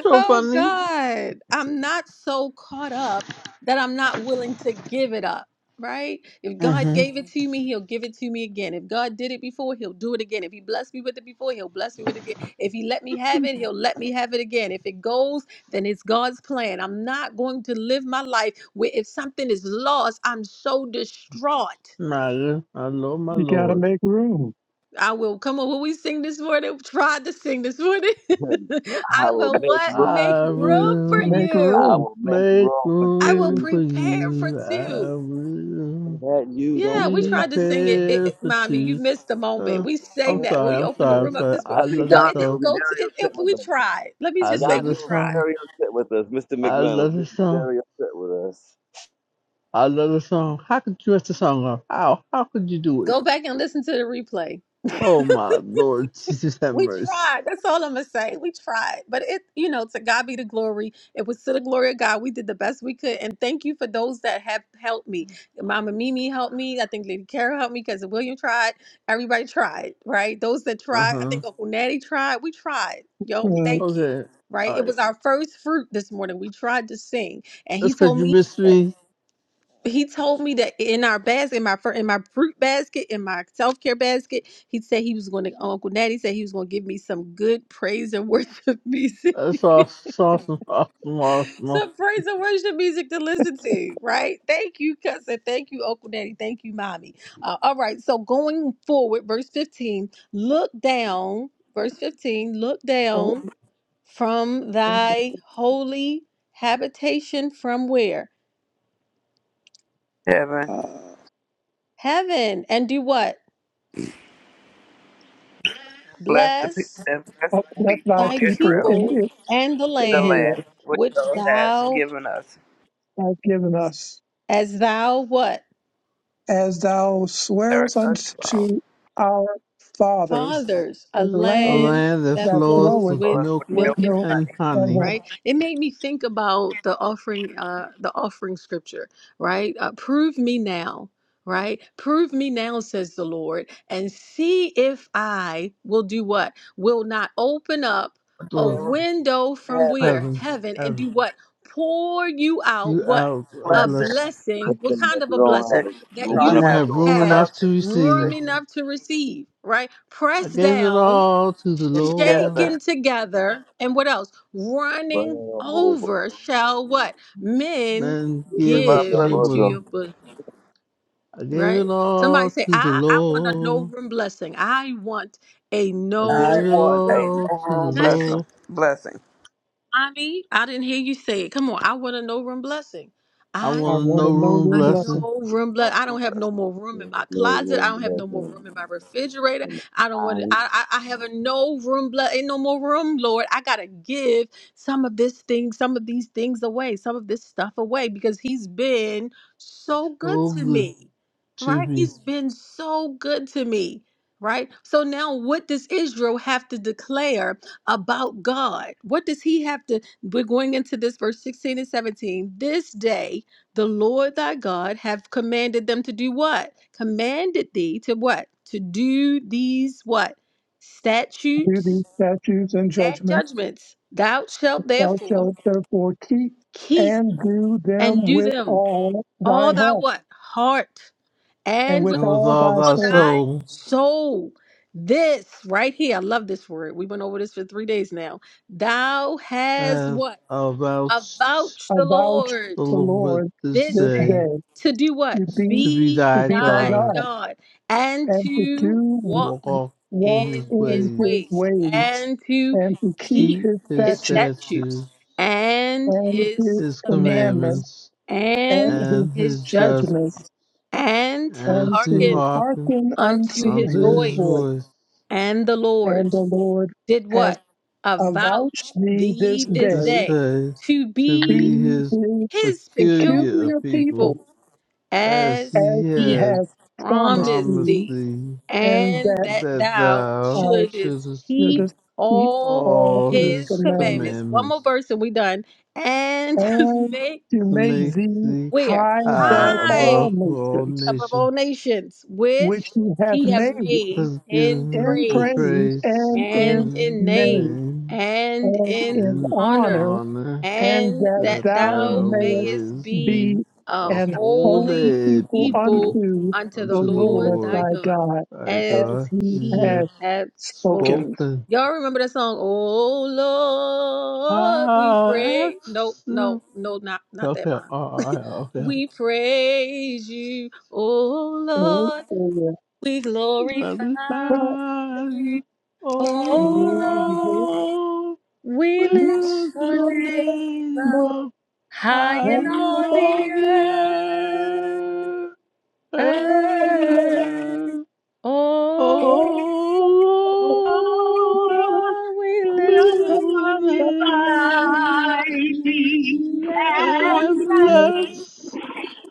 [SPEAKER 13] So
[SPEAKER 1] Oh
[SPEAKER 13] funny.
[SPEAKER 1] God, I'm not so caught up that I'm not willing to give it up, right? If God
[SPEAKER 13] hmm
[SPEAKER 1] gave it hmm to me, He'll give it to me again. If God did it before, He'll do it again. If He blessed me with it before, He'll bless me with it again. If He let me have it, He'll let me have it again. If it goes, then it's God's plan. I'm not going to live my life where if something is lost, I'm so distraught.
[SPEAKER 13] My I love my
[SPEAKER 4] You got to
[SPEAKER 13] Lord,
[SPEAKER 4] make room.
[SPEAKER 1] I will come on. What we sing this morning? Tried to sing this morning.
[SPEAKER 6] him. I
[SPEAKER 1] I
[SPEAKER 6] will
[SPEAKER 1] will
[SPEAKER 6] make
[SPEAKER 1] what
[SPEAKER 6] room
[SPEAKER 1] make
[SPEAKER 13] I
[SPEAKER 6] for you.
[SPEAKER 1] room for
[SPEAKER 13] will
[SPEAKER 4] Make
[SPEAKER 1] you.
[SPEAKER 6] I
[SPEAKER 4] room.
[SPEAKER 6] will make
[SPEAKER 13] make
[SPEAKER 6] room for
[SPEAKER 1] I will
[SPEAKER 13] room
[SPEAKER 6] two
[SPEAKER 13] for
[SPEAKER 1] prepare for
[SPEAKER 13] you. I
[SPEAKER 1] two.
[SPEAKER 6] so
[SPEAKER 13] will
[SPEAKER 6] that you don't
[SPEAKER 1] Yeah, we
[SPEAKER 6] feel like
[SPEAKER 1] tried to
[SPEAKER 6] you
[SPEAKER 1] sing it.
[SPEAKER 6] need
[SPEAKER 1] it,
[SPEAKER 6] me.
[SPEAKER 13] prepare
[SPEAKER 1] it-
[SPEAKER 13] for
[SPEAKER 1] mommy, you
[SPEAKER 13] you.
[SPEAKER 1] missed the moment.
[SPEAKER 13] Uh,
[SPEAKER 1] We sang
[SPEAKER 13] I'm
[SPEAKER 1] that when
[SPEAKER 13] sorry,
[SPEAKER 1] we
[SPEAKER 13] I'm
[SPEAKER 1] opened the
[SPEAKER 13] sorry, I'm
[SPEAKER 1] room up
[SPEAKER 13] sorry.
[SPEAKER 1] this
[SPEAKER 6] I
[SPEAKER 13] I
[SPEAKER 1] morning.
[SPEAKER 6] think
[SPEAKER 13] love
[SPEAKER 1] No,
[SPEAKER 13] the
[SPEAKER 1] it
[SPEAKER 6] Jonathan will
[SPEAKER 1] didn't
[SPEAKER 13] song.
[SPEAKER 6] be
[SPEAKER 1] go to
[SPEAKER 6] very
[SPEAKER 1] it,
[SPEAKER 6] upset
[SPEAKER 1] it.
[SPEAKER 6] with
[SPEAKER 1] We
[SPEAKER 6] us.
[SPEAKER 1] tried. Let me
[SPEAKER 13] I
[SPEAKER 1] just say,
[SPEAKER 13] love the
[SPEAKER 1] we
[SPEAKER 6] Jonathan will be
[SPEAKER 13] song.
[SPEAKER 1] tried.
[SPEAKER 6] very upset with us. Mr.
[SPEAKER 13] I
[SPEAKER 6] McMillan,
[SPEAKER 13] love
[SPEAKER 6] he'll
[SPEAKER 13] the
[SPEAKER 6] be
[SPEAKER 13] song.
[SPEAKER 6] very upset with us.
[SPEAKER 13] I love the song. How could you mess the song up? How? How could you do it?
[SPEAKER 1] Go back and listen to the replay.
[SPEAKER 13] Oh my Lord, Jesus have
[SPEAKER 1] We
[SPEAKER 13] mercy.
[SPEAKER 1] tried. That's all I'm gonna say. We tried, but it, you know, to God be the glory. It was to the glory of God. We did the best we could, and thank you for those that have helped me. Mama Mimi helped me. I think Lady Carol helped me because William tried. Everybody tried, right? Those that
[SPEAKER 13] Uh
[SPEAKER 1] tried, I
[SPEAKER 13] huh.
[SPEAKER 1] think Uncle Natty tried. We tried, yo.
[SPEAKER 4] Uh,
[SPEAKER 1] we- Thank you,
[SPEAKER 13] Okay.
[SPEAKER 1] right?
[SPEAKER 13] All
[SPEAKER 1] It
[SPEAKER 13] right.
[SPEAKER 1] was our first fruit this morning. We tried to sing, and
[SPEAKER 13] That's
[SPEAKER 1] he
[SPEAKER 13] because
[SPEAKER 1] told
[SPEAKER 13] you
[SPEAKER 1] me
[SPEAKER 13] missed
[SPEAKER 1] that
[SPEAKER 13] me.
[SPEAKER 1] he told me that in our basket, in my fir- in my fruit basket, in my self care basket, he said he was going to Uncle Natty said he was going to give me some good praise and worship music,
[SPEAKER 13] That's awesome, awesome, awesome,
[SPEAKER 1] some praise and worship music to listen to. Right? Thank you, cousin. Thank you, Uncle Natty. Thank you, mommy. Uh, all right. So going forward, verse fifteen. Look down, verse fifteen. Look
[SPEAKER 4] uh,
[SPEAKER 1] down from thy holy habitation from where
[SPEAKER 2] Heaven,
[SPEAKER 1] heaven and do what
[SPEAKER 2] bless the
[SPEAKER 1] bless.
[SPEAKER 2] people and bless the
[SPEAKER 4] oh, let
[SPEAKER 2] people
[SPEAKER 4] thy
[SPEAKER 2] of
[SPEAKER 1] thy
[SPEAKER 4] people
[SPEAKER 2] Israel,
[SPEAKER 4] in
[SPEAKER 1] people and the
[SPEAKER 2] the
[SPEAKER 1] land
[SPEAKER 4] Israel
[SPEAKER 2] land which
[SPEAKER 1] which
[SPEAKER 2] thou hast
[SPEAKER 1] thou,
[SPEAKER 2] given us.
[SPEAKER 4] have given us,
[SPEAKER 1] as thou what?
[SPEAKER 4] as thou
[SPEAKER 2] There
[SPEAKER 4] swearest
[SPEAKER 2] is unto our
[SPEAKER 4] unto our fathers,
[SPEAKER 13] awesome.
[SPEAKER 1] Fathers,
[SPEAKER 4] a
[SPEAKER 1] a
[SPEAKER 13] a
[SPEAKER 4] land
[SPEAKER 1] land
[SPEAKER 13] land that
[SPEAKER 1] that
[SPEAKER 4] that
[SPEAKER 13] floweth
[SPEAKER 1] flows
[SPEAKER 4] floweth
[SPEAKER 13] with
[SPEAKER 1] with
[SPEAKER 2] source
[SPEAKER 13] milk
[SPEAKER 2] with
[SPEAKER 4] with
[SPEAKER 2] milk
[SPEAKER 1] milk and
[SPEAKER 2] and
[SPEAKER 4] milk
[SPEAKER 13] and
[SPEAKER 2] honey.
[SPEAKER 4] and
[SPEAKER 13] honey,
[SPEAKER 4] honey.
[SPEAKER 1] right it made me think about the offering uh the offering scripture right uh, prove me now right prove me now says the lord and see if i will do what will not open up a
[SPEAKER 13] through
[SPEAKER 2] Go
[SPEAKER 1] window
[SPEAKER 2] to
[SPEAKER 1] from
[SPEAKER 2] heaven,
[SPEAKER 1] where
[SPEAKER 13] heaven,
[SPEAKER 1] heaven and
[SPEAKER 13] have
[SPEAKER 1] do what pour you out
[SPEAKER 13] you
[SPEAKER 1] what
[SPEAKER 13] out a
[SPEAKER 1] a
[SPEAKER 2] blessed.
[SPEAKER 13] blessing
[SPEAKER 1] blessing
[SPEAKER 6] Let's
[SPEAKER 1] what
[SPEAKER 6] If
[SPEAKER 1] kind of
[SPEAKER 6] you
[SPEAKER 1] a
[SPEAKER 6] don't have
[SPEAKER 2] that
[SPEAKER 1] blessing that
[SPEAKER 6] room
[SPEAKER 13] that
[SPEAKER 2] I
[SPEAKER 13] you
[SPEAKER 1] you
[SPEAKER 6] enough
[SPEAKER 13] won't
[SPEAKER 6] to
[SPEAKER 2] have
[SPEAKER 1] won't
[SPEAKER 13] have
[SPEAKER 6] show him,
[SPEAKER 13] room
[SPEAKER 2] room
[SPEAKER 1] have
[SPEAKER 2] enough
[SPEAKER 13] enough
[SPEAKER 2] to
[SPEAKER 13] to
[SPEAKER 2] receive it.
[SPEAKER 1] room
[SPEAKER 13] receive.
[SPEAKER 1] enough to receive right
[SPEAKER 13] I
[SPEAKER 1] press
[SPEAKER 13] gave it
[SPEAKER 1] down
[SPEAKER 13] all to the
[SPEAKER 2] Get
[SPEAKER 13] Lord
[SPEAKER 2] together.
[SPEAKER 1] shaken together and what else
[SPEAKER 6] run
[SPEAKER 1] running
[SPEAKER 6] over.
[SPEAKER 1] over shall what men
[SPEAKER 13] and
[SPEAKER 6] Even
[SPEAKER 13] give
[SPEAKER 6] to
[SPEAKER 2] But
[SPEAKER 13] unto
[SPEAKER 6] your
[SPEAKER 1] give
[SPEAKER 2] but
[SPEAKER 13] your
[SPEAKER 1] into your
[SPEAKER 13] bosom.
[SPEAKER 6] bosom,
[SPEAKER 1] bosom
[SPEAKER 13] I gave
[SPEAKER 1] right
[SPEAKER 13] it
[SPEAKER 1] somebody
[SPEAKER 13] all
[SPEAKER 1] say
[SPEAKER 13] to the
[SPEAKER 1] i i want a no
[SPEAKER 13] Lord.
[SPEAKER 1] room blessing i want a
[SPEAKER 13] I gave
[SPEAKER 2] I
[SPEAKER 1] no
[SPEAKER 13] it
[SPEAKER 2] want a
[SPEAKER 1] room
[SPEAKER 13] all
[SPEAKER 2] no
[SPEAKER 13] to the
[SPEAKER 2] room
[SPEAKER 1] blessing
[SPEAKER 2] blessing.
[SPEAKER 13] Lord.
[SPEAKER 2] Blessing.
[SPEAKER 1] I mean, I didn't hear you say it. Come on, I want a no room blessing.
[SPEAKER 13] I
[SPEAKER 1] I
[SPEAKER 4] I
[SPEAKER 13] want a
[SPEAKER 1] want
[SPEAKER 4] want
[SPEAKER 13] no
[SPEAKER 4] to know
[SPEAKER 13] room
[SPEAKER 4] them
[SPEAKER 1] a
[SPEAKER 4] blessing.
[SPEAKER 13] blessing
[SPEAKER 1] no room
[SPEAKER 2] No
[SPEAKER 1] bless. I
[SPEAKER 2] room
[SPEAKER 1] don't have
[SPEAKER 2] blessing.
[SPEAKER 1] no more room in
[SPEAKER 6] there's
[SPEAKER 1] my
[SPEAKER 6] no
[SPEAKER 1] closet. I
[SPEAKER 6] room
[SPEAKER 1] don't have
[SPEAKER 6] enough
[SPEAKER 1] no more
[SPEAKER 6] in
[SPEAKER 1] room in my refrigerator.
[SPEAKER 6] in the
[SPEAKER 1] I don't want it.
[SPEAKER 6] mind
[SPEAKER 1] I, I I have a no room bless. Ain't no more room, Lord. I gotta give some of this thing, some of these things away, some of this stuff away because He's been so good
[SPEAKER 13] so
[SPEAKER 1] to
[SPEAKER 13] good
[SPEAKER 1] me,
[SPEAKER 13] to
[SPEAKER 1] right?
[SPEAKER 13] me.
[SPEAKER 1] He's been so good to me. Right? So now what does Israel have to declare about God. What does he have to? We're going into this verse 16 and 17. This day the Lord thy God have commanded them to do what? Commanded thee to what? To do these what?
[SPEAKER 4] Do these
[SPEAKER 1] Statutes
[SPEAKER 4] statutes and
[SPEAKER 1] and
[SPEAKER 4] judgments
[SPEAKER 1] judgments. Thou shalt
[SPEAKER 4] thou
[SPEAKER 1] therefore
[SPEAKER 4] shalt therefore keep,
[SPEAKER 1] keep
[SPEAKER 4] and do them
[SPEAKER 1] and do
[SPEAKER 4] with
[SPEAKER 1] them
[SPEAKER 4] all thine
[SPEAKER 1] all thy
[SPEAKER 4] heart
[SPEAKER 1] what? Heart
[SPEAKER 4] and
[SPEAKER 1] and
[SPEAKER 4] with
[SPEAKER 1] with
[SPEAKER 13] And with
[SPEAKER 4] all
[SPEAKER 13] all
[SPEAKER 4] thy
[SPEAKER 1] all
[SPEAKER 13] thy
[SPEAKER 4] soul
[SPEAKER 1] thy
[SPEAKER 13] soul,
[SPEAKER 1] soul. This right here, I love this word. We went over this for three days now. Thou has
[SPEAKER 13] as
[SPEAKER 1] what?
[SPEAKER 13] about
[SPEAKER 1] avouch the
[SPEAKER 4] avouch
[SPEAKER 1] Lord
[SPEAKER 13] the
[SPEAKER 4] the
[SPEAKER 13] Lord
[SPEAKER 4] Lord
[SPEAKER 13] this
[SPEAKER 1] this
[SPEAKER 4] this
[SPEAKER 13] day.
[SPEAKER 1] day
[SPEAKER 4] day
[SPEAKER 1] to do what?
[SPEAKER 4] to be
[SPEAKER 13] To be
[SPEAKER 1] Be
[SPEAKER 4] to
[SPEAKER 13] thy
[SPEAKER 4] be thy
[SPEAKER 1] thy
[SPEAKER 13] God,
[SPEAKER 4] God,
[SPEAKER 1] God and
[SPEAKER 4] and to
[SPEAKER 1] to
[SPEAKER 4] do
[SPEAKER 13] walk
[SPEAKER 1] walk
[SPEAKER 13] off in
[SPEAKER 4] walk
[SPEAKER 13] his
[SPEAKER 1] in
[SPEAKER 4] in
[SPEAKER 1] his
[SPEAKER 13] ways,
[SPEAKER 4] his
[SPEAKER 1] ways
[SPEAKER 4] ways,
[SPEAKER 1] and to
[SPEAKER 4] and to keep
[SPEAKER 1] keep
[SPEAKER 13] keep
[SPEAKER 4] his
[SPEAKER 13] his
[SPEAKER 1] his
[SPEAKER 4] statutes
[SPEAKER 1] statutes
[SPEAKER 13] statutes,
[SPEAKER 1] and
[SPEAKER 4] and his
[SPEAKER 1] his
[SPEAKER 13] his
[SPEAKER 1] commandments
[SPEAKER 4] commandments
[SPEAKER 13] commandments,
[SPEAKER 4] and
[SPEAKER 1] and
[SPEAKER 4] his
[SPEAKER 13] and
[SPEAKER 1] his
[SPEAKER 13] his judgments,
[SPEAKER 4] judgments,
[SPEAKER 1] judgments and to
[SPEAKER 13] and
[SPEAKER 4] and
[SPEAKER 13] to
[SPEAKER 4] to
[SPEAKER 1] hearken
[SPEAKER 13] hearken
[SPEAKER 4] hearken unto
[SPEAKER 1] unto his
[SPEAKER 13] unto
[SPEAKER 4] his
[SPEAKER 13] his
[SPEAKER 1] voice.
[SPEAKER 4] voice.
[SPEAKER 13] voice.
[SPEAKER 1] And the Lord
[SPEAKER 4] And the Lord
[SPEAKER 1] did
[SPEAKER 4] has
[SPEAKER 1] what?
[SPEAKER 4] avouched
[SPEAKER 1] Avouch
[SPEAKER 4] thee this
[SPEAKER 1] thee this
[SPEAKER 13] This
[SPEAKER 4] day,
[SPEAKER 1] day
[SPEAKER 13] day
[SPEAKER 1] to
[SPEAKER 13] to
[SPEAKER 1] be
[SPEAKER 13] be
[SPEAKER 4] be
[SPEAKER 13] his
[SPEAKER 4] his
[SPEAKER 1] his
[SPEAKER 13] peculiar
[SPEAKER 1] peculiar
[SPEAKER 4] peculiar people,
[SPEAKER 13] people,
[SPEAKER 1] people
[SPEAKER 13] as
[SPEAKER 1] as
[SPEAKER 4] as
[SPEAKER 13] he
[SPEAKER 4] he
[SPEAKER 1] he
[SPEAKER 13] hath
[SPEAKER 4] has
[SPEAKER 1] has
[SPEAKER 4] promised
[SPEAKER 1] promised
[SPEAKER 13] promised
[SPEAKER 4] thee,
[SPEAKER 1] thee,
[SPEAKER 13] thee,
[SPEAKER 4] and
[SPEAKER 1] and
[SPEAKER 4] that
[SPEAKER 1] that
[SPEAKER 13] that
[SPEAKER 1] thou
[SPEAKER 13] thou
[SPEAKER 4] our
[SPEAKER 1] shouldest
[SPEAKER 13] shouldest
[SPEAKER 4] Let
[SPEAKER 1] keep
[SPEAKER 13] keep
[SPEAKER 4] us keep
[SPEAKER 1] all
[SPEAKER 4] all
[SPEAKER 13] all
[SPEAKER 4] his
[SPEAKER 1] his
[SPEAKER 13] his
[SPEAKER 4] commandments
[SPEAKER 1] commandments. One more
[SPEAKER 13] commandments.
[SPEAKER 1] verse and we done. And
[SPEAKER 4] and
[SPEAKER 1] make
[SPEAKER 4] to
[SPEAKER 13] to
[SPEAKER 4] make
[SPEAKER 1] thee
[SPEAKER 13] make
[SPEAKER 4] thee
[SPEAKER 13] thee
[SPEAKER 1] where?
[SPEAKER 4] high
[SPEAKER 13] high
[SPEAKER 4] above all
[SPEAKER 13] above
[SPEAKER 1] High
[SPEAKER 13] all
[SPEAKER 4] nations,
[SPEAKER 1] above
[SPEAKER 13] nations.
[SPEAKER 1] all nations, which
[SPEAKER 4] which he hath
[SPEAKER 1] he hath
[SPEAKER 4] made
[SPEAKER 1] made in
[SPEAKER 13] Thanksgiving
[SPEAKER 4] in
[SPEAKER 13] and
[SPEAKER 1] praise
[SPEAKER 4] praise
[SPEAKER 13] praise
[SPEAKER 4] and
[SPEAKER 1] and
[SPEAKER 4] in
[SPEAKER 13] in
[SPEAKER 1] in
[SPEAKER 13] his
[SPEAKER 1] name
[SPEAKER 4] name
[SPEAKER 13] name
[SPEAKER 1] and
[SPEAKER 4] and
[SPEAKER 1] in
[SPEAKER 4] in
[SPEAKER 13] in
[SPEAKER 1] honor
[SPEAKER 4] honor,
[SPEAKER 13] honor
[SPEAKER 4] and
[SPEAKER 1] and
[SPEAKER 4] that
[SPEAKER 13] that
[SPEAKER 1] that
[SPEAKER 4] thou
[SPEAKER 1] thou
[SPEAKER 13] thou
[SPEAKER 4] mayest
[SPEAKER 1] mayest
[SPEAKER 13] mayest
[SPEAKER 1] be
[SPEAKER 4] be
[SPEAKER 13] be
[SPEAKER 1] a
[SPEAKER 13] a
[SPEAKER 4] an holy
[SPEAKER 1] holy
[SPEAKER 13] holy
[SPEAKER 4] people
[SPEAKER 1] people
[SPEAKER 13] people
[SPEAKER 4] unto
[SPEAKER 1] unto the
[SPEAKER 4] the
[SPEAKER 13] unto the
[SPEAKER 1] Lord
[SPEAKER 4] Lord
[SPEAKER 1] thy
[SPEAKER 13] Lord
[SPEAKER 4] thy
[SPEAKER 1] God,
[SPEAKER 4] God,
[SPEAKER 13] thy
[SPEAKER 1] as
[SPEAKER 4] as
[SPEAKER 13] God.
[SPEAKER 4] he
[SPEAKER 13] He
[SPEAKER 1] he
[SPEAKER 4] hath
[SPEAKER 13] hath
[SPEAKER 1] hath spoken.
[SPEAKER 4] spoken.
[SPEAKER 13] spoken.
[SPEAKER 1] Y'all remember that song? Oh Lord, we
[SPEAKER 13] How
[SPEAKER 1] pray. No, no,
[SPEAKER 13] excellent.
[SPEAKER 1] no, not not that
[SPEAKER 13] Okay,
[SPEAKER 1] mine.
[SPEAKER 13] all right, okay.
[SPEAKER 1] We praise you, oh Lord.
[SPEAKER 4] Hallelujah.
[SPEAKER 1] We glorify
[SPEAKER 13] Magnify
[SPEAKER 1] you,
[SPEAKER 13] you, O
[SPEAKER 1] oh Lord.
[SPEAKER 13] Lord. We
[SPEAKER 1] We lift
[SPEAKER 13] lift
[SPEAKER 4] I
[SPEAKER 1] your
[SPEAKER 13] your
[SPEAKER 4] know
[SPEAKER 1] name
[SPEAKER 13] name up
[SPEAKER 1] high
[SPEAKER 13] high
[SPEAKER 1] in
[SPEAKER 13] in
[SPEAKER 1] all
[SPEAKER 13] all
[SPEAKER 1] the
[SPEAKER 13] the
[SPEAKER 1] earth.
[SPEAKER 13] earth.
[SPEAKER 1] Oh,
[SPEAKER 13] Oh Lord,
[SPEAKER 17] Lord,
[SPEAKER 1] Lord, we lift
[SPEAKER 13] we
[SPEAKER 17] will
[SPEAKER 13] make
[SPEAKER 1] up
[SPEAKER 13] the
[SPEAKER 17] glorify
[SPEAKER 13] name
[SPEAKER 17] thee
[SPEAKER 1] you
[SPEAKER 17] and
[SPEAKER 13] and
[SPEAKER 17] bless,
[SPEAKER 1] and
[SPEAKER 13] bless,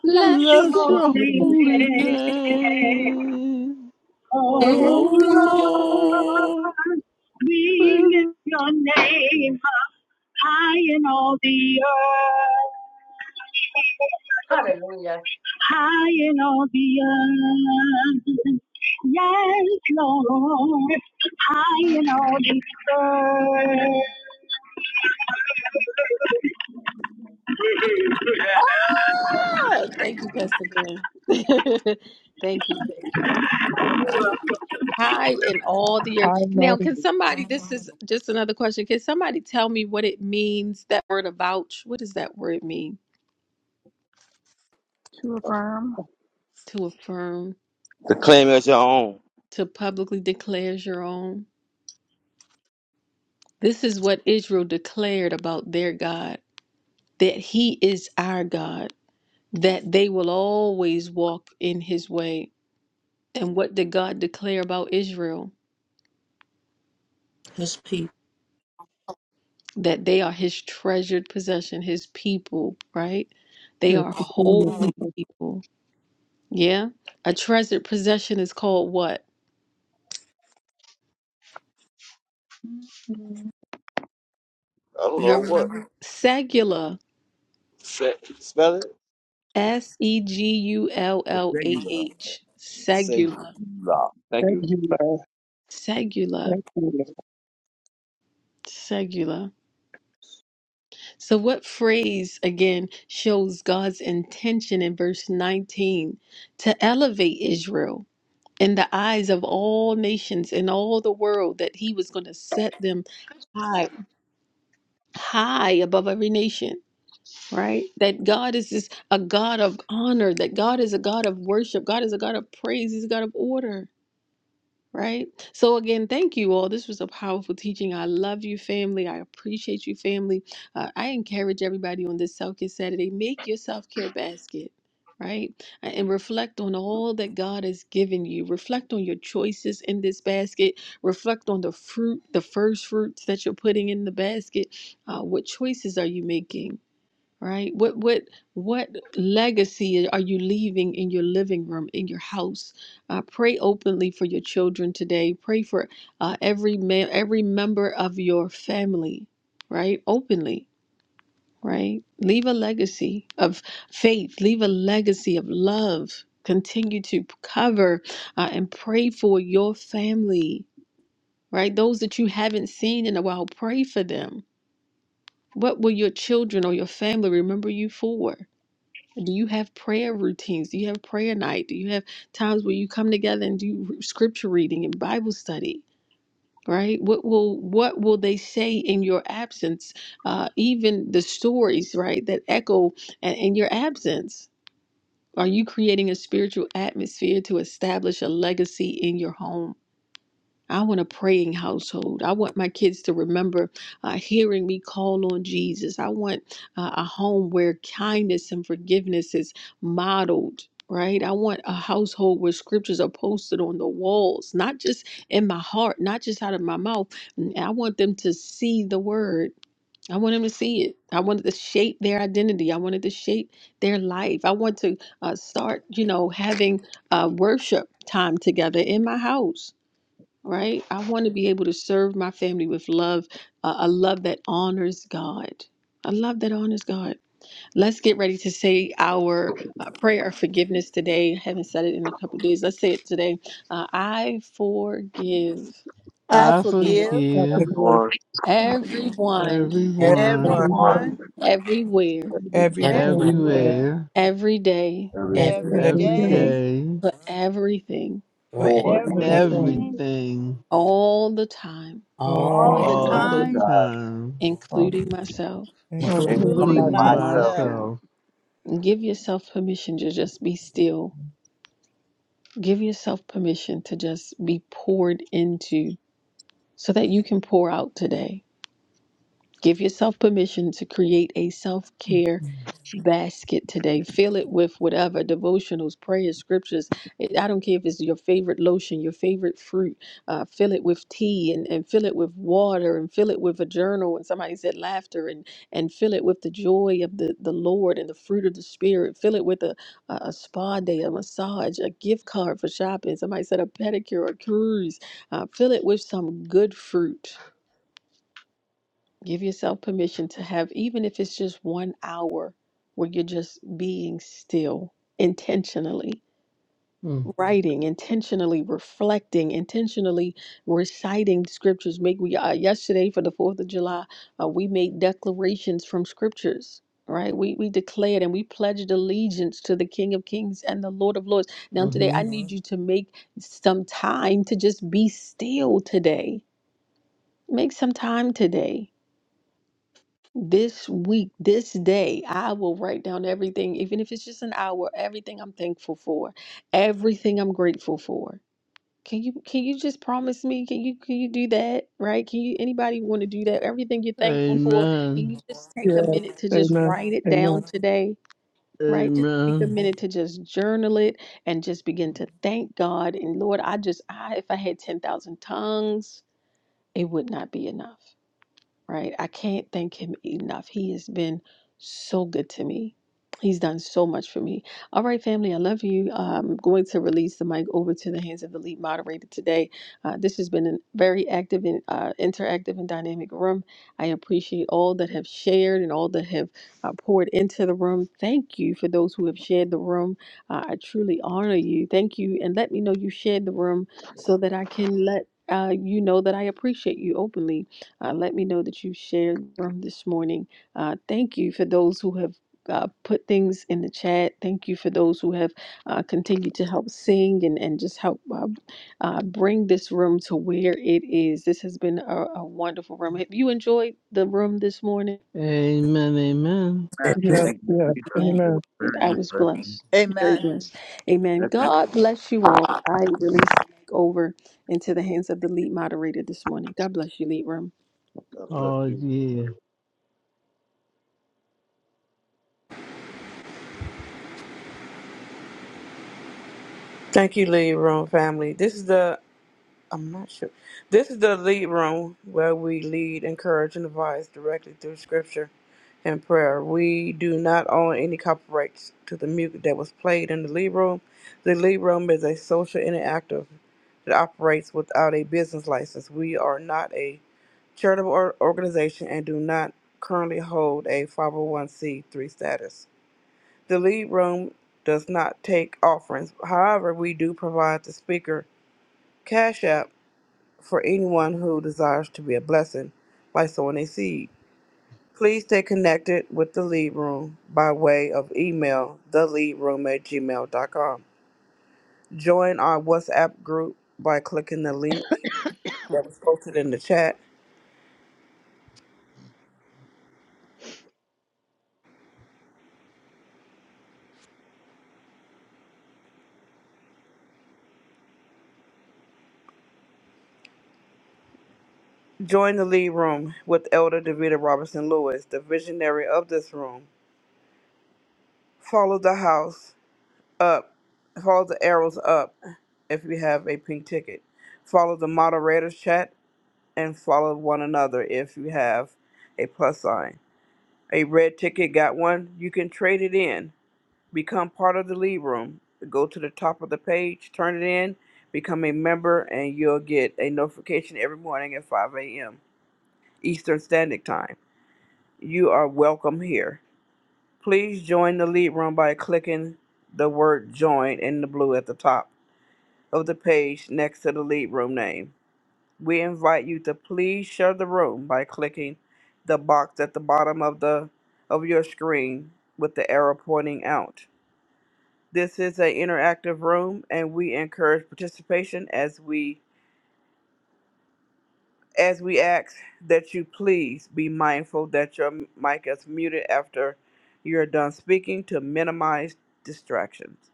[SPEAKER 17] bless
[SPEAKER 1] bless
[SPEAKER 17] your
[SPEAKER 1] you.
[SPEAKER 13] bless your
[SPEAKER 17] holy
[SPEAKER 13] holy
[SPEAKER 17] name.
[SPEAKER 13] name.
[SPEAKER 17] Oh
[SPEAKER 1] Oh,
[SPEAKER 17] Lord,
[SPEAKER 1] Lord.
[SPEAKER 13] Oh
[SPEAKER 17] we
[SPEAKER 13] Lord,
[SPEAKER 17] lift your name up high in all the earth
[SPEAKER 18] Hallelujah.
[SPEAKER 17] high in all the earth. Yes, Lord, high in all the earth.
[SPEAKER 1] Oh, thank you, Pastor Glenn. thank you, thank you. high in all the earth. Now,
[SPEAKER 4] that
[SPEAKER 1] can
[SPEAKER 4] it's
[SPEAKER 1] somebody, this is just another question. Can somebody tell me what it means, that word avouch? What does that word mean?
[SPEAKER 15] To affirm,
[SPEAKER 1] To affirm,
[SPEAKER 6] to claim as your own.
[SPEAKER 1] to publicly declare as your own. This is what Israel declared about their God, that he is our God, that they will always walk in his way. And what did God declare about Israel?
[SPEAKER 9] his people.
[SPEAKER 1] That they are his treasured possession, his people, right? They
[SPEAKER 4] just
[SPEAKER 1] are
[SPEAKER 4] the key of
[SPEAKER 1] holy
[SPEAKER 4] people.
[SPEAKER 1] people. Yeah. A treasured possession is called what?
[SPEAKER 6] I don't
[SPEAKER 1] Y'all
[SPEAKER 6] know what.
[SPEAKER 1] remember? Segula.
[SPEAKER 6] Se- Spell it?
[SPEAKER 1] S E G U L
[SPEAKER 6] Or
[SPEAKER 1] L A
[SPEAKER 6] singular.
[SPEAKER 1] H.
[SPEAKER 6] Say
[SPEAKER 1] Segula.
[SPEAKER 6] love. Thank
[SPEAKER 4] Thank
[SPEAKER 6] you.
[SPEAKER 4] you, Lord.
[SPEAKER 1] Segula.
[SPEAKER 4] Thank you, Lord.
[SPEAKER 1] Segula. So, what phrase again shows God's intention in verse 19 to elevate Israel in the eyes of all nations in all the world that he was going to set them high, high above every nation? right? That God is just a God of honor, that God is a God of worship, God is a God of praise, He's a God of order, right? So, again, thank you all. This was a powerful teaching. I love you, family. I appreciate you, family. Uh, I encourage everybody on this Self Care Saturday make your self care basket. Right? And reflect on all that God has given you. Reflect on your choices in this basket. Reflect on the fruit, the first fruits that you're putting in the basket. Uh, what choices are you making? right? What what what legacy are you leaving in your living room, in your house? Uh, pray openly for your children today. Pray for uh, every man, every member of your family, right? Openly, right? Leave a legacy of faith. Leave a legacy of love. Continue to cover uh, and pray for your family, right? Those that you haven't seen in a while, pray for them. What will your children or your family remember you for? Do you have prayer routines? Do you have prayer night? Do you have times where you come together and do scripture reading and Bible study? Right? What will what will they say in your absence? Uh, even the stories, right, that echo a- in your absence. Are you creating a spiritual atmosphere to establish a legacy in your home? I want a praying household. I want my kids to remember uh, hearing me call on Jesus. I want uh, a home where kindness and forgiveness is modeled. Right? I want a household where scriptures are posted on the walls, not just in my heart, not just out of my mouth. And I want them to see the word. I want them to see it. I want it to shape their identity. I want it to shape their life. I want to uh, start, you know, having uh, worship time together in my house right? I want to be able to serve my family with love, uh, a love that honors God. A love that honors God. Let's get ready to say our uh, prayer of forgiveness today. I haven't said it in a couple of days. Let's say it today. Uh, I forgive.
[SPEAKER 3] I
[SPEAKER 1] I
[SPEAKER 13] I
[SPEAKER 1] forgive
[SPEAKER 3] forgive
[SPEAKER 4] I can
[SPEAKER 13] forgive
[SPEAKER 4] hear it.
[SPEAKER 6] Everyone,
[SPEAKER 15] I forgive
[SPEAKER 1] everyone,
[SPEAKER 6] every,
[SPEAKER 4] I
[SPEAKER 9] Everyone,
[SPEAKER 11] everyone,
[SPEAKER 4] can
[SPEAKER 13] everyone,
[SPEAKER 4] hear it
[SPEAKER 15] everyone,
[SPEAKER 3] everyone,
[SPEAKER 6] everyone,
[SPEAKER 1] everywhere,
[SPEAKER 6] every, every day,
[SPEAKER 11] everywhere,
[SPEAKER 9] everywhere,
[SPEAKER 4] every day.
[SPEAKER 3] everywhere,
[SPEAKER 15] everywhere,
[SPEAKER 13] everywhere
[SPEAKER 1] every day,
[SPEAKER 11] every
[SPEAKER 3] every
[SPEAKER 11] day,
[SPEAKER 4] Every
[SPEAKER 15] every
[SPEAKER 13] every
[SPEAKER 4] day
[SPEAKER 15] day,
[SPEAKER 3] day,
[SPEAKER 13] day
[SPEAKER 1] for everything,
[SPEAKER 11] for
[SPEAKER 9] everywhere,
[SPEAKER 3] for
[SPEAKER 9] and
[SPEAKER 6] for
[SPEAKER 13] for
[SPEAKER 15] for
[SPEAKER 4] for
[SPEAKER 11] everything,
[SPEAKER 4] everything.
[SPEAKER 15] everything,
[SPEAKER 6] everything,
[SPEAKER 3] everything,
[SPEAKER 13] everything
[SPEAKER 1] all the time,
[SPEAKER 9] all
[SPEAKER 4] Oh,
[SPEAKER 3] all
[SPEAKER 11] all
[SPEAKER 15] all
[SPEAKER 3] the
[SPEAKER 15] the
[SPEAKER 6] all
[SPEAKER 11] the
[SPEAKER 13] all
[SPEAKER 6] of
[SPEAKER 11] time,
[SPEAKER 4] okay.
[SPEAKER 6] the
[SPEAKER 13] the
[SPEAKER 6] time,
[SPEAKER 3] time,
[SPEAKER 15] time,
[SPEAKER 13] time,
[SPEAKER 11] Father,
[SPEAKER 1] including myself.
[SPEAKER 9] included.
[SPEAKER 11] including
[SPEAKER 4] Including
[SPEAKER 11] myself.
[SPEAKER 6] including
[SPEAKER 3] including
[SPEAKER 13] including
[SPEAKER 15] including
[SPEAKER 4] myself.
[SPEAKER 6] myself.
[SPEAKER 3] myself.
[SPEAKER 15] myself.
[SPEAKER 13] myself.
[SPEAKER 1] Give yourself permission to just be still Give yourself permission to just be poured into so that you can pour out today. Give yourself permission to create a self care
[SPEAKER 13] Mm-hmm.
[SPEAKER 1] basket today. Fill it with whatever devotionals, prayers, scriptures. It- I don't care if it's your favorite lotion, your favorite fruit. Uh, fill it with tea and, and fill it with water and fill it with a journal. And somebody said laughter and, and fill it with the joy of the, the Lord and the fruit of the Spirit. Fill it with a, a, a spa day, a massage, a gift card for shopping. Somebody said a pedicure, a cruise. Uh, fill it with some good fruit Give yourself permission to have, even if it's just one hour where you're just being still intentionally, writing, intentionally reflecting, intentionally reciting scriptures. Make we uh, yesterday for the Fourth of July, uh, we made declarations from scriptures. Right, we we declared and we pledged allegiance to the King of Kings and the Lord of Lords. Now today,
[SPEAKER 13] Mm-hmm.
[SPEAKER 1] I need Mhm. you to make some time to just be still today. Make some time today this week, this day, I will write down everything, even if it's just an hour, everything I'm thankful for, everything I'm grateful for. Can you can you just promise me? Can you can you do that? Right? Can you anybody want to do that? Everything you're thankful for, can
[SPEAKER 13] Amen.
[SPEAKER 1] you just take a
[SPEAKER 4] Yes.
[SPEAKER 1] minute to just
[SPEAKER 4] Amen.
[SPEAKER 1] write it
[SPEAKER 4] Amen.
[SPEAKER 1] down today? Right? Just take a
[SPEAKER 13] Amen.
[SPEAKER 1] minute to just journal it and just begin to thank God. And Lord, I just I if I had 10,000 tongues, it would not be enough right? I can't thank him enough. He has been so good to me. He's done so much for me. All right, family, I love you. I'm going to release the mic over to the hands of the lead moderator today. Uh, this has been a very active and uh, interactive and dynamic room. I appreciate all that have shared and all that have uh, poured into the room. Thank you for those who have shared the room. Uh, I truly honor you. Thank you. And let me know you shared the room so that I can let uh, you know that I appreciate you openly. Uh, let me know that you shared the room this morning. Uh, thank you for those who have. Uh, put things in the chat. Thank you for those who have uh, continued to help sing and, and just help uh, uh, bring this room to where it is. This has been a, a wonderful room. Have you enjoyed the room this morning?
[SPEAKER 13] Amen. Amen.
[SPEAKER 6] Man,
[SPEAKER 4] Yes.
[SPEAKER 6] Thank you,
[SPEAKER 4] Yes.
[SPEAKER 6] Jesus.
[SPEAKER 1] Amen.
[SPEAKER 6] It
[SPEAKER 4] Amen.
[SPEAKER 6] was
[SPEAKER 1] It-
[SPEAKER 6] very
[SPEAKER 1] I was
[SPEAKER 6] interesting.
[SPEAKER 1] blessed. Very
[SPEAKER 3] Amen.
[SPEAKER 1] blessed. Amen.
[SPEAKER 6] Excellent.
[SPEAKER 1] God bless you all. I release the mic over into the hands of the lead moderator this morning. God bless you, lead room.
[SPEAKER 6] God bless
[SPEAKER 13] Oh,
[SPEAKER 6] you.
[SPEAKER 13] yeah.
[SPEAKER 2] Thank you, Leave Room family. This is the I'm not sure. This is the lead room where we lead, encourage, and advise directly through scripture and prayer. We do not own any copyrights to the music that was played in the lead room. The lead room is a social interactive that operates without a business license. We are not a charitable or- organization and do not currently hold a 501c3 status. The lead room does not take offerings. However, we do provide the speaker Cash App for anyone who desires to be a blessing by sowing a seed. Please stay connected with the Lead Room by way of email, theleadroom at gmail.com. Join our WhatsApp group by clicking the link that was posted in the chat. Join the Lead Room with Elder Davita Robinson Lewis, the visionary of this room. Follow the house up, follow the arrows up if you have a pink ticket. Follow the moderator's chat and follow one another if you have a plus sign. A red ticket got one? You can trade it in. Become part of the lead room. Go to the top of the page, turn it in, become a member, and you'll get a notification every morning at 5 a.m. Eastern Standard Time. You are welcome here. Please join the lead room by clicking the word join in the blue at the top of the page next to the lead room name. We invite you to please share the room by clicking the box at the bottom of the of your screen with the arrow pointing out. This is an interactive room and we encourage participation as we as we ask that you please be mindful that your mic is muted after you're done speaking to minimize distractions.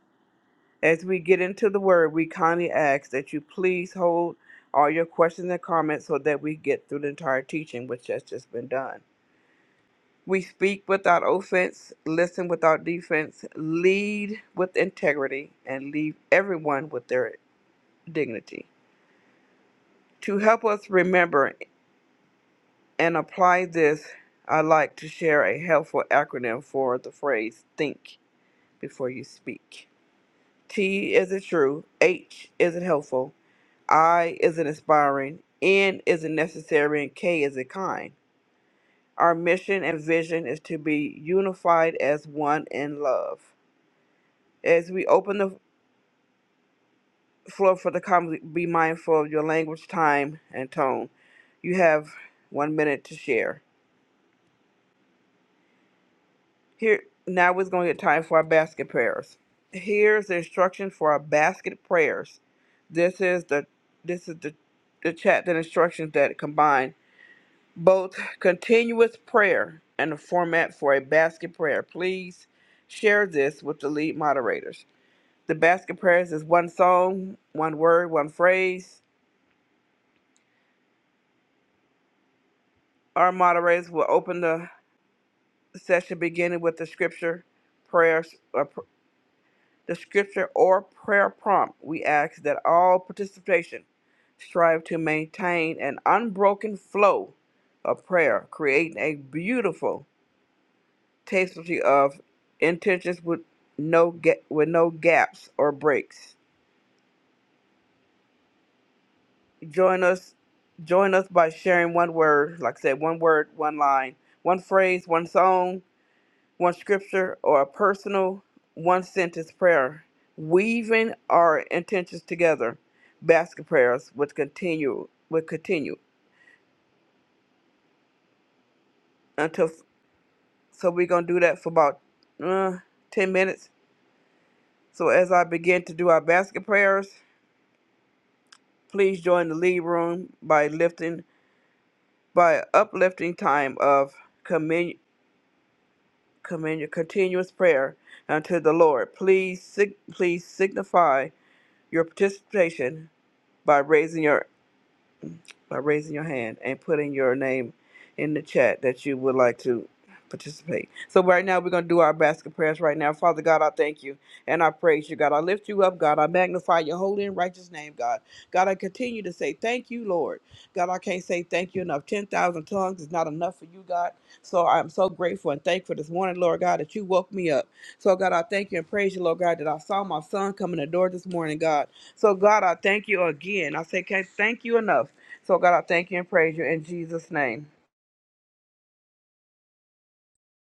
[SPEAKER 2] As we get into the word, we kindly ask that you please hold all your questions and comments so that we get through the entire teaching, which has just been done. We speak without offense, listen without defense, lead with integrity, and leave everyone with their dignity. To help us remember and apply this, I'd like to share a helpful acronym for the phrase think before you speak. T is it true? H is it helpful? I is in inspiring, N is in necessary, and K is in kind. Our mission and vision is to be unified as one in love. As we open the floor for the comments, be mindful of your language, time, and tone. You have one minute to share. Here now we're going to get time for our basket prayers. Here's the instruction for our basket prayers. This is the this is the the chapter and instructions that combine both continuous prayer and a format for a basket prayer. Please share this with the lead moderators. The basket prayers is one song, one word, one phrase. Our moderators will open the session beginning with the scripture, prayers, or pr- the scripture or prayer prompt. We ask that all participation strive to maintain an unbroken flow of prayer, creating a beautiful tastefully of intentions with no ga- with no gaps or breaks. Join us join us by sharing one word, like I said, one word, one line, one phrase, one song, one scripture, or a personal one sentence prayer. Weaving our intentions together, basket prayers would continue would continue until so we're gonna do that for about uh, ten minutes. So as I begin to do our basket prayers, Please join the lead room by lifting by uplifting time of commun, commun, continuous prayer unto the Lord. Please sig, please signify your participation by raising your by raising your hand and putting your name in the chat that you would like to participate. So right now we're gonna do our basket prayers right now. Father God, I thank you and I praise you, God. I lift you up, God. I magnify your holy and righteous name, God. God, I continue to say thank you, Lord. God, I can't say thank you enough. Ten thousand tongues is not enough for you, God. So I'm so grateful and thankful this morning, Lord God, that you woke me up. So, God, I thank you and praise you, Lord God, that I saw my son come in the door this morning, God. So, God, I thank you again. I say, can't thank you enough. So, God, I thank you and praise you in Jesus' name.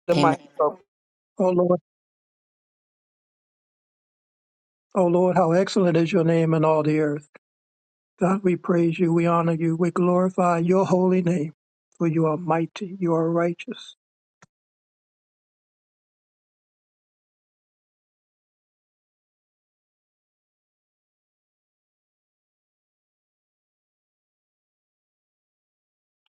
[SPEAKER 2] The
[SPEAKER 9] Amen.
[SPEAKER 2] mic is open.
[SPEAKER 4] Oh, Lord. Oh, Lord, how excellent is your name in all the earth. God, we praise you, we honor you, we glorify your holy name, for you are mighty, you are righteous.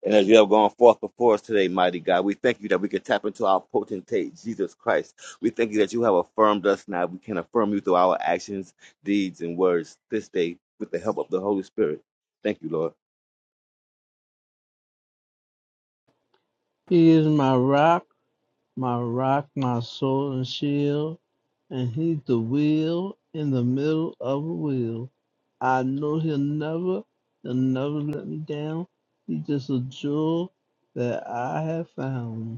[SPEAKER 6] And as you have gone forth before us today, mighty God, we thank you that we can tap into our potentate, Jesus Christ. We thank you that you have affirmed us now. We can affirm you through our actions, deeds, and words this day with the help of the Holy Spirit. Thank you, Lord.
[SPEAKER 13] He is my rock, my rock, my sword and shield, and he's the wheel in the middle of a wheel. I know he'll never, he'll never let me down. He's just a jewel that I have found.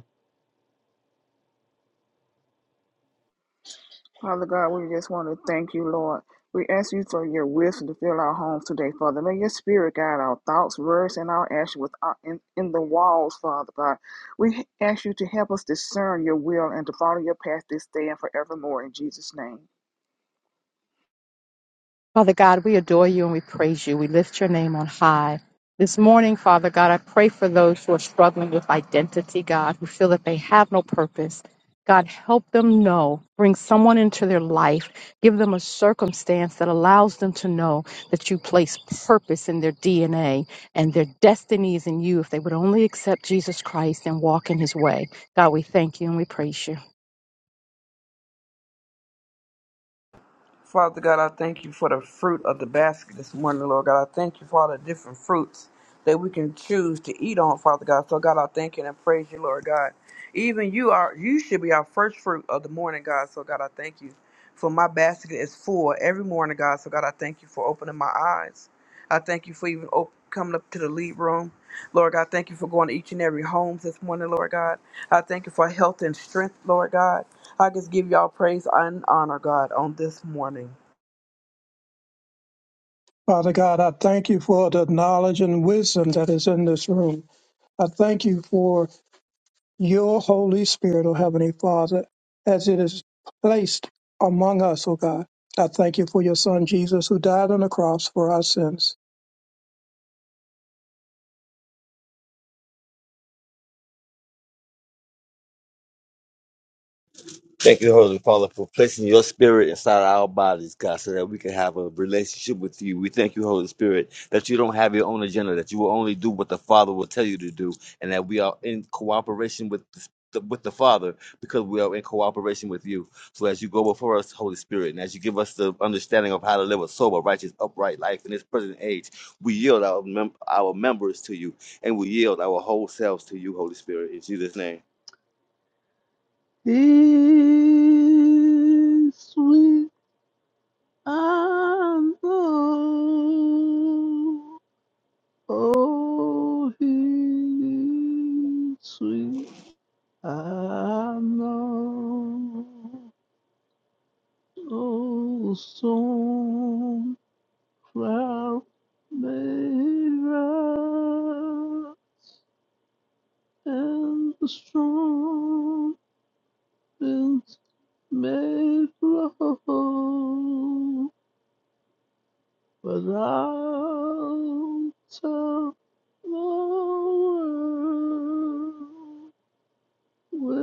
[SPEAKER 15] Father God, we just want to thank you, Lord. We ask you for your wisdom to fill our homes today, Father. May your spirit guide our thoughts, words, and our actions with our, in, in the walls, Father God. We ask you to help us discern your will and to follow your path this day and forevermore in Jesus' name.
[SPEAKER 19] Father God, we adore you and we praise you. We lift your name on high. This morning, Father God, I pray for those who are struggling with identity, God, who feel that they have no purpose. God, help them know. Bring someone into their life. Give them a circumstance that allows them to know that you place purpose in their DNA and their destiny is in you if they would only accept Jesus Christ and walk in his way. God, we thank you and we praise you.
[SPEAKER 2] Father God, I thank you for the fruit of the basket this morning, Lord God. I thank you for all the different fruits that we can choose to eat on, Father God. So God, I thank you and I praise you, Lord God. Even you are you should be our first fruit of the morning, God. So God, I thank you. For my basket is full every morning, God. So God, I thank you for opening my eyes. I thank you for even op- coming up to the lead room. Lord God, thank you for going to each and every home this morning, Lord God. I thank you for health and strength, Lord God. I just give y'all praise and honor, God, on this morning.
[SPEAKER 4] Father God, I thank you for the knowledge and wisdom that is in this room. I thank you for your Holy Spirit, O Heavenly Father, as it is placed among us, O God. I thank you for your Son Jesus, who died on the cross for our sins.
[SPEAKER 6] Thank you, Holy Father, for placing your spirit inside our bodies, God, so that we can have a relationship with you. We thank you, Holy Spirit, that you don't have your own agenda, that you will only do what the Father will tell you to do, and that we are in cooperation with the the- with the Father, because we are in cooperation with you. So, as you go before us, Holy Spirit, and as you give us the understanding of how to live a sober, righteous, upright life in this present age, we yield our, mem- our members to you and we yield our whole selves to you, Holy Spirit. In Jesus' name.
[SPEAKER 13] This we and know, oh, this we and know, oh, song cloud mirror and the strong winds may blow. Without out of the world with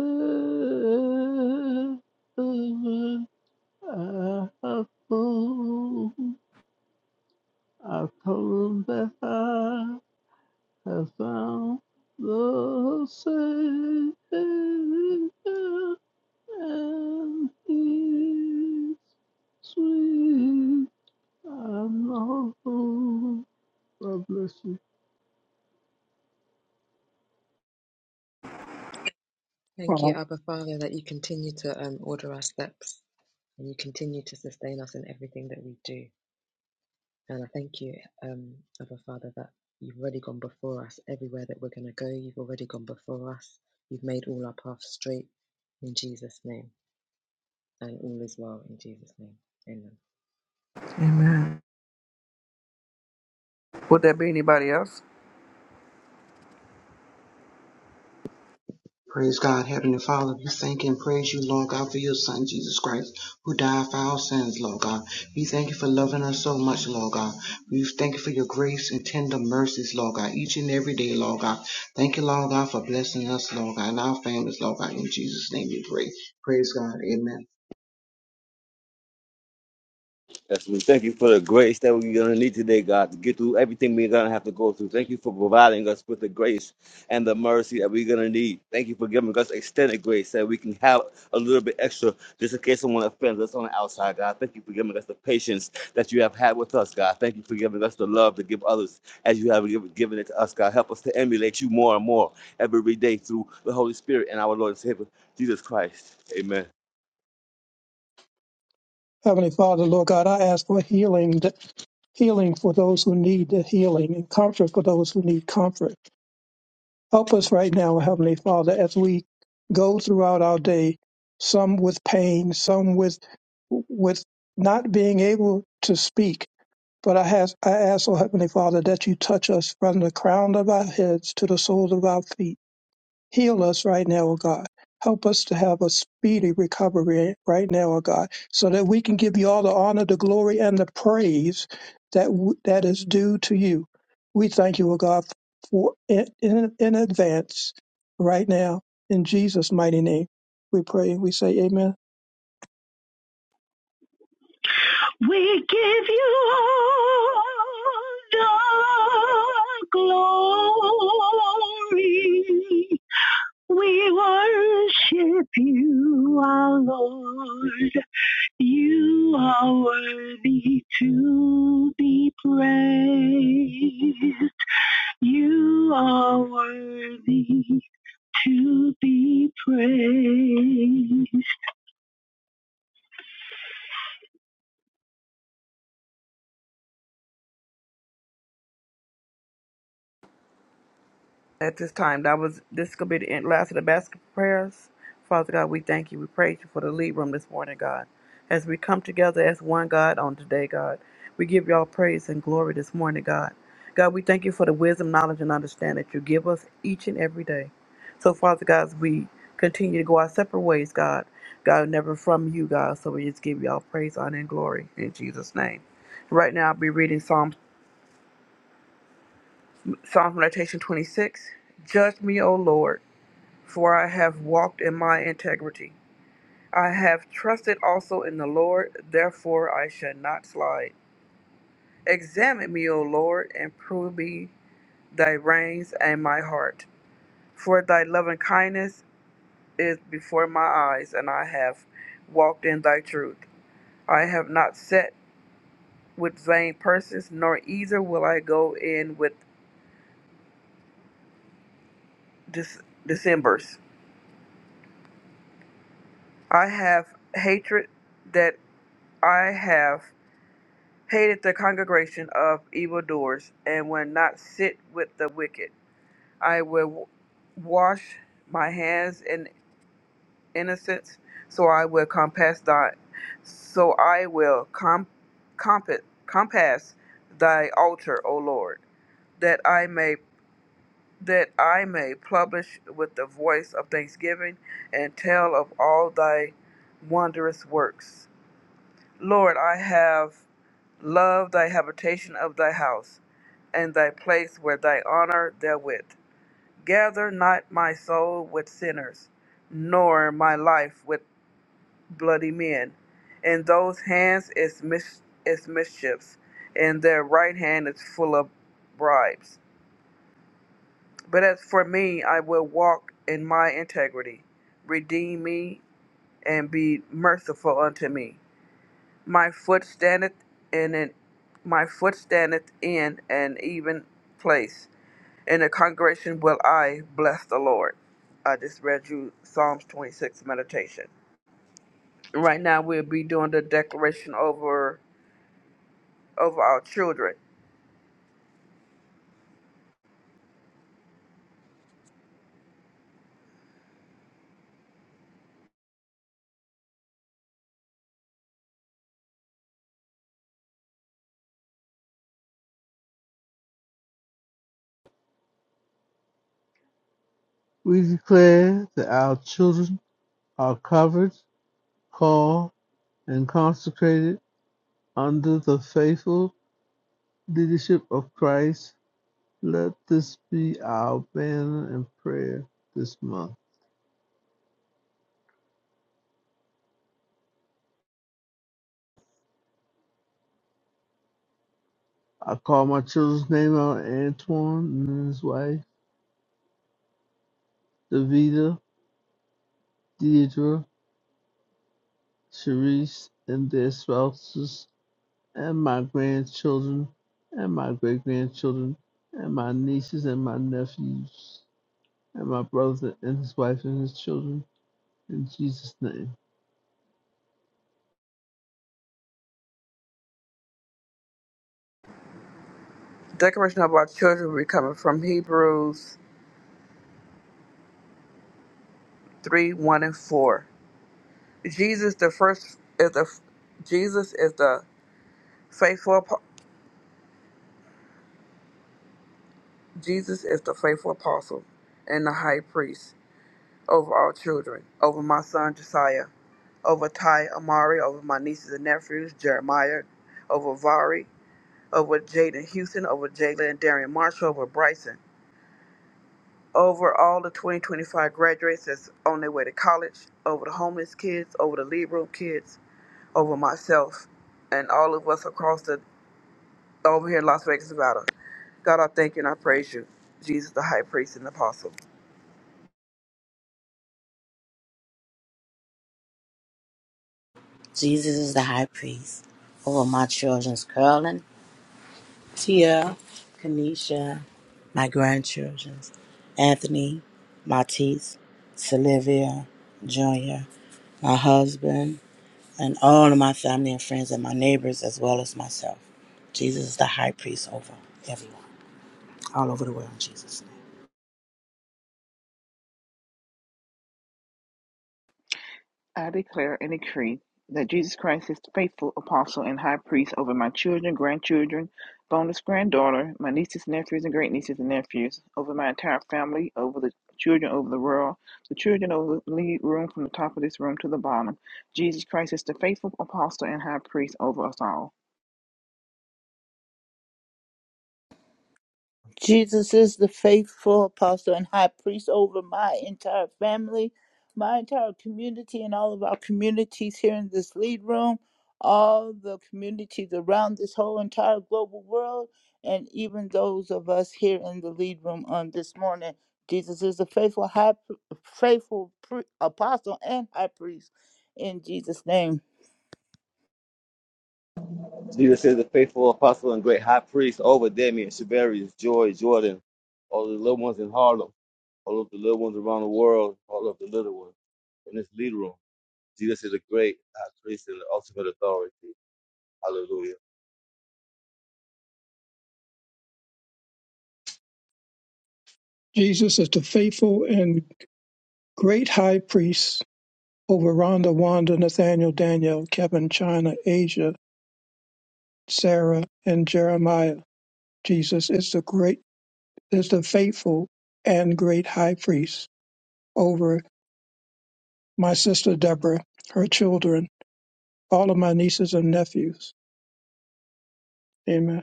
[SPEAKER 13] an apple, I told them that I have found the Savior, and He's sweet. I know. God bless you.
[SPEAKER 16] Thank you,
[SPEAKER 4] Wow.
[SPEAKER 16] Abba Father, that you continue to um, order our steps and you continue to sustain us in everything that we do. And I thank you, um, Abba Father, that you've already gone before us everywhere that we're going to go. You've already gone before us. You've made all our paths straight in Jesus' name. And all is well in Jesus' name. Amen.
[SPEAKER 2] Amen. Would there be anybody else?
[SPEAKER 8] Praise God, Heavenly Father, we thank and praise you, Lord God, for your Son, Jesus Christ, who died for our sins, Lord God. We thank you for loving us so much, Lord God. We thank you for your grace and tender mercies, Lord God, each and every day, Lord God. Thank you, Lord God, for blessing us, Lord God, and our families, Lord God. In Jesus' name we pray. Praise God. Amen.
[SPEAKER 6] Yes, we thank you for the grace that we're going to need today, God, to get through everything we're going to have to go through. Thank you for providing us with the grace and the mercy that we're going to need. Thank you for giving us extended grace that we can have a little bit extra just in case someone offends us on the outside, God. Thank you for giving us the patience that you have had with us, God. Thank you for giving us the love to give others as you have given given it to us, God. Help us to emulate you more and more every day through the Holy Spirit and our Lord and Savior, Jesus Christ. Amen.
[SPEAKER 4] Heavenly Father, Lord God, I ask for healing, healing for those who need the healing, and comfort for those who need comfort. Help us right now, Heavenly Father, as we go throughout our day, some with pain, some with with not being able to speak. But I has I ask, O Heavenly Father, that you touch us from the crown of our heads to the soles of our feet Heal us right now, O God. Help us to have a speedy recovery right now, O God, so that we can give you all the honor, the glory, and the praise that w- that is due to you. We thank you, O God, for in, in, in advance right now in Jesus' mighty name. We pray and we say, Amen.
[SPEAKER 17] We give you all the glory. We worship you, our Lord. You are worthy to be praised. You are worthy to be praised.
[SPEAKER 2] at this time. That was this could be the end, last of the basket prayers. Father God, we thank you. We praise you for the lead room this morning, God. As we come together as one God on today, God, we give you all praise and glory this morning, God. God, we thank you for the wisdom, knowledge, and understanding that you give us each and every day. So, Father God, as we continue to go our separate ways, God. God, never from you, God. So we just give you all praise, honor, and glory in Jesus' name. Right now, I'll be reading Psalm, Psalm Meditation 26. Judge me, O Lord for I have walked in my integrity. I have trusted also in the Lord, therefore I shall not slide. Examine me, O Lord, and prove me thy reins and my heart. For thy loving kindness is before my eyes, and I have walked in thy truth. I have not sat with vain persons, nor either will I go in with dis- dissemblers. I have hatred that I have. hated the congregation of evildoers, and will not sit with the wicked. I will w- wash my hands in innocence, so I will compass thy, so I will com, compa- compass thy altar, O Lord, that I may that I may publish with the voice of thanksgiving and tell of all thy wondrous works. Lord, I have love thy habitation of thy house, and thy place where thy honor therewith. Gather not my soul with sinners, nor my life with bloody men. In those hands is, mis- is mischiefs, and their right hand is full of bribes. But as for me, I will walk in my integrity. Redeem me and be merciful unto me. My foot standeth in an, my foot standeth in an even place. In the congregation will I bless the Lord. I just read you Psalms 26 meditation. Right now we'll be doing the declaration over over our children.
[SPEAKER 13] We declare that our children are covered, called, and consecrated under the faithful leadership of Christ. Let this be our banner and prayer this month. I call my children's name out Antoine and his wife, Davida, Deidre, Sharice, and their spouses, and my grandchildren, and my great grandchildren, and my nieces and my nephews. and my brothers and his wife and his children. In Jesus' name.
[SPEAKER 2] Declaration of our children will be coming from Hebrews 3, 1 and 4. Jesus the first is the Jesus is the faithful apo- Jesus is the faithful apostle and the high priest over all children, over my son Josiah, over Ty Amari, over my nieces and nephews, Jeremiah, over Vari, over Jaden Houston, over Jalen and Darian Marshall, over Bryson, over all the 2025 graduates that's on their way to college, over the homeless kids, over the lead room kids, over myself, and all of us across the over here in Las Vegas, Nevada. God, I thank you and I praise you, Jesus, the high priest and apostle.
[SPEAKER 9] Jesus is the high priest over my children's Carolyn, Tia, Kanisha, my grandchildren's, Anthony, Matisse, Sylvia, Junior, my husband, and all of my family and friends and my neighbors as well as myself. Jesus is the high priest over everyone, all over the world in Jesus' name.
[SPEAKER 15] I declare and decree that Jesus Christ is the faithful apostle and high priest over my children, grandchildren, bonus granddaughter, my nieces, nephews, and great nieces and nephews, over my entire family, over the children over the world, the children over the lead room from the top of this room to the bottom. Jesus Christ is the faithful apostle and high priest over us all.
[SPEAKER 3] Jesus is the faithful apostle and high priest over my entire family, my entire community, and all of our communities here in this lead room, all the communities around this whole entire global world, and even those of us here in the lead room on this morning. Jesus is the faithful high, faithful pre- apostle and high priest. In Jesus' name.
[SPEAKER 6] Jesus is a faithful apostle and great high priest over Damien, Shabarius, Joy, Jordan, all of the little ones in Harlem, all of the little ones around the world, all of the little ones in this lead room. Jesus is a great high priest and the ultimate authority. Hallelujah.
[SPEAKER 4] Jesus is the faithful and great high priest over Rhonda, Wanda, Nathaniel, Daniel, Kevin, China, Asia, Sarah, and Jeremiah. Jesus is the great is the faithful and great high priest over my sister Deborah, her children, all of my nieces and nephews. Amen.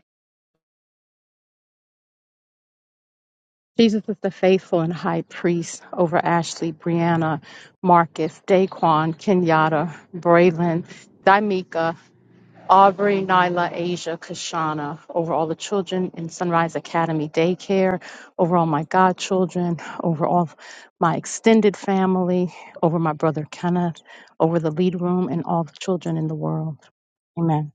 [SPEAKER 19] Jesus is the faithful and high priest over Ashley, Brianna, Marcus, Daquan, Kenyatta, Braylon, Daimika, Aubrey, Nyla, Asia, Kashana, over all the children in Sunrise Academy Daycare, over all my godchildren, over all my extended family, over my brother Kenneth, over the lead room, and all the children in the world. Amen.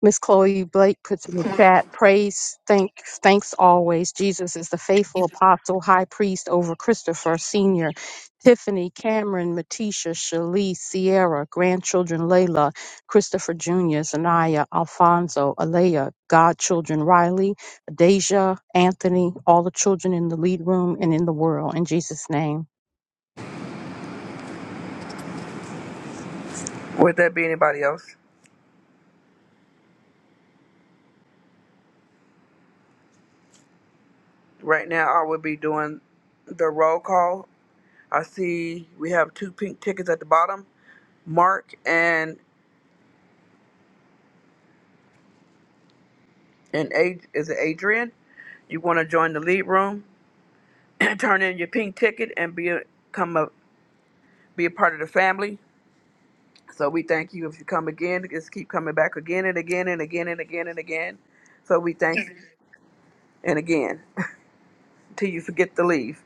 [SPEAKER 19] Miss Chloe Blake puts in the chat, praise, thank, thanks always. Jesus is the faithful apostle, high priest over Christopher Sr., Tiffany, Cameron, Matisha, Shalice, Sierra, grandchildren Layla, Christopher Jr., Zanaya, Alfonso, Alea, godchildren Riley, Deja, Anthony, all the children in the lead room and in the world. In Jesus' name.
[SPEAKER 2] Would that be anybody else? Right now, I will be doing the roll call. I see we have two pink tickets at the bottom. Mark and and Ad, is it Adrian? You want to join the lead room? turn in your pink ticket and be a, come a, be a part of the family. So we thank you if you come again. Just keep coming back again and again and again and again and again. So we thank you and again till you forget to leave.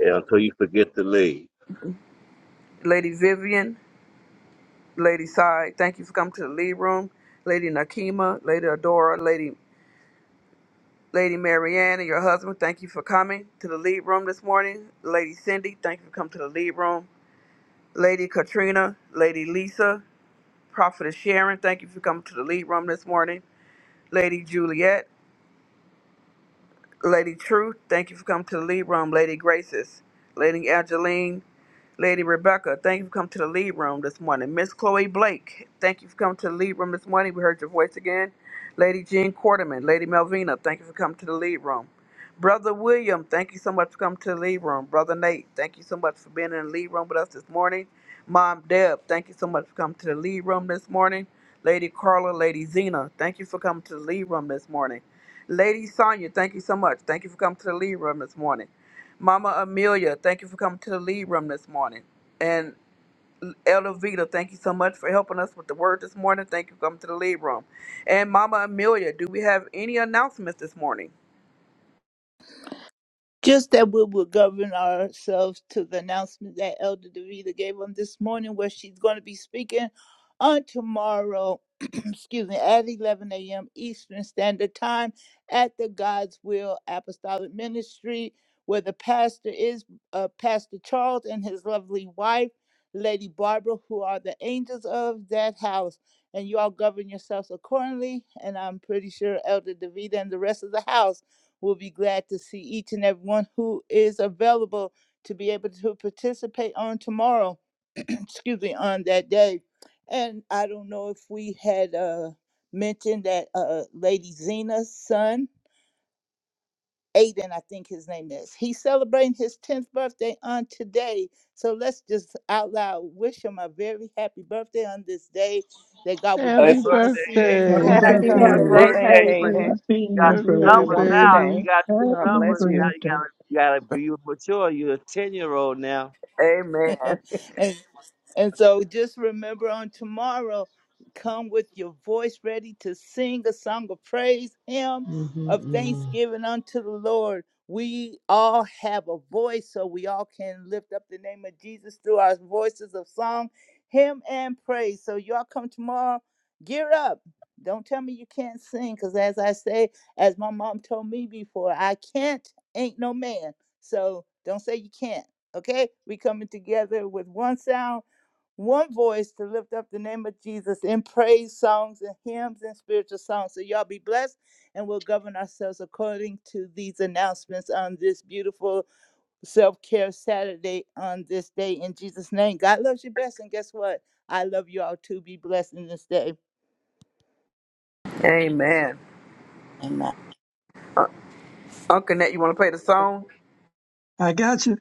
[SPEAKER 6] Yeah, until you forget to leave.
[SPEAKER 2] Lady Vivian, Lady Side, thank you for coming to the lead room. Lady Nakima, Lady Adora, Lady Lady Marianne and your husband, thank you for coming to the lead room this morning. Lady Cindy, thank you for coming to the lead room. Lady Katrina, Lady Lisa, Prophetess Sharon, thank you for coming to the lead room this morning. Lady Juliet, Lady Truth, thank you for coming to the lead room. Lady Graces, Lady Angeline, Lady Rebecca, thank you for coming to the lead room this morning. Miss Chloe Blake, thank you for coming to the lead room this morning. We heard your voice again. Lady Jean Quarterman, Lady Melvina, thank you for coming to the lead room. Brother William, thank you so much for coming to the lead room. Brother Nate, thank you so much for being in the lead room with us this morning. Mom Deb, thank you so much for coming to the lead room this morning. Lady Carla, Lady Zena, thank you for coming to the lead room this morning. Lady Sonia, thank you so much. Thank you for coming to the lead room this morning. Mama Amelia, thank you for coming to the lead room this morning. And Elder Vita, thank you so much for helping us with the word this morning. Thank you for coming to the lead room. And Mama Amelia, do we have any announcements this morning?
[SPEAKER 3] Just that we will govern ourselves to the announcement that Elder DeVita gave on this morning, where she's going to be speaking on tomorrow, excuse me, at 11 a.m. Eastern Standard Time at the God's Will Apostolic Ministry, where the pastor is uh, Pastor Charles and his lovely wife, Lady Barbara, who are the angels of that house. And you all govern yourselves accordingly. And I'm pretty sure Elder DeVita and the rest of the house We'll be glad to see each and everyone who is available to be able to participate on tomorrow, excuse me, on that day. And I don't know if we had uh, mentioned that uh, Lady Zena's son, Aiden, I think his name is, he's celebrating his 10th birthday on today. So let's just out loud wish him a very happy birthday on this day, that God will
[SPEAKER 6] Hey,
[SPEAKER 3] bless
[SPEAKER 13] Happy
[SPEAKER 3] him to
[SPEAKER 6] birthday,
[SPEAKER 3] see many
[SPEAKER 6] Ace.
[SPEAKER 4] Happy
[SPEAKER 3] more
[SPEAKER 13] birthday,
[SPEAKER 3] to
[SPEAKER 15] Happy
[SPEAKER 6] Happy
[SPEAKER 19] Happy
[SPEAKER 2] Hey,
[SPEAKER 3] come.
[SPEAKER 6] 10th
[SPEAKER 15] 10th
[SPEAKER 2] hey,
[SPEAKER 4] birthday.
[SPEAKER 19] birthday,
[SPEAKER 2] there.
[SPEAKER 15] birthday,
[SPEAKER 6] birthday. You got
[SPEAKER 19] Hayden.
[SPEAKER 15] Hayden.
[SPEAKER 4] Happy
[SPEAKER 6] you got
[SPEAKER 15] Hope
[SPEAKER 6] two
[SPEAKER 15] you have a
[SPEAKER 13] birthday
[SPEAKER 6] numbers
[SPEAKER 4] birthday.
[SPEAKER 15] wonderful
[SPEAKER 6] now.
[SPEAKER 13] baby.
[SPEAKER 15] day.
[SPEAKER 6] You got
[SPEAKER 4] Happy
[SPEAKER 6] two
[SPEAKER 15] God bless
[SPEAKER 6] numbers now.
[SPEAKER 15] you.
[SPEAKER 6] You
[SPEAKER 4] birthday.
[SPEAKER 6] gotta, you gotta be mature. You're a 10 year old now.
[SPEAKER 2] Amen.
[SPEAKER 3] and, and so just remember on tomorrow, come with your voice ready to sing a song of praise, hymn of thanksgiving unto the Lord. We all have a voice, so we all can lift up the name of Jesus through our voices of song, hymn, and praise. So y'all come tomorrow, gear up. Don't tell me you can't sing, because as I say, as my mom told me before, I can't, ain't no man. So don't say you can't. Okay? We coming together with one sound, one voice to lift up the name of Jesus in praise songs and hymns and spiritual songs. So y'all be blessed and we'll govern ourselves according to these announcements on this beautiful self-care Saturday on this day in Jesus' name. God loves you best and guess what? I love you all too. Be blessed in this day.
[SPEAKER 2] Amen.
[SPEAKER 9] Amen.
[SPEAKER 2] Uh, Uncle Nat, you want to play the song?
[SPEAKER 4] I got you.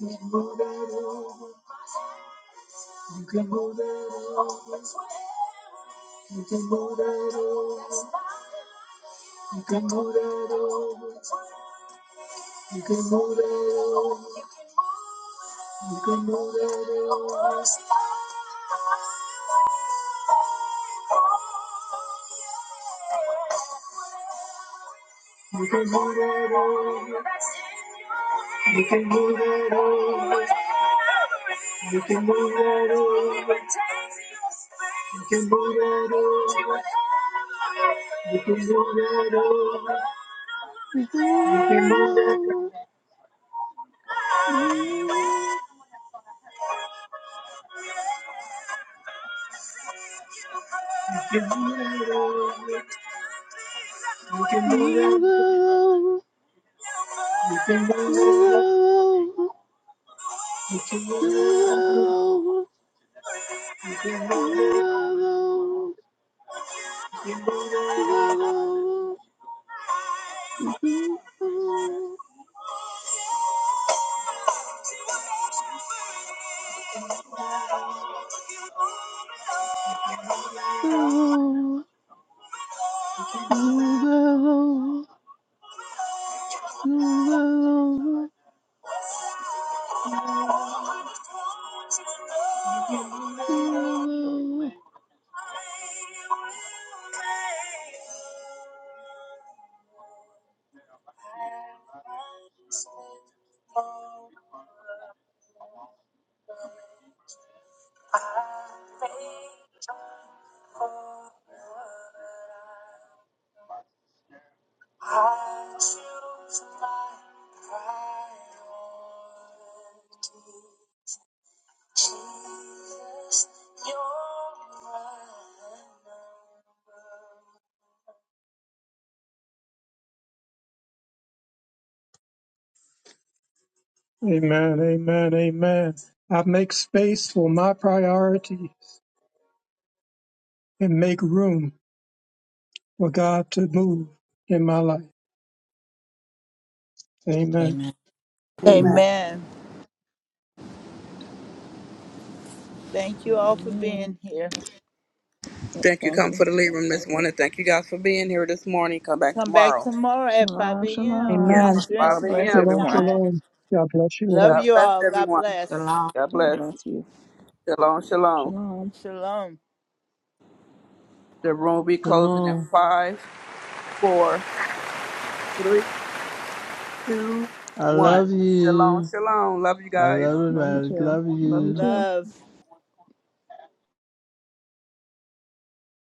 [SPEAKER 4] You can move that over. You can move that over. You can move that over. You can move that over. You can move it all. You can move it You can move it all. You can move it all. You can move it all. You can move it all. You can move it all. You can move it all. You can move it all. You can move it all. You can move it all.
[SPEAKER 13] Mm-hmm. Mm,
[SPEAKER 4] Amen, amen, amen. I make space for my priorities and make room. for God to move in my life. Amen.
[SPEAKER 9] Amen.
[SPEAKER 2] Amen.
[SPEAKER 3] Amen. Thank you all for
[SPEAKER 15] Amen.
[SPEAKER 3] being here.
[SPEAKER 2] Thank you,
[SPEAKER 15] Thank
[SPEAKER 2] come
[SPEAKER 15] you.
[SPEAKER 2] for the lead room this morning. Thank you guys for being here this morning. Come back
[SPEAKER 3] Come back
[SPEAKER 2] tomorrow.
[SPEAKER 3] tomorrow at 5
[SPEAKER 15] Shalom,
[SPEAKER 3] a.m.
[SPEAKER 15] shalom.
[SPEAKER 2] Yes,
[SPEAKER 19] Amen.
[SPEAKER 2] it's
[SPEAKER 3] Eastern
[SPEAKER 2] 5
[SPEAKER 15] God bless
[SPEAKER 3] Standard
[SPEAKER 2] a.m.
[SPEAKER 4] Shalom,
[SPEAKER 15] everyone.
[SPEAKER 3] Time.
[SPEAKER 4] shalom. God bless you
[SPEAKER 3] Love
[SPEAKER 4] all.
[SPEAKER 2] God
[SPEAKER 3] you
[SPEAKER 2] bless
[SPEAKER 3] all. God
[SPEAKER 2] everyone.
[SPEAKER 3] bless.
[SPEAKER 9] Shalom.
[SPEAKER 2] God
[SPEAKER 15] God
[SPEAKER 2] bless.
[SPEAKER 15] bless you.
[SPEAKER 2] Shalom, shalom.
[SPEAKER 15] Shalom.
[SPEAKER 3] Shalom.
[SPEAKER 2] The room will be
[SPEAKER 13] Come
[SPEAKER 2] closing in
[SPEAKER 13] on.
[SPEAKER 2] five, four, three, two,
[SPEAKER 13] I
[SPEAKER 2] one.
[SPEAKER 13] love
[SPEAKER 2] Shalom,
[SPEAKER 13] you.
[SPEAKER 2] shalom. Love you
[SPEAKER 13] I
[SPEAKER 2] guys.
[SPEAKER 13] love
[SPEAKER 15] Love you
[SPEAKER 13] everybody.
[SPEAKER 15] too.
[SPEAKER 13] Love
[SPEAKER 15] Love you
[SPEAKER 13] you.
[SPEAKER 15] too.
[SPEAKER 3] Love.